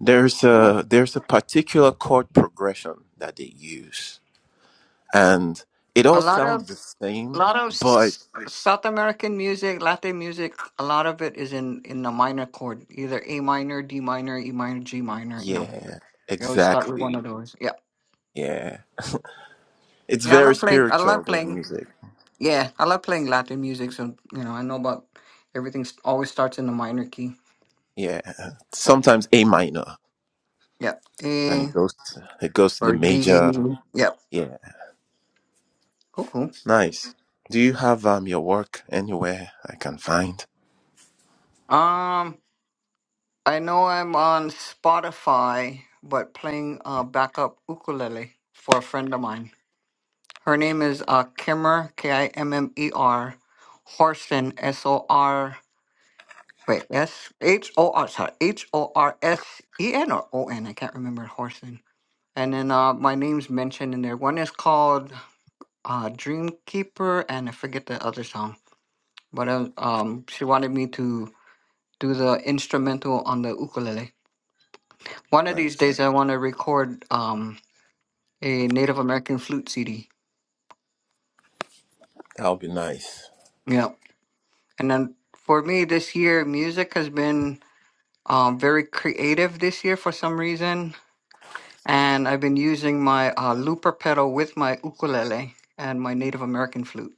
[SPEAKER 8] There's
[SPEAKER 9] Cool.
[SPEAKER 8] a there's a particular chord progression that they use and it
[SPEAKER 9] A
[SPEAKER 8] all
[SPEAKER 9] lot of
[SPEAKER 8] sounds the
[SPEAKER 9] a
[SPEAKER 8] same,
[SPEAKER 9] lot of
[SPEAKER 8] but
[SPEAKER 9] s- South American music, Latin music. A lot of it is in in the minor chord, either A minor, D minor, E minor, G minor. You know,
[SPEAKER 8] yeah,
[SPEAKER 9] you always start with one
[SPEAKER 8] exactly.
[SPEAKER 9] of those. Yeah,
[SPEAKER 8] Yeah. It's
[SPEAKER 9] yeah. I
[SPEAKER 8] very
[SPEAKER 9] love playing. I
[SPEAKER 8] spiritual
[SPEAKER 9] love
[SPEAKER 8] their
[SPEAKER 9] playing.
[SPEAKER 8] music.
[SPEAKER 9] Yeah, I love playing Latin music, so you know I know about everything. s- Always starts in the minor key.
[SPEAKER 8] Yeah. Sometimes A minor
[SPEAKER 9] Yep,
[SPEAKER 8] and
[SPEAKER 9] A
[SPEAKER 8] it goes to, it goes to the
[SPEAKER 9] or
[SPEAKER 8] major.
[SPEAKER 9] D. Yep,
[SPEAKER 8] Yeah.
[SPEAKER 9] cool, cool.
[SPEAKER 8] Nice. Do you have um your work anywhere I can find?
[SPEAKER 9] Um, I know I'm on Spotify, but playing uh backup ukulele for a friend of mine. Her name is uh Kimmer K I M M E R Horsen S O R. Wait, S H O R. Sorry, H O R S E N or O N. I can't remember Horsen. And then uh, my name's mentioned in there. One is called uh Dreamkeeper and I forget the other song. But uh, um she wanted me to do the instrumental on the ukulele. One of these
[SPEAKER 8] Nice.
[SPEAKER 9] days I want to record um a Native American flute CD.
[SPEAKER 8] That'll be nice.
[SPEAKER 9] Yeah. And then for me this year music has been um very creative this year for some reason and I've been using my uh looper pedal with my ukulele and my Native American flute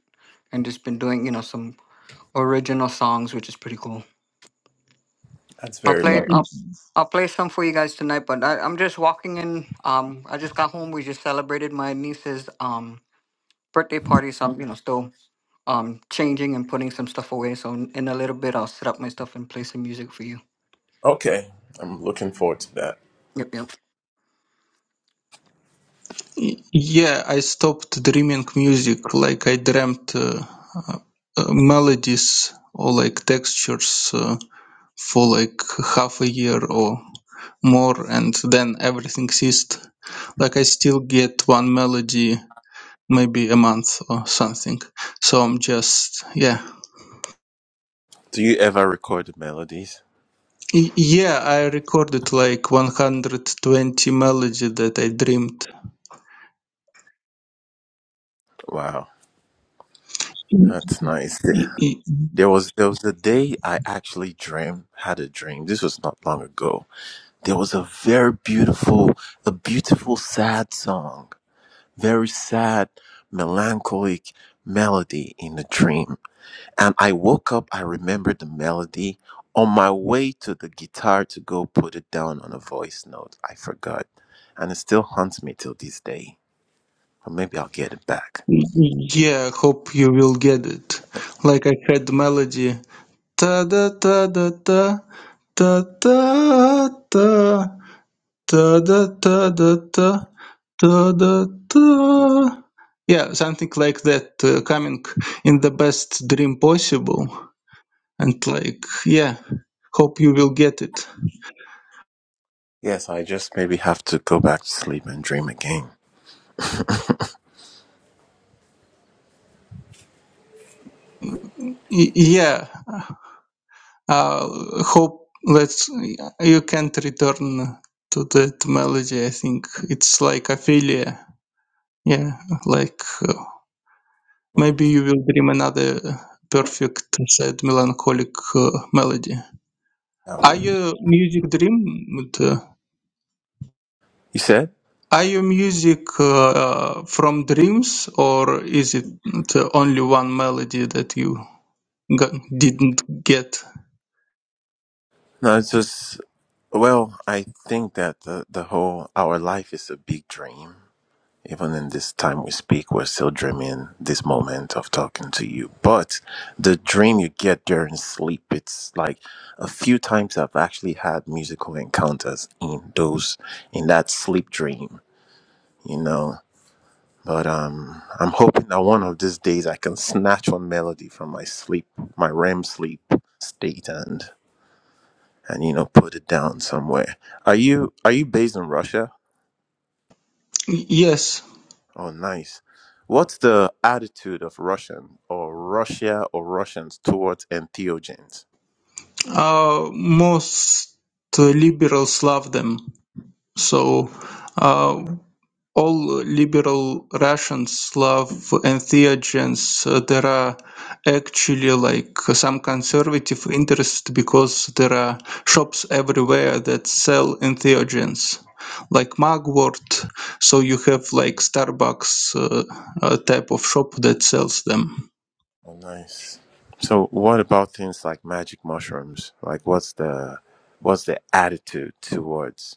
[SPEAKER 9] and just been doing, you know, some original songs which is pretty cool.
[SPEAKER 8] That's
[SPEAKER 9] I'll
[SPEAKER 8] very
[SPEAKER 9] play.
[SPEAKER 8] lovely.
[SPEAKER 9] I'll, I'll play some for you guys tonight. But I, I'm just walking in. Um, I just got home. We just celebrated my niece's um birthday party, so I'm you know still um changing and putting some stuff away. So in in a little bit, I'll set up my stuff and play some music for you.
[SPEAKER 8] Okay. I'm looking forward to that.
[SPEAKER 9] Yep, yep.
[SPEAKER 4] Yeah, I stopped dreaming music. Like I dreamt uh, uh, melodies or like textures. Uh, for like half a year or more and then everything ceased like i still get one melody maybe a month or something so i'm just yeah
[SPEAKER 8] Do you ever record the melodies?
[SPEAKER 4] Y- yeah i recorded like 120 melody that i dreamed
[SPEAKER 8] Wow.
[SPEAKER 4] Y-
[SPEAKER 8] That's nice. Th-
[SPEAKER 4] y-
[SPEAKER 8] There was there was a day I actually dreamed had a dream. This was not long ago. There was a very beautiful a beautiful sad song. Very sad, melancholic melody in the dream. And I woke up, I remembered the melody. On my way to the guitar to go put it down on a voice note, I forgot. And it still haunts me till this day. But maybe I'll get it back.
[SPEAKER 4] yeah hope you will get it like i had melody ta da ta da ta ta ta ta Da, da, da, da, da, da, da, da. Yeah, something like that, uh, coming in the best dream possible. And like, yeah, hope you will get it.
[SPEAKER 8] Yes, I just maybe have to go back to sleep and dream again.
[SPEAKER 4] Y- yeah, uh, hope let's you can't return to that melody. I think it's like Ophelia. Yeah, like uh, maybe you will dream another perfect, sad, melancholic uh, melody. Are
[SPEAKER 8] Okay.
[SPEAKER 4] you music dream?
[SPEAKER 8] You said?
[SPEAKER 4] Are your music uh, uh, from dreams, or is it uh, only one melody that you got, didn't get?
[SPEAKER 8] No, it's just, well, I think that the, the whole, our life is a big dream. Even in this time we speak, we're still dreaming this moment of talking to you. But the dream you get during sleep, it's like a few times I've actually had musical encounters in those in that sleep dream, you know. But um I'm hoping that one of these days I can snatch one melody from my sleep, my REM sleep state and and you know put it down somewhere. Are you are you based in Russia?
[SPEAKER 4] Yes,
[SPEAKER 8] Oh, nice. What's the attitude of Russian or Russia or Russians towards entheogens?
[SPEAKER 4] uh, most liberals love them. So, uh, all liberal Russians, Slav and Theogens, uh, there are actually like some conservative interest because there are shops everywhere that sell entheogens like mugwort so you have like starbucks uh, uh, type of shop that sells them
[SPEAKER 8] Oh, nice. So, what about things like magic mushrooms? Like, what's the what's the attitude towards?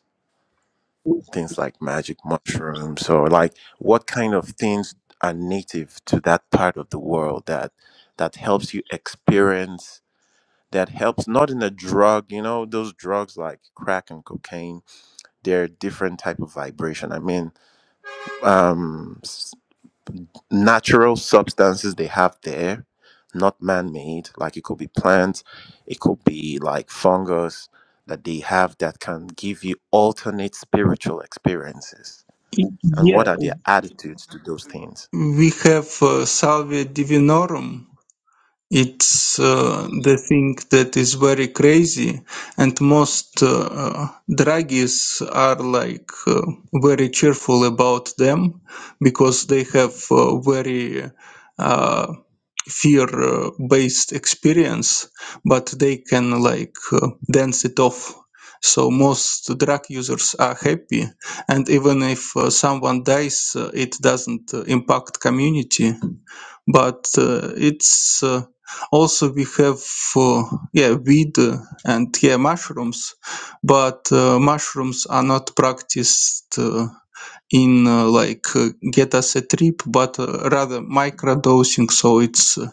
[SPEAKER 8] things like magic mushrooms or like what kind of things are native to that part of the world that that helps you experience that helps not in a drug you know those drugs like crack and cocaine they're different type of vibration i mean um s- natural substances they have there not man-made like it could be plants it could be like fungus that they have that can give you alternate spiritual experiences and
[SPEAKER 4] yeah
[SPEAKER 8] what are their attitudes to those things
[SPEAKER 4] we have uh, salvia divinorum It's uh, the thing that is very crazy, and most uh, druggies are like uh, very cheerful about them because they have uh, very uh, fear-based experience, but they can like uh, dance it off. So most drug users are happy, and even if uh, someone dies, uh, it doesn't uh, impact community but uh, it's uh, also we have uh, yeah weed uh, and yeah mushrooms but uh, mushrooms are not practiced uh, in uh, like uh, get us a trip but uh, rather microdosing so it's uh,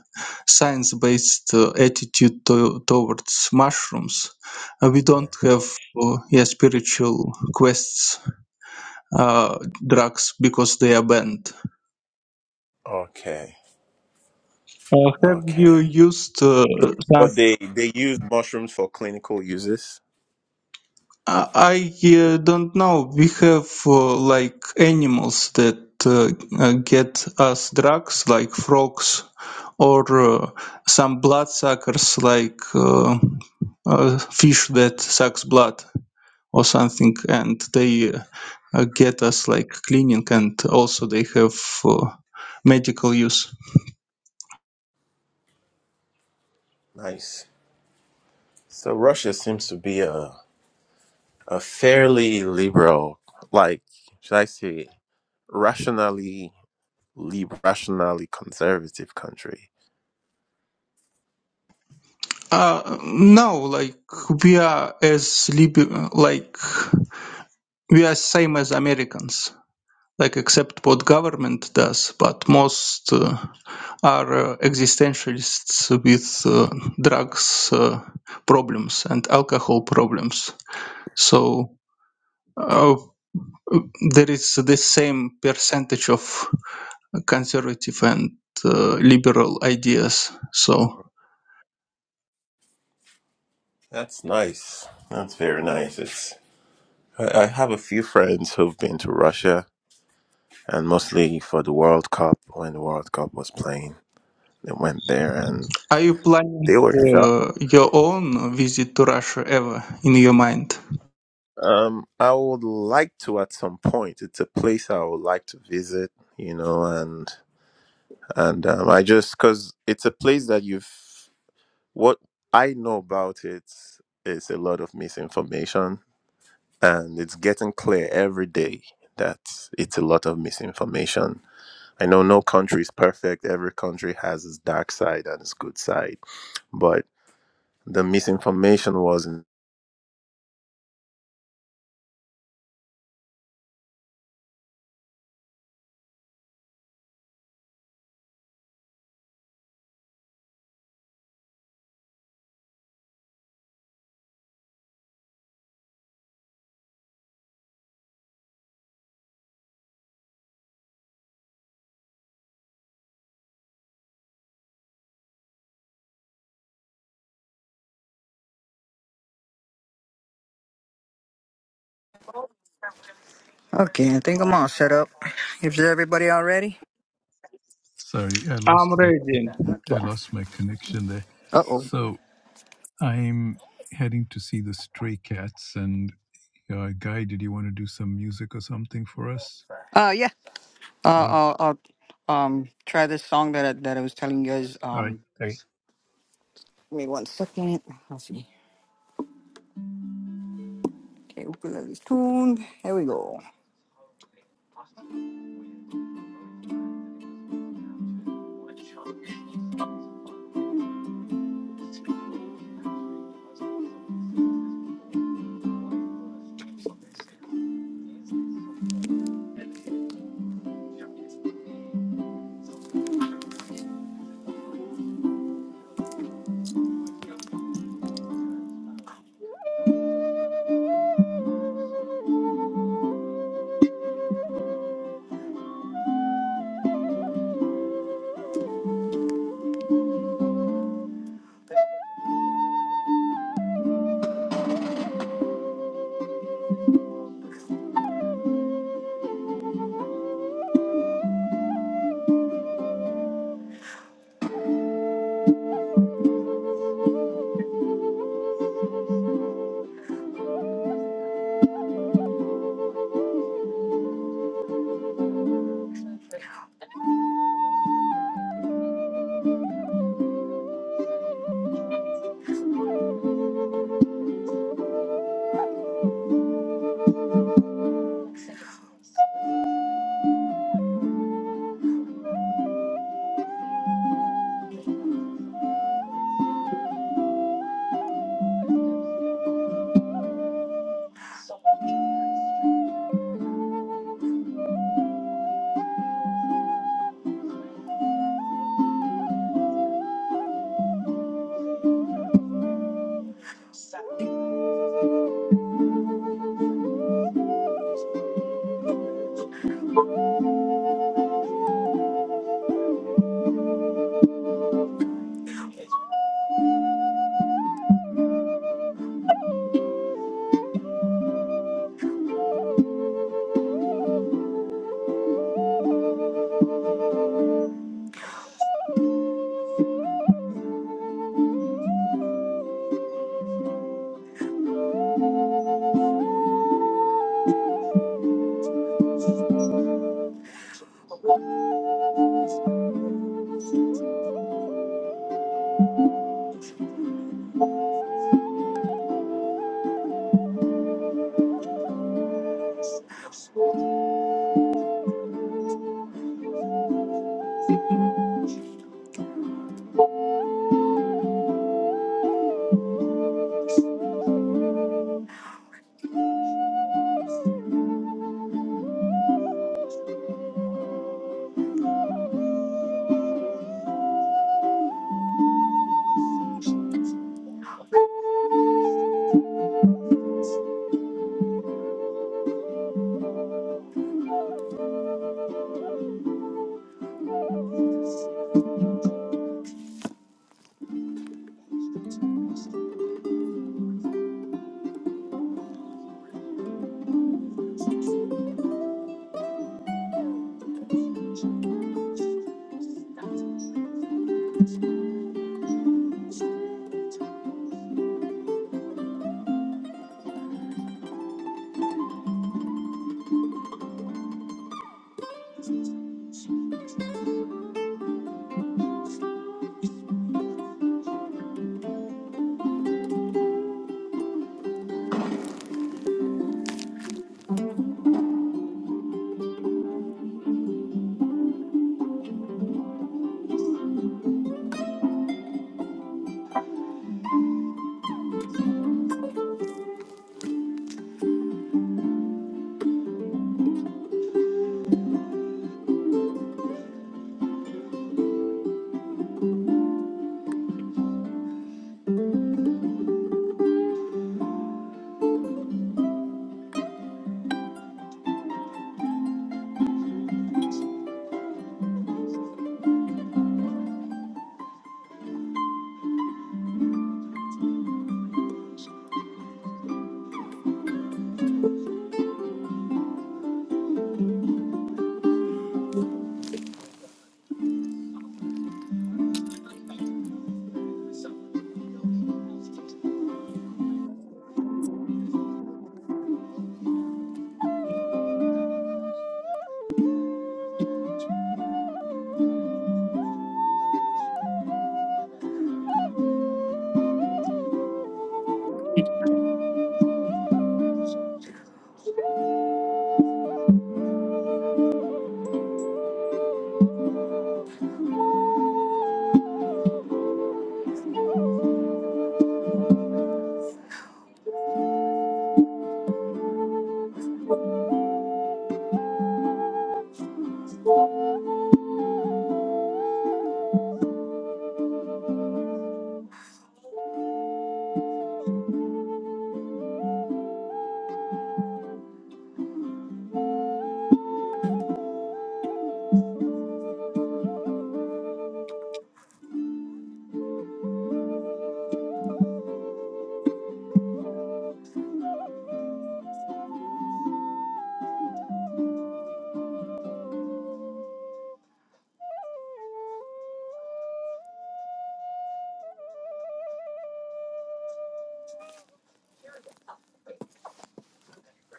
[SPEAKER 4] science based uh, attitude to- towards mushrooms Uh, we don't have uh, yeah spiritual quests uh, drugs because they are banned
[SPEAKER 8] okay
[SPEAKER 4] uh, have you
[SPEAKER 8] okay
[SPEAKER 4] used uh,
[SPEAKER 8] but they they use mushrooms for clinical uses
[SPEAKER 4] Uh, I uh, don't know. We have uh, like animals that uh, uh, get us drugs, like frogs, or uh, some bloodsuckers, like uh, uh, fish that sucks blood or something, and they uh, uh, get us like cleaning, and also they have uh, medical use.
[SPEAKER 8] nice So Russia seems to be a a fairly liberal, like should I say, rationally lib rationally conservative country.
[SPEAKER 4] Uh, no, like we are as lib- like we are same as Americans. like except what government does, but most uh, are uh, existentialists with uh, drugs uh, problems and alcohol problems. So uh, there is the same percentage of conservative and uh, liberal ideas. So
[SPEAKER 8] That's nice. That's very nice. It's I I have a few friends who've been to Russia, and mostly for the World Cup when the World Cup was playing, they went there and
[SPEAKER 4] are you planning
[SPEAKER 8] they were shocked.
[SPEAKER 4] uh, your own visit to Russia ever in your mind?
[SPEAKER 8] Um, I would like to at some point. It's a place I would like to visit, you know, and and um, I just because it's a place that you've what I know about it is a lot of misinformation, and it's getting clear every day that it's a lot of misinformation. I know no country is perfect; every country has its dark side and its good side, but the misinformation wasn't
[SPEAKER 9] Okay, I think I'm all set up. Is everybody all ready?
[SPEAKER 1] Sorry, I lost
[SPEAKER 4] I'm
[SPEAKER 1] my,
[SPEAKER 4] ready. Uh,
[SPEAKER 9] Okay.
[SPEAKER 1] I lost my connection there.
[SPEAKER 9] Uh oh.
[SPEAKER 1] So I'm heading to see the Stray Cats, and uh, Guy, did you want to do some music or something for us?
[SPEAKER 9] Uh yeah. Uh,
[SPEAKER 1] Uh,
[SPEAKER 9] I'll, I'll um try this song that I, that I was telling you guys.
[SPEAKER 1] all right.
[SPEAKER 9] Um,
[SPEAKER 1] Okay.
[SPEAKER 9] give me one second. I'll see. Okay, ukulele's tuned. Here we go.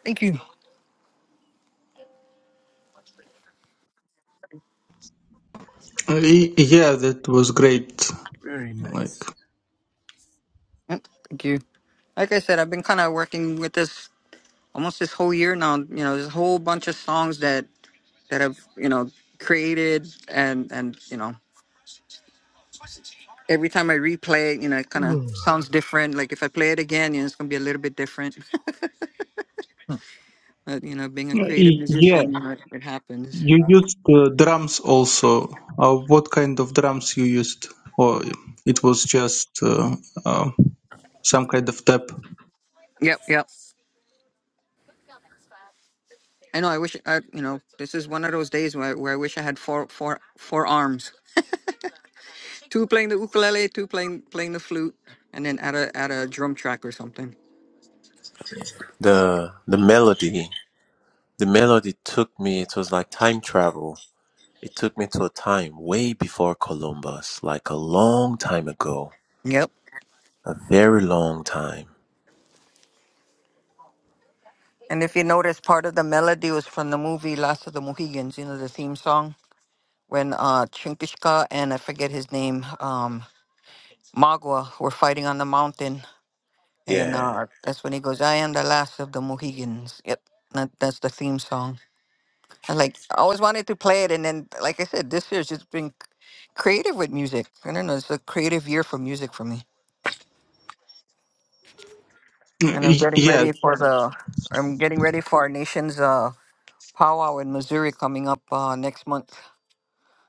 [SPEAKER 9] Thank you.
[SPEAKER 4] y- yeah, that was great.
[SPEAKER 1] Very
[SPEAKER 4] Like,
[SPEAKER 1] nice.
[SPEAKER 9] Yep, Thank you. Like I said, I've been kind of working with this almost this whole year now. You know, there's a whole bunch of songs that that I've you know created, and and you know every time I replay it, you know it kind of sounds different. Like if I play it again, you know it's gonna be a little bit different.
[SPEAKER 1] Ugh.
[SPEAKER 9] but you know, being a creative
[SPEAKER 4] Y- yeah,
[SPEAKER 9] musician, you know it, it happens.
[SPEAKER 4] You used uh, drums also. Uh, what kind of drums you used, or it was just uh, uh, some kind of tap?
[SPEAKER 9] Yep, yep. I know. I wish I, you know, this is one of those days where, where I wish I had four, four, four arms. Two playing the ukulele, two playing playing the flute, and then add a add a drum track or something.
[SPEAKER 8] the the melody. The melody took me. It was like time travel. It took me to a time way before Columbus, like a long time ago
[SPEAKER 9] Yep.
[SPEAKER 8] A very long time.
[SPEAKER 9] And if you notice, part of the melody was from the movie Last of the Mohegans, you know, the theme song, when uh, Chinkishka and I forget his name, um, Magua, were fighting on the mountain. And
[SPEAKER 8] Yeah,
[SPEAKER 9] uh, that's when he goes, I am the last of the Mohegans. Yep, that, that's the theme song. And like, I always wanted to play it. And then, like I said, this year's just been creative with music. I don't know, it's a creative year for music for me. And I'm
[SPEAKER 4] Y-
[SPEAKER 9] getting
[SPEAKER 4] Yeah.
[SPEAKER 9] ready for the, I'm getting ready for our nation's uh, powwow in Missouri coming up uh, next month.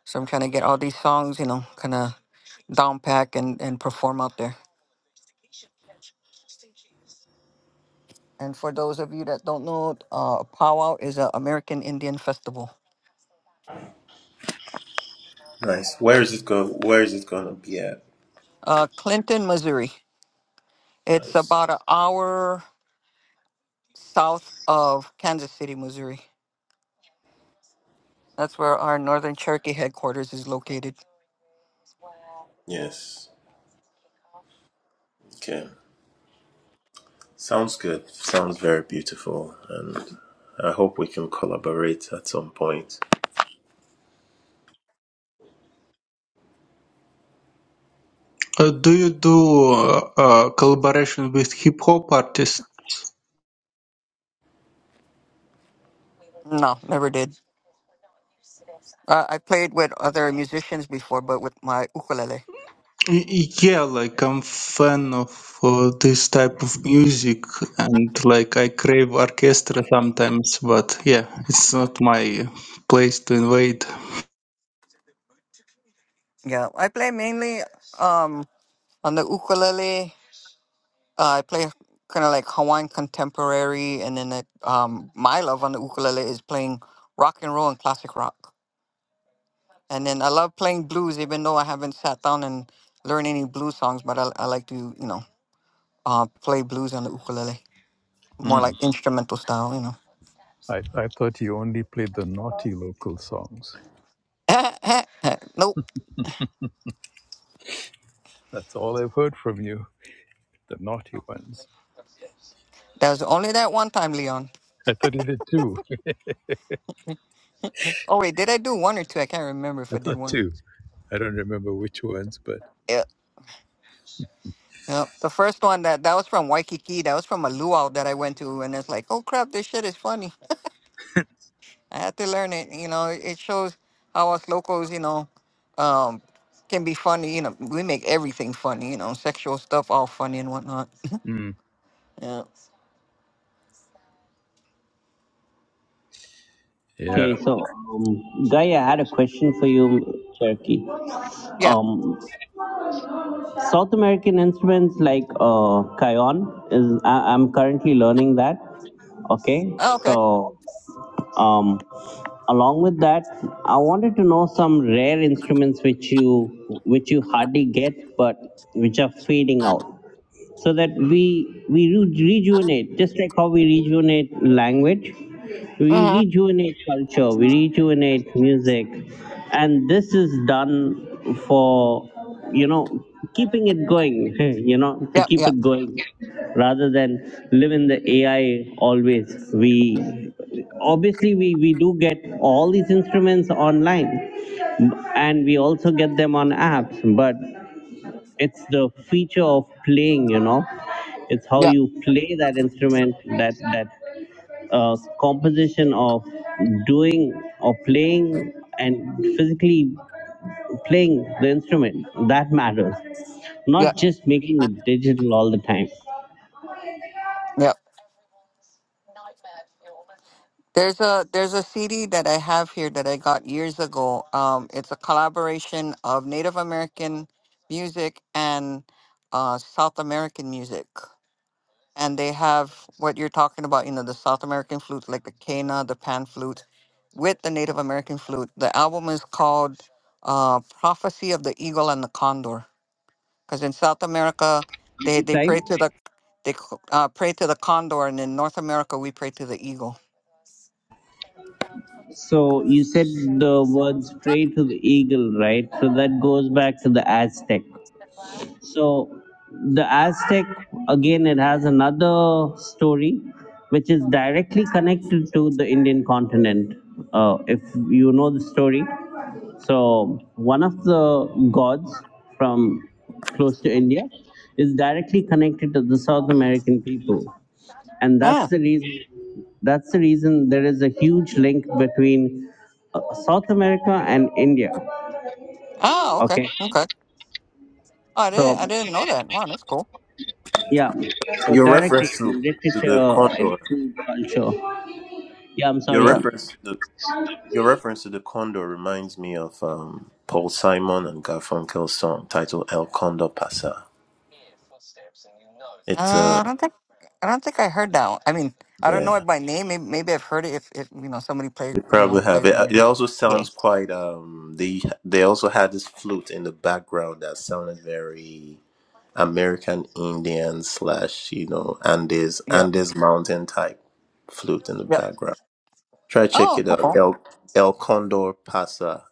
[SPEAKER 9] So I'm trying to get all these songs, you know, kind of down pack and, and perform out there. And for those of you that don't know, uh, Powwow is an American Indian festival.
[SPEAKER 8] nice. Where is it go? Where is it gonna be at?
[SPEAKER 9] Uh, Clinton, Missouri. It's
[SPEAKER 8] Nice.
[SPEAKER 9] about an hour south of Kansas City, Missouri. That's where our Northern Cherokee headquarters is located.
[SPEAKER 8] Yes. Okay. Sounds good. Sounds very beautiful, and I hope we can collaborate at some point.
[SPEAKER 4] Uh, do you do uh, uh, collaboration with hip hop artists?
[SPEAKER 9] No, never did. Uh, I played with other musicians before, but with my ukulele.
[SPEAKER 4] Y- Yeah, like I'm fan of uh, this type of music, and like I crave orchestra sometimes. But yeah, it's not my place to invade.
[SPEAKER 9] Yeah, I play mainly um, on the ukulele Uh, I play kind of like Hawaiian contemporary, and then it, um, my love on the ukulele is playing rock and roll and classic rock. And then I love playing blues, even though I haven't sat down and learned any blues songs. But I, I like to, you know, uh, play blues on the ukulele,
[SPEAKER 1] Hmm.
[SPEAKER 9] more like instrumental style, you know.
[SPEAKER 1] I, I thought you only played the naughty local songs.
[SPEAKER 9] nope,
[SPEAKER 1] That's all I've heard from you, the naughty ones.
[SPEAKER 9] that was only that one time, Leon.
[SPEAKER 1] I thought you did two.
[SPEAKER 9] Oh wait, did I do one or two? I can't remember if
[SPEAKER 1] I
[SPEAKER 9] I did
[SPEAKER 1] thought
[SPEAKER 9] one.
[SPEAKER 1] two. I don't remember which ones, but
[SPEAKER 9] Yeah, yeah. The first one that that was from Waikiki. That was from a luau that I went to, and it's like, oh crap, this shit is funny. I had to learn it. You know, it shows how us locals, you know, um, can be funny. You know, we make everything funny. You know, sexual stuff all funny and whatnot.
[SPEAKER 1] mm,
[SPEAKER 9] Yeah.
[SPEAKER 1] yeah.
[SPEAKER 3] Okay, so um, Guy, I had a question for you, Cherokee.
[SPEAKER 9] Yeah.
[SPEAKER 3] Um, South American instruments like uh, cajon is I- I'm currently learning that. Okay,
[SPEAKER 9] Oh, okay.
[SPEAKER 3] so Um, along with that, I wanted to know some rare instruments which you which you hardly get, but which are fading out so that we we re- rejuvenate just like how we rejuvenate language we
[SPEAKER 9] Mm-hmm.
[SPEAKER 3] rejuvenate culture we rejuvenate music and this is done for you know keeping it going you know to
[SPEAKER 9] Yep.
[SPEAKER 3] keep
[SPEAKER 9] Yep.
[SPEAKER 3] it going rather than live in the ai always we obviously we we do get all these instruments online and we also get them on apps but it's the feature of playing you know it's how
[SPEAKER 9] Yep.
[SPEAKER 3] you play that instrument that that uh, composition of doing or playing and physically playing the instrument that matters
[SPEAKER 9] Yep.
[SPEAKER 3] not just making it digital all the time
[SPEAKER 9] Yep. There's a there's a CD that I have here that I got years ago. Um, it's a collaboration of Native American music and uh, South American music. and they have what you're talking about, you know, the South American flute, like the cana, the pan flute, with the Native American flute. The album is called uh, "Prophecy of the Eagle and the Condor," because in South America they they
[SPEAKER 3] right
[SPEAKER 9] pray to the they c- uh, pray to the condor, and in North America we pray to the eagle.
[SPEAKER 3] so you said the words pray to the eagle right so that goes back to the aztec So the Aztec, again, it has another story which is directly connected to the Indian continent. Uh, if you know the story, so one of the gods from close to India is directly connected to the South American people, and that's
[SPEAKER 9] Ah,
[SPEAKER 3] the reason. That's the reason there is a huge link between uh, South America and India.
[SPEAKER 9] ah, okay,
[SPEAKER 3] Okay,
[SPEAKER 9] okay. Oh, I didn't I
[SPEAKER 3] so
[SPEAKER 9] didn't know that. Wow, that's cool.
[SPEAKER 3] Yeah. So
[SPEAKER 8] Your
[SPEAKER 3] direct
[SPEAKER 8] reference to, to the
[SPEAKER 3] literature and
[SPEAKER 8] condor.
[SPEAKER 3] food culture. Yeah, I'm
[SPEAKER 8] Your
[SPEAKER 9] Yeah.
[SPEAKER 3] sorry.
[SPEAKER 8] reference to the your reference to the condor reminds me of um, Paul Simon and Garfunkel's song titled "El Condor Pasa." It's uh,
[SPEAKER 9] Uh, I don't think I don't think I heard that. One. I mean, I don't
[SPEAKER 8] yeah.
[SPEAKER 9] know it by name. Maybe, maybe I've heard it if, if you know somebody play
[SPEAKER 8] They
[SPEAKER 9] you
[SPEAKER 8] probably
[SPEAKER 9] know
[SPEAKER 8] have
[SPEAKER 9] plays the
[SPEAKER 8] it. Uh, It
[SPEAKER 9] music.
[SPEAKER 8] also
[SPEAKER 9] Yeah,
[SPEAKER 8] sounds quite. Um, they they also had this flute in the background that sounded very American Indian slash you know Andes
[SPEAKER 9] yeah,
[SPEAKER 8] Andes mountain type flute in the
[SPEAKER 9] yeah.
[SPEAKER 8] background. Try check
[SPEAKER 9] Oh,
[SPEAKER 8] it out.
[SPEAKER 9] cool.
[SPEAKER 8] El El Condor Pasa.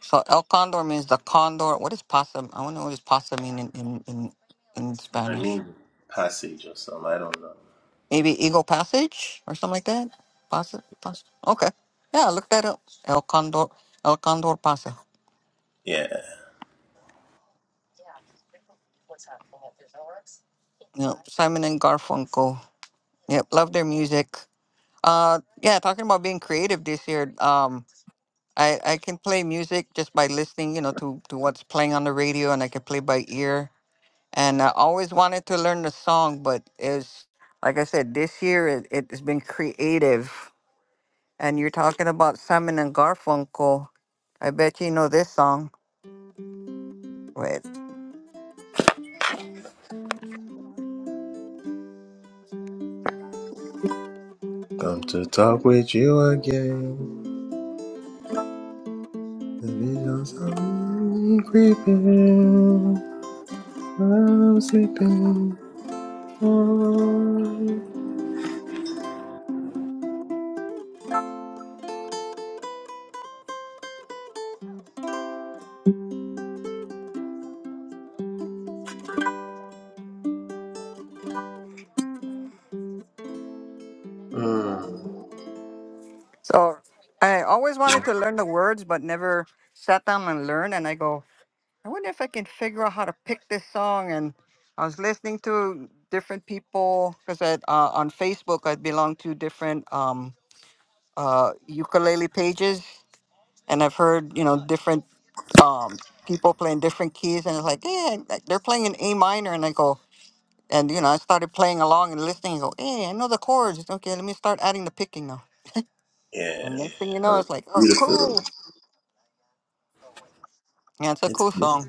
[SPEAKER 9] So El Condor means the condor. What is pasa? I want to know what does pasa mean in, in, in, in
[SPEAKER 8] I
[SPEAKER 9] Spanish.
[SPEAKER 8] mean passage or something. I don't know.
[SPEAKER 9] Maybe Eagle Passage or something like that. Pasa, pasa. Okay. Yeah, look that up. El Condor, El Condor Pasa.
[SPEAKER 8] Yeah.
[SPEAKER 9] You know, Simon and Garfunkel. Yep, love their music. Uh, yeah, talking about being creative this year. Um, I I can play music just by listening, you know, to to what's playing on the radio, and I can play by ear. And I always wanted to learn the song, but it's like I said, this year it, it's been creative. And you're talking about Simon and Garfunkel. I bet you know this song. Wait.
[SPEAKER 8] Come to talk with you again. The visions of me creeping. I'm sleeping. Oh. Mm,
[SPEAKER 9] So I always wanted to learn the words, but never sat down and learned. And I go, I wonder if I can figure out how to pick this song. And I was listening to different people because uh, on Facebook I belong to different um, uh, ukulele pages, and I've heard you know different um, people playing different keys, and it's like, yeah, like, they're playing in A minor, and I go, and you know I started playing along and listening, and go, hey, I know the chords. Okay, let me start adding the picking now.
[SPEAKER 8] yeah.
[SPEAKER 9] And next thing you know,
[SPEAKER 8] Mm,
[SPEAKER 9] it's like, oh,
[SPEAKER 8] Beautiful.
[SPEAKER 9] cool. Yeah, it's a
[SPEAKER 8] It's
[SPEAKER 9] cool song.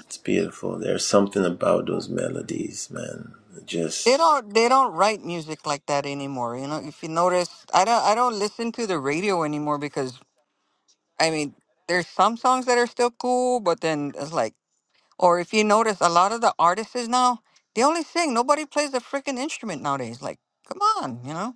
[SPEAKER 8] it's beautiful. There's something about those melodies, man. It
[SPEAKER 9] They
[SPEAKER 8] Just
[SPEAKER 9] don't they don't write music like that anymore. You know, if you notice, I don't I don't listen to the radio anymore because I mean, there's some songs that are still cool, but then it's like or if you notice a lot of the artists is now, they only sing. Nobody plays a freaking instrument nowadays. Like, come on, you know?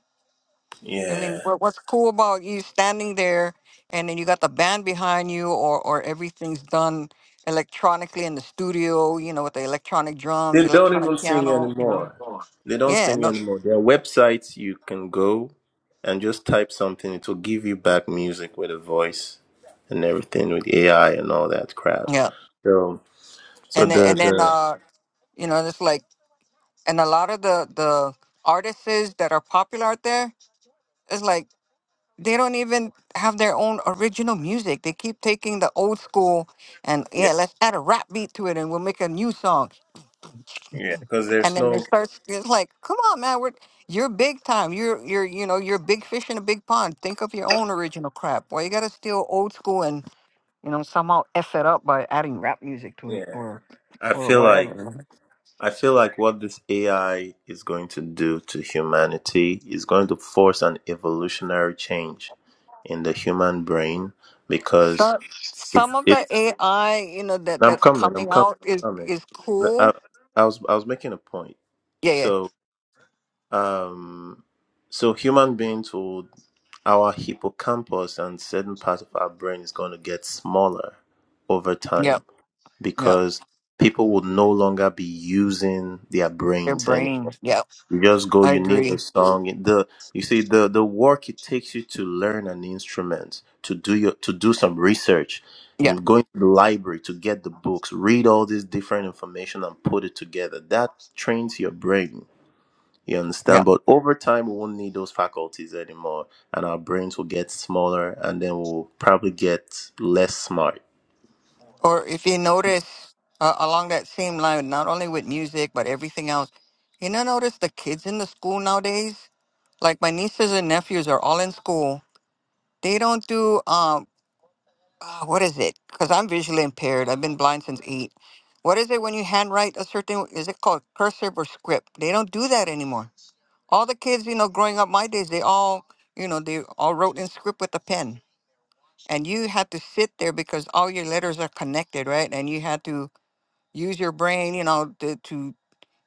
[SPEAKER 9] I mean,
[SPEAKER 8] yeah.
[SPEAKER 9] what, what's cool about you standing there and then you got the band behind you or or everything's done electronically in the studio, you know, with the electronic drums,
[SPEAKER 8] They don't
[SPEAKER 9] electronic
[SPEAKER 8] even sing
[SPEAKER 9] piano, you know.
[SPEAKER 8] anymore. They don't
[SPEAKER 9] Yeah,
[SPEAKER 8] sing
[SPEAKER 9] no.
[SPEAKER 8] anymore. There are websites you can go and just type something. It will give you back music with a voice and everything with AI and all that crap.
[SPEAKER 9] Yeah.
[SPEAKER 8] So so
[SPEAKER 9] and then,
[SPEAKER 8] the
[SPEAKER 9] and then
[SPEAKER 8] the
[SPEAKER 9] uh you know it's like and a lot of the the artists that are popular out there it's like they don't even have their own original music they keep taking the old school and
[SPEAKER 8] yeah
[SPEAKER 9] yeah let's add a rap beat to it and we'll make a new song
[SPEAKER 8] yeah because
[SPEAKER 9] and
[SPEAKER 8] there's
[SPEAKER 9] then it
[SPEAKER 8] no
[SPEAKER 9] starts it's like come on man we're you're big time you're you're you know you're a big fish in a big pond think of your own original crap why you gotta steal old school and you know somehow f it up by adding rap music to it
[SPEAKER 8] yeah.
[SPEAKER 9] or
[SPEAKER 8] I
[SPEAKER 9] or
[SPEAKER 8] feel like.
[SPEAKER 9] whatever
[SPEAKER 8] I feel like what this AI is going to do to humanity is going to force an evolutionary change in the human brain because
[SPEAKER 9] Some
[SPEAKER 8] it's
[SPEAKER 9] some of
[SPEAKER 8] it.
[SPEAKER 9] the AI, you know, that
[SPEAKER 8] I'm
[SPEAKER 9] that's
[SPEAKER 8] coming. I'm
[SPEAKER 9] coming
[SPEAKER 8] coming.
[SPEAKER 9] out is
[SPEAKER 8] I'm coming.
[SPEAKER 9] is
[SPEAKER 8] No,
[SPEAKER 9] cool.
[SPEAKER 8] I, I was I was making a point.
[SPEAKER 9] Yeah, yeah,
[SPEAKER 8] So um, so human beings will our hippocampus and certain part of our brain is going to get smaller over time
[SPEAKER 9] yep, yep.
[SPEAKER 8] because people will no longer be using their
[SPEAKER 9] Their
[SPEAKER 8] brains
[SPEAKER 9] brain. Yep,
[SPEAKER 8] Just go.
[SPEAKER 9] I
[SPEAKER 8] You need a
[SPEAKER 9] agree.
[SPEAKER 8] song. And The you see the the work it takes you to learn an instrument, to do your to do some research,
[SPEAKER 9] Yep,
[SPEAKER 8] and going to the library to get the books, read all this different information and put it together. That trains your brain. You understand?
[SPEAKER 9] yep.
[SPEAKER 8] But over time, we won't need those faculties anymore, and our brains will get smaller, and then we'll probably get less smart.
[SPEAKER 9] Or if you notice uh, along that same line, not only with music but everything else, you know, notice the kids in the school nowadays. Like my nieces and nephews are all in school. They don't do um, uh, what is it? Because I'm visually impaired. I've been blind since eight. What is it when you handwrite a certain? Is it called cursive or script? They don't do that anymore All the kids, you know, growing up my days, they all, you know, they all wrote in script with a pen. And you had to sit there because all your letters are connected, right? And you had to use your brain, you know, to, to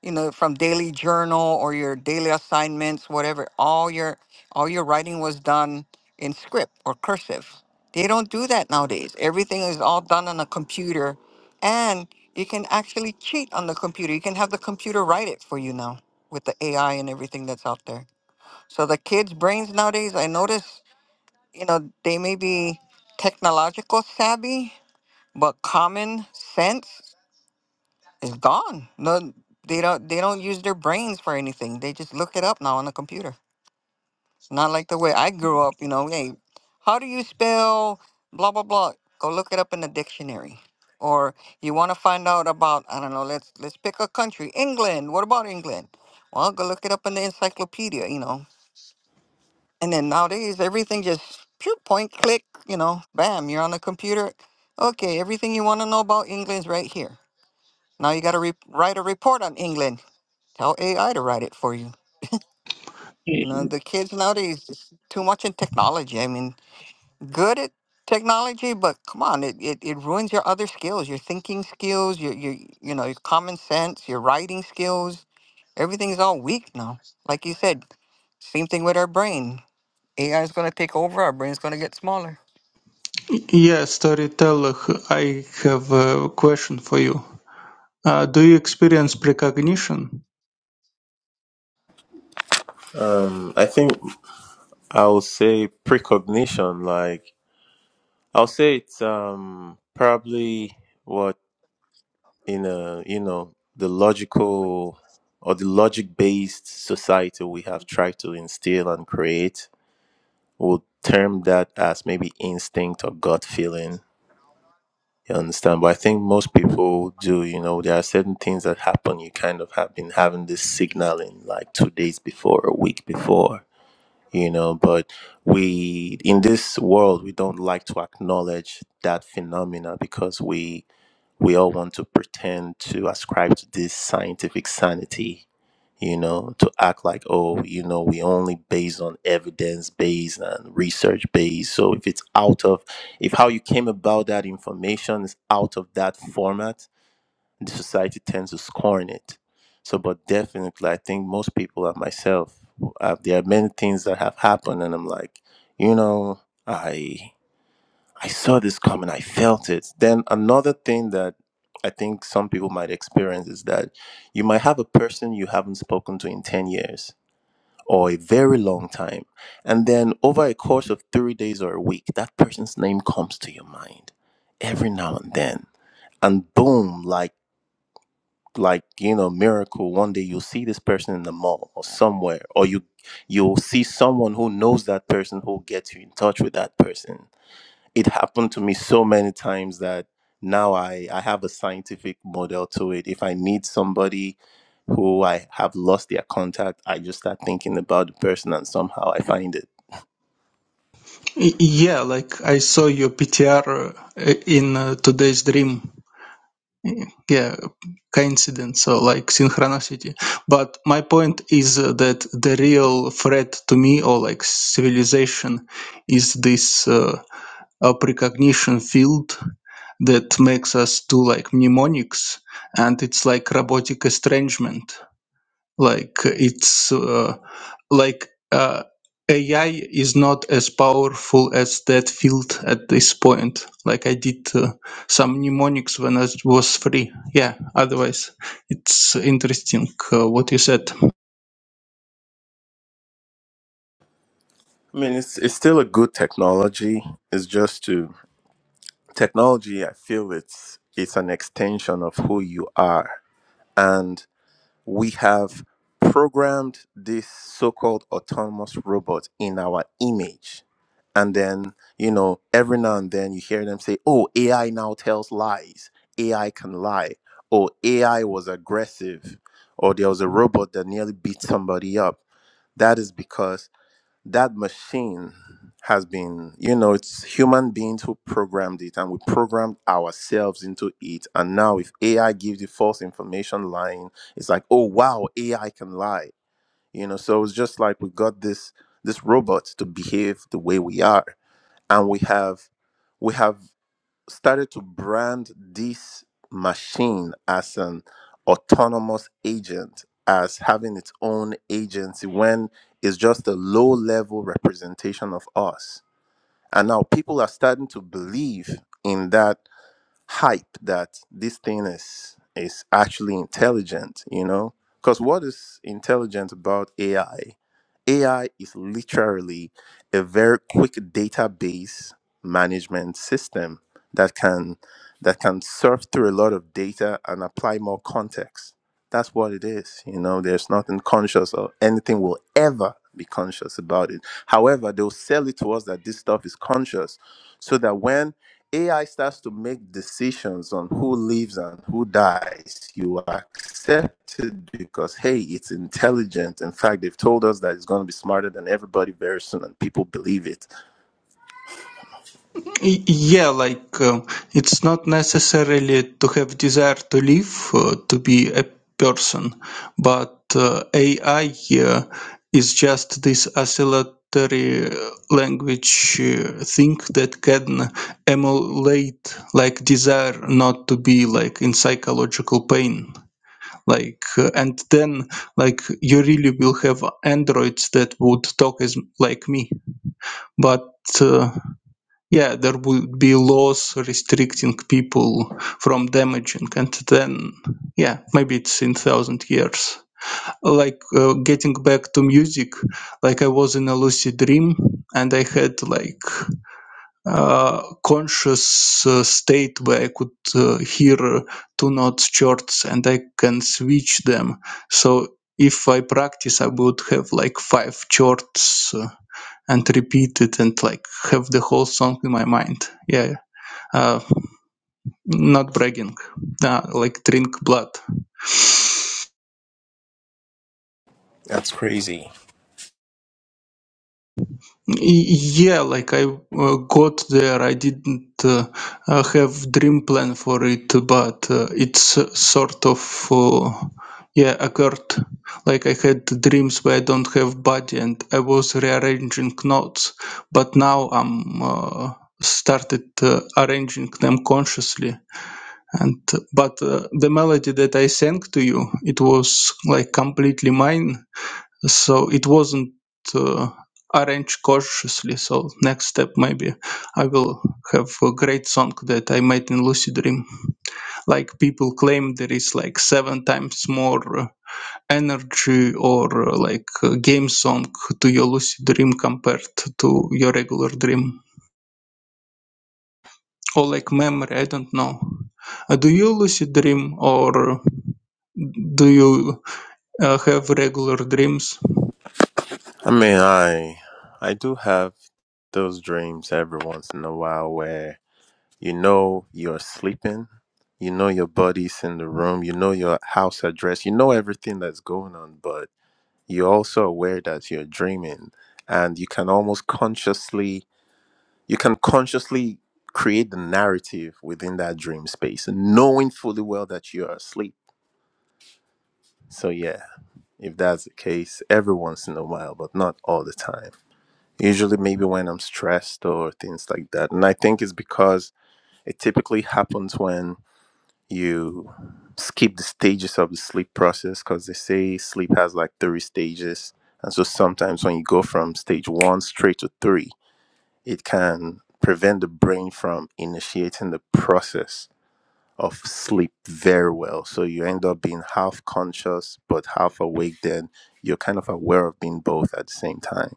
[SPEAKER 9] you know, from daily journal or your daily assignments, whatever. All your all your writing was done in script or cursive. They don't do that nowadays. Everything is all done on a computer, and you can actually cheat on the computer. You can have the computer write it for you now with the AI and everything that's out there. So the kids' brains nowadays, I notice, you know, they may be technological savvy, but common sense is gone. No, they don't. They don't use their brains for anything. They just look it up now on the computer. It's not like the way I grew up. You know, hey, how do you spell blah blah blah? Go look it up in the dictionary. Or you want to find out about I don't know. Let's let's pick a country. England. What about England? Well, go look it up in the encyclopedia. You know, And then nowadays, everything just pew, point, click, you know, bam, you're on a computer. Okay, everything you want to know about England's right here. Now you got to re- write a report on England. Tell AI to write it for you. You know, the kids nowadays, it's too much in technology. I mean, good at technology, but come on, it, it, it ruins your other skills, your thinking skills, your, your, you know, your common sense, your writing skills. Everything's all weak now. Like you said, same thing with our brain. AI is going to take over, our brain's going to get smaller.
[SPEAKER 4] Yeah, storyteller, I have a question for you. Uh, do you experience precognition?
[SPEAKER 8] Um, I think I will say precognition. Like I'll say it's um probably. what. in a you know the logical or the logic based society we have tried to instill and create we'll term that as maybe instinct or gut feeling you understand but i think most people do you know there are certain things that happen you kind of have been having this signaling like two days before a week before you know but we in this world we don't like to acknowledge that phenomena because we we all want to pretend to ascribe to this scientific sanity, you know, to act like, oh, you know, we only based on evidence based and research based. So if it's out of, if how you came about that information is out of that format, the society tends to scorn it. So, but definitely, I think most people and myself, uh, there are many things that have happened, and I'm like, you know, I. I saw this coming. I felt it. Then another thing that I think some people might experience is that you might have a person you haven't spoken to in 10 years or a very long time. And then over a course of three days or a week, that person's name comes to your mind every now and then. And boom, like, like you know miracle one day you'll see this person in the mall or somewhere or you you'll see someone who knows that person who'll get you in touch with that person it happened to me so many times that now I, I have a scientific model to it. If I need somebody who I have lost their contact, I just start thinking about the person and somehow I find it.
[SPEAKER 4] Y- Yeah, like I saw your PTR uh, in uh, today's dream. Yeah, coincidence or like synchronicity. But my point is uh, that the real threat to me or like civilization is this uh, uh, precognition field that makes us do like mnemonics and it's like robotic estrangement like it's uh, like uh, ai is not as powerful as that field at this point like i did uh, some mnemonics when it was free yeah otherwise it's interesting uh, what you said
[SPEAKER 8] I mean, it's, it's still a good technology. It's just to technology, I feel it's, it's an extension of who you are. and. we have programmed this so-called autonomous robot in our image and then you know every now and then you hear them say oh ai now tells lies ai can lie or ai was aggressive or there was a robot that nearly beat somebody up that is because that machine has been, you know, it's human beings who programmed it and we programmed ourselves into it. And now, if AI gives you false information lying, it's like, oh, wow, AI can lie, you know. So it's just like we got this this robot to behave the way we are, and we have we have started to brand this machine as an autonomous agent, as having its own agency when it's just a low level representation of us. And now people are starting to believe in that hype that this thing is is actually intelligent you know because what is intelligent about ai ai is literally a very quick database management system that can that can surf through a lot of data and apply more context that's what it is you know there's nothing conscious or anything will ever be conscious about it however they'll sell it to us that this stuff is conscious so that when AI starts to make decisions on who lives and who dies. You accept it because, hey, it's intelligent. In fact, they've told us that it's going to be smarter than everybody very soon, and people believe it.
[SPEAKER 4] Y- Yeah, like um, it's not necessarily to have desire to live uh, to be a person, but uh, AI uh, is just this oscillatory uh, language uh, thing that can emulate like desire not to be like in psychological pain. Like uh, and then like you really will have androids that would talk as like me, but. Uh, yeah there would be laws restricting people from damaging and then yeah maybe it's in thousand years like uh, getting back to music like i was in a lucid dream and i had like uh, conscious uh, state where i could uh, hear two notes chords and i can switch them so if i practice i would have like five chords uh, and repeat it and like have the whole song in my mind yeah uh, not bragging, uh, like drink blood.
[SPEAKER 8] That's crazy.
[SPEAKER 4] Yeah, like I uh, got there, I didn't uh, uh, have dream plan for it, but uh, it's uh, sort of uh, yeah occurred. Like I had dreams where I don't have body, and I was rearranging notes, but now I'm uh, started uh, arranging them consciously and but uh, the melody that i sang to you it was like completely mine so it wasn't uh, arranged cautiously so next step maybe i will have a great song that i made in lucid dream like people claim there is like seven times more uh, energy or uh, like uh, game song to your lucid dream compared to your regular dream or like memory i don't know Uh, do you lucid dream or do you uh, have regular dreams
[SPEAKER 8] I mean, I I do have those dreams every once in a while where you know you're sleeping, you know your body's in the room, you know your house address, you know everything that's going on, but you're also aware that you're dreaming and you can almost consciously you can consciously create the narrative within that dream space knowing fully well that you're asleep so yeah if that's the case every once in a while but not all the time usually maybe when i'm stressed or things like that and i think it's because it typically happens when. you skip the stages of the sleep process because they say sleep has like three stages. And so sometimes when you go from stage one straight to three, it can prevent the brain from initiating the process of sleep very well. So you end up being half conscious but half awake then you're kind of aware of being both at the same time.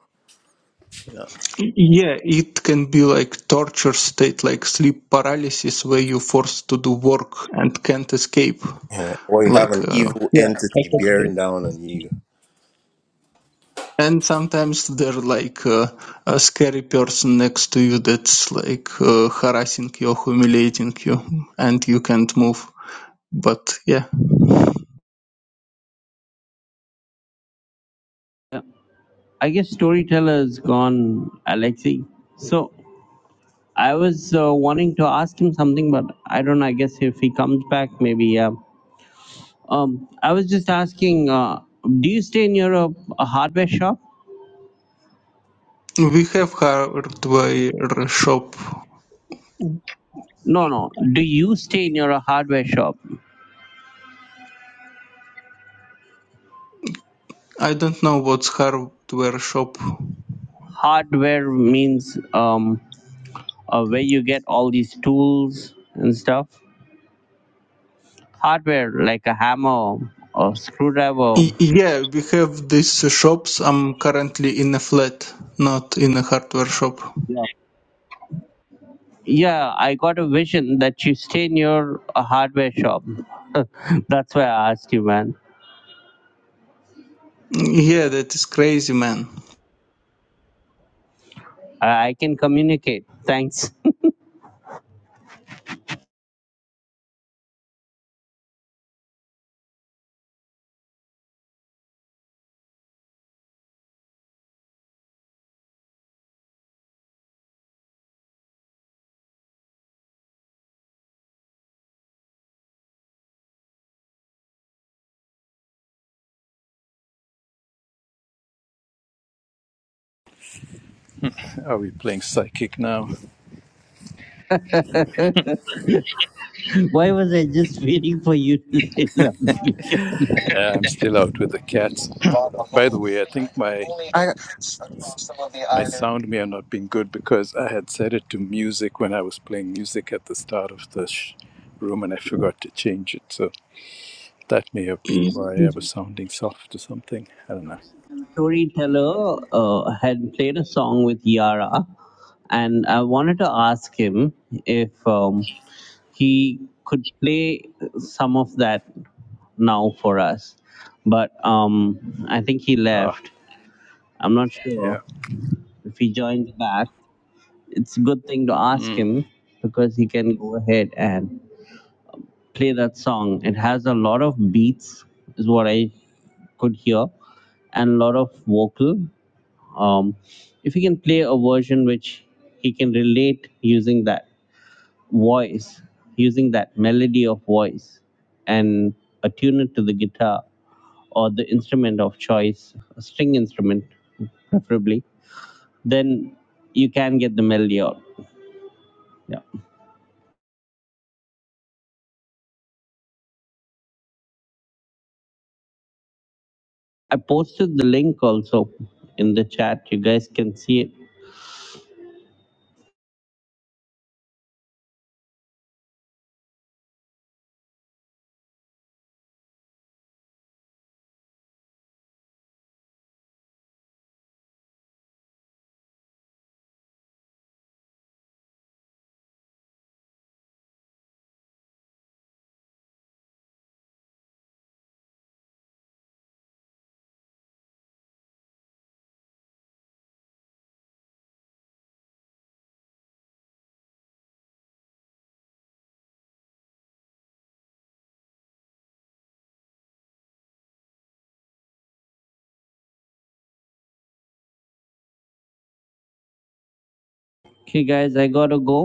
[SPEAKER 8] You know?
[SPEAKER 4] Y- yeah it can be like torture state like sleep paralysis where you're forced to do work and can't escape
[SPEAKER 8] yeah. Or you have
[SPEAKER 4] like
[SPEAKER 8] an
[SPEAKER 4] uh,
[SPEAKER 8] evil
[SPEAKER 4] yeah I
[SPEAKER 8] entity
[SPEAKER 4] have
[SPEAKER 8] bearing
[SPEAKER 4] this.
[SPEAKER 8] down on you
[SPEAKER 4] and sometimes there like uh, a scary person next to you that's like uh, harassing you humiliating you and you can't move but yeah
[SPEAKER 3] I guess storyteller is gone, Alexei. So I was uh, wanting to ask him something, but I don't know. I guess if he comes back, maybe. Yeah. Um, I was just asking. Uh, do you stay near a, a hardware shop?
[SPEAKER 4] We have hardware shop.
[SPEAKER 3] No, no. Do you stay near a hardware shop?
[SPEAKER 4] I don't know what's hardware shop.
[SPEAKER 3] Hardware means um, uh, where you get all these tools and stuff. hardware like a hammer or screwdriver.
[SPEAKER 4] Y- yeah, we have these shops. I'm currently in a flat, not in a hardware shop.
[SPEAKER 3] Yeah. Yeah, I got a vision that you stay near a hardware shop. That's why I asked you, man.
[SPEAKER 4] Yeah, that is crazy, man.
[SPEAKER 3] I I can communicate. Thanks.
[SPEAKER 1] Are we playing psychic now?
[SPEAKER 3] Why was I just waiting for you to say something?
[SPEAKER 1] Uh, I'm still out with the cats.
[SPEAKER 9] I,
[SPEAKER 1] By the way, I think my my sound may have not been good because I had set it to music when I was playing music at the start of the sh- room, and I forgot to change it. So that may have been
[SPEAKER 4] Y-
[SPEAKER 1] why I was sounding soft or something. I don't know.
[SPEAKER 3] Storyteller uh, had played a song with Yara, and I wanted to ask him if um, he could play some of that now for us but um i think he
[SPEAKER 1] Ah,
[SPEAKER 3] left i'm not
[SPEAKER 1] yeah.
[SPEAKER 3] sure if he joined back it's a good thing to ask
[SPEAKER 1] Mm.
[SPEAKER 3] him because he can go ahead and play that song it has a lot of beats is what i could hear and a lot of vocal um if he can play a version which he can relate using that voice using that melody of voice and attune it to the guitar or the instrument of choice a string instrument preferably then you can get the melody out yeah i posted the link also in the chat you guys can see it okay guys i gotta go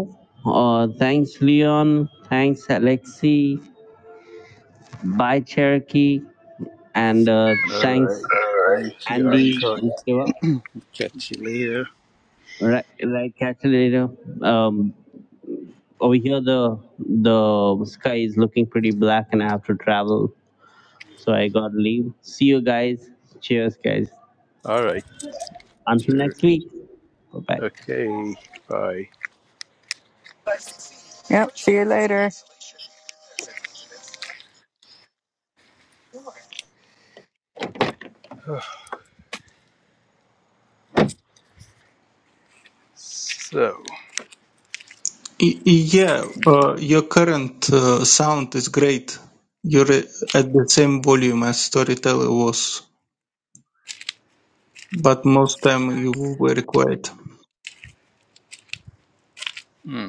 [SPEAKER 3] uh thanks leon thanks alexi bye cherokee and uh
[SPEAKER 1] All
[SPEAKER 3] thanks
[SPEAKER 1] right. Thank you. I'll
[SPEAKER 3] andy
[SPEAKER 1] ca-
[SPEAKER 3] and Shiva.
[SPEAKER 1] catch you later.
[SPEAKER 3] right right catch you later um Over here, the the sky is looking pretty black, and I have to travel, so I got to leave. See you guys. Cheers, guys.
[SPEAKER 1] All right.
[SPEAKER 3] Until
[SPEAKER 1] Sure.
[SPEAKER 3] next week. Bye bye.
[SPEAKER 1] Okay. Bye.
[SPEAKER 9] Yep. See you later.
[SPEAKER 1] So,
[SPEAKER 4] y- yeah, uh, your current uh, sound is great. You're at the same volume as Storyteller was, but most time you were quiet.
[SPEAKER 1] Hmm.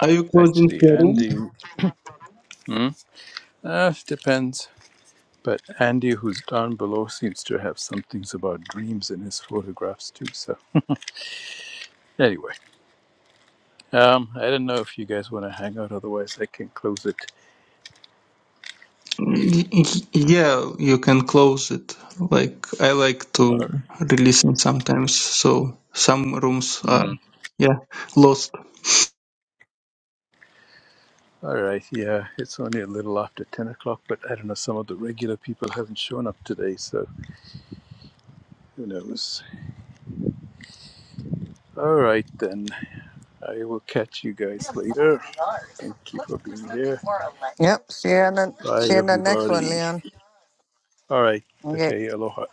[SPEAKER 4] Are you closing the
[SPEAKER 1] actually,
[SPEAKER 4] room?
[SPEAKER 1] Andy, uh, depends. But Andy, who's down below, seems to have some things about dreams in his photographs too. So, anyway, um, I don't know if you guys want to hang out. Otherwise, I can close it.
[SPEAKER 4] Y- y- Yeah, you can close it. Like I like to
[SPEAKER 1] Or,
[SPEAKER 4] release listen sometimes, so some rooms are
[SPEAKER 1] mm,
[SPEAKER 4] yeah lost.
[SPEAKER 1] all right. Yeah, it's only a little after ten o'clock, but I don't know. Some of the regular people haven't shown up today, so who knows? All right, then. I will catch you guys later. Thank you for being here.
[SPEAKER 9] yep, see you, in the, see
[SPEAKER 1] Bye,
[SPEAKER 9] you in the next one,
[SPEAKER 1] everybody.
[SPEAKER 9] Leon.
[SPEAKER 1] All right.
[SPEAKER 9] Okay.
[SPEAKER 1] Okay. Aloha.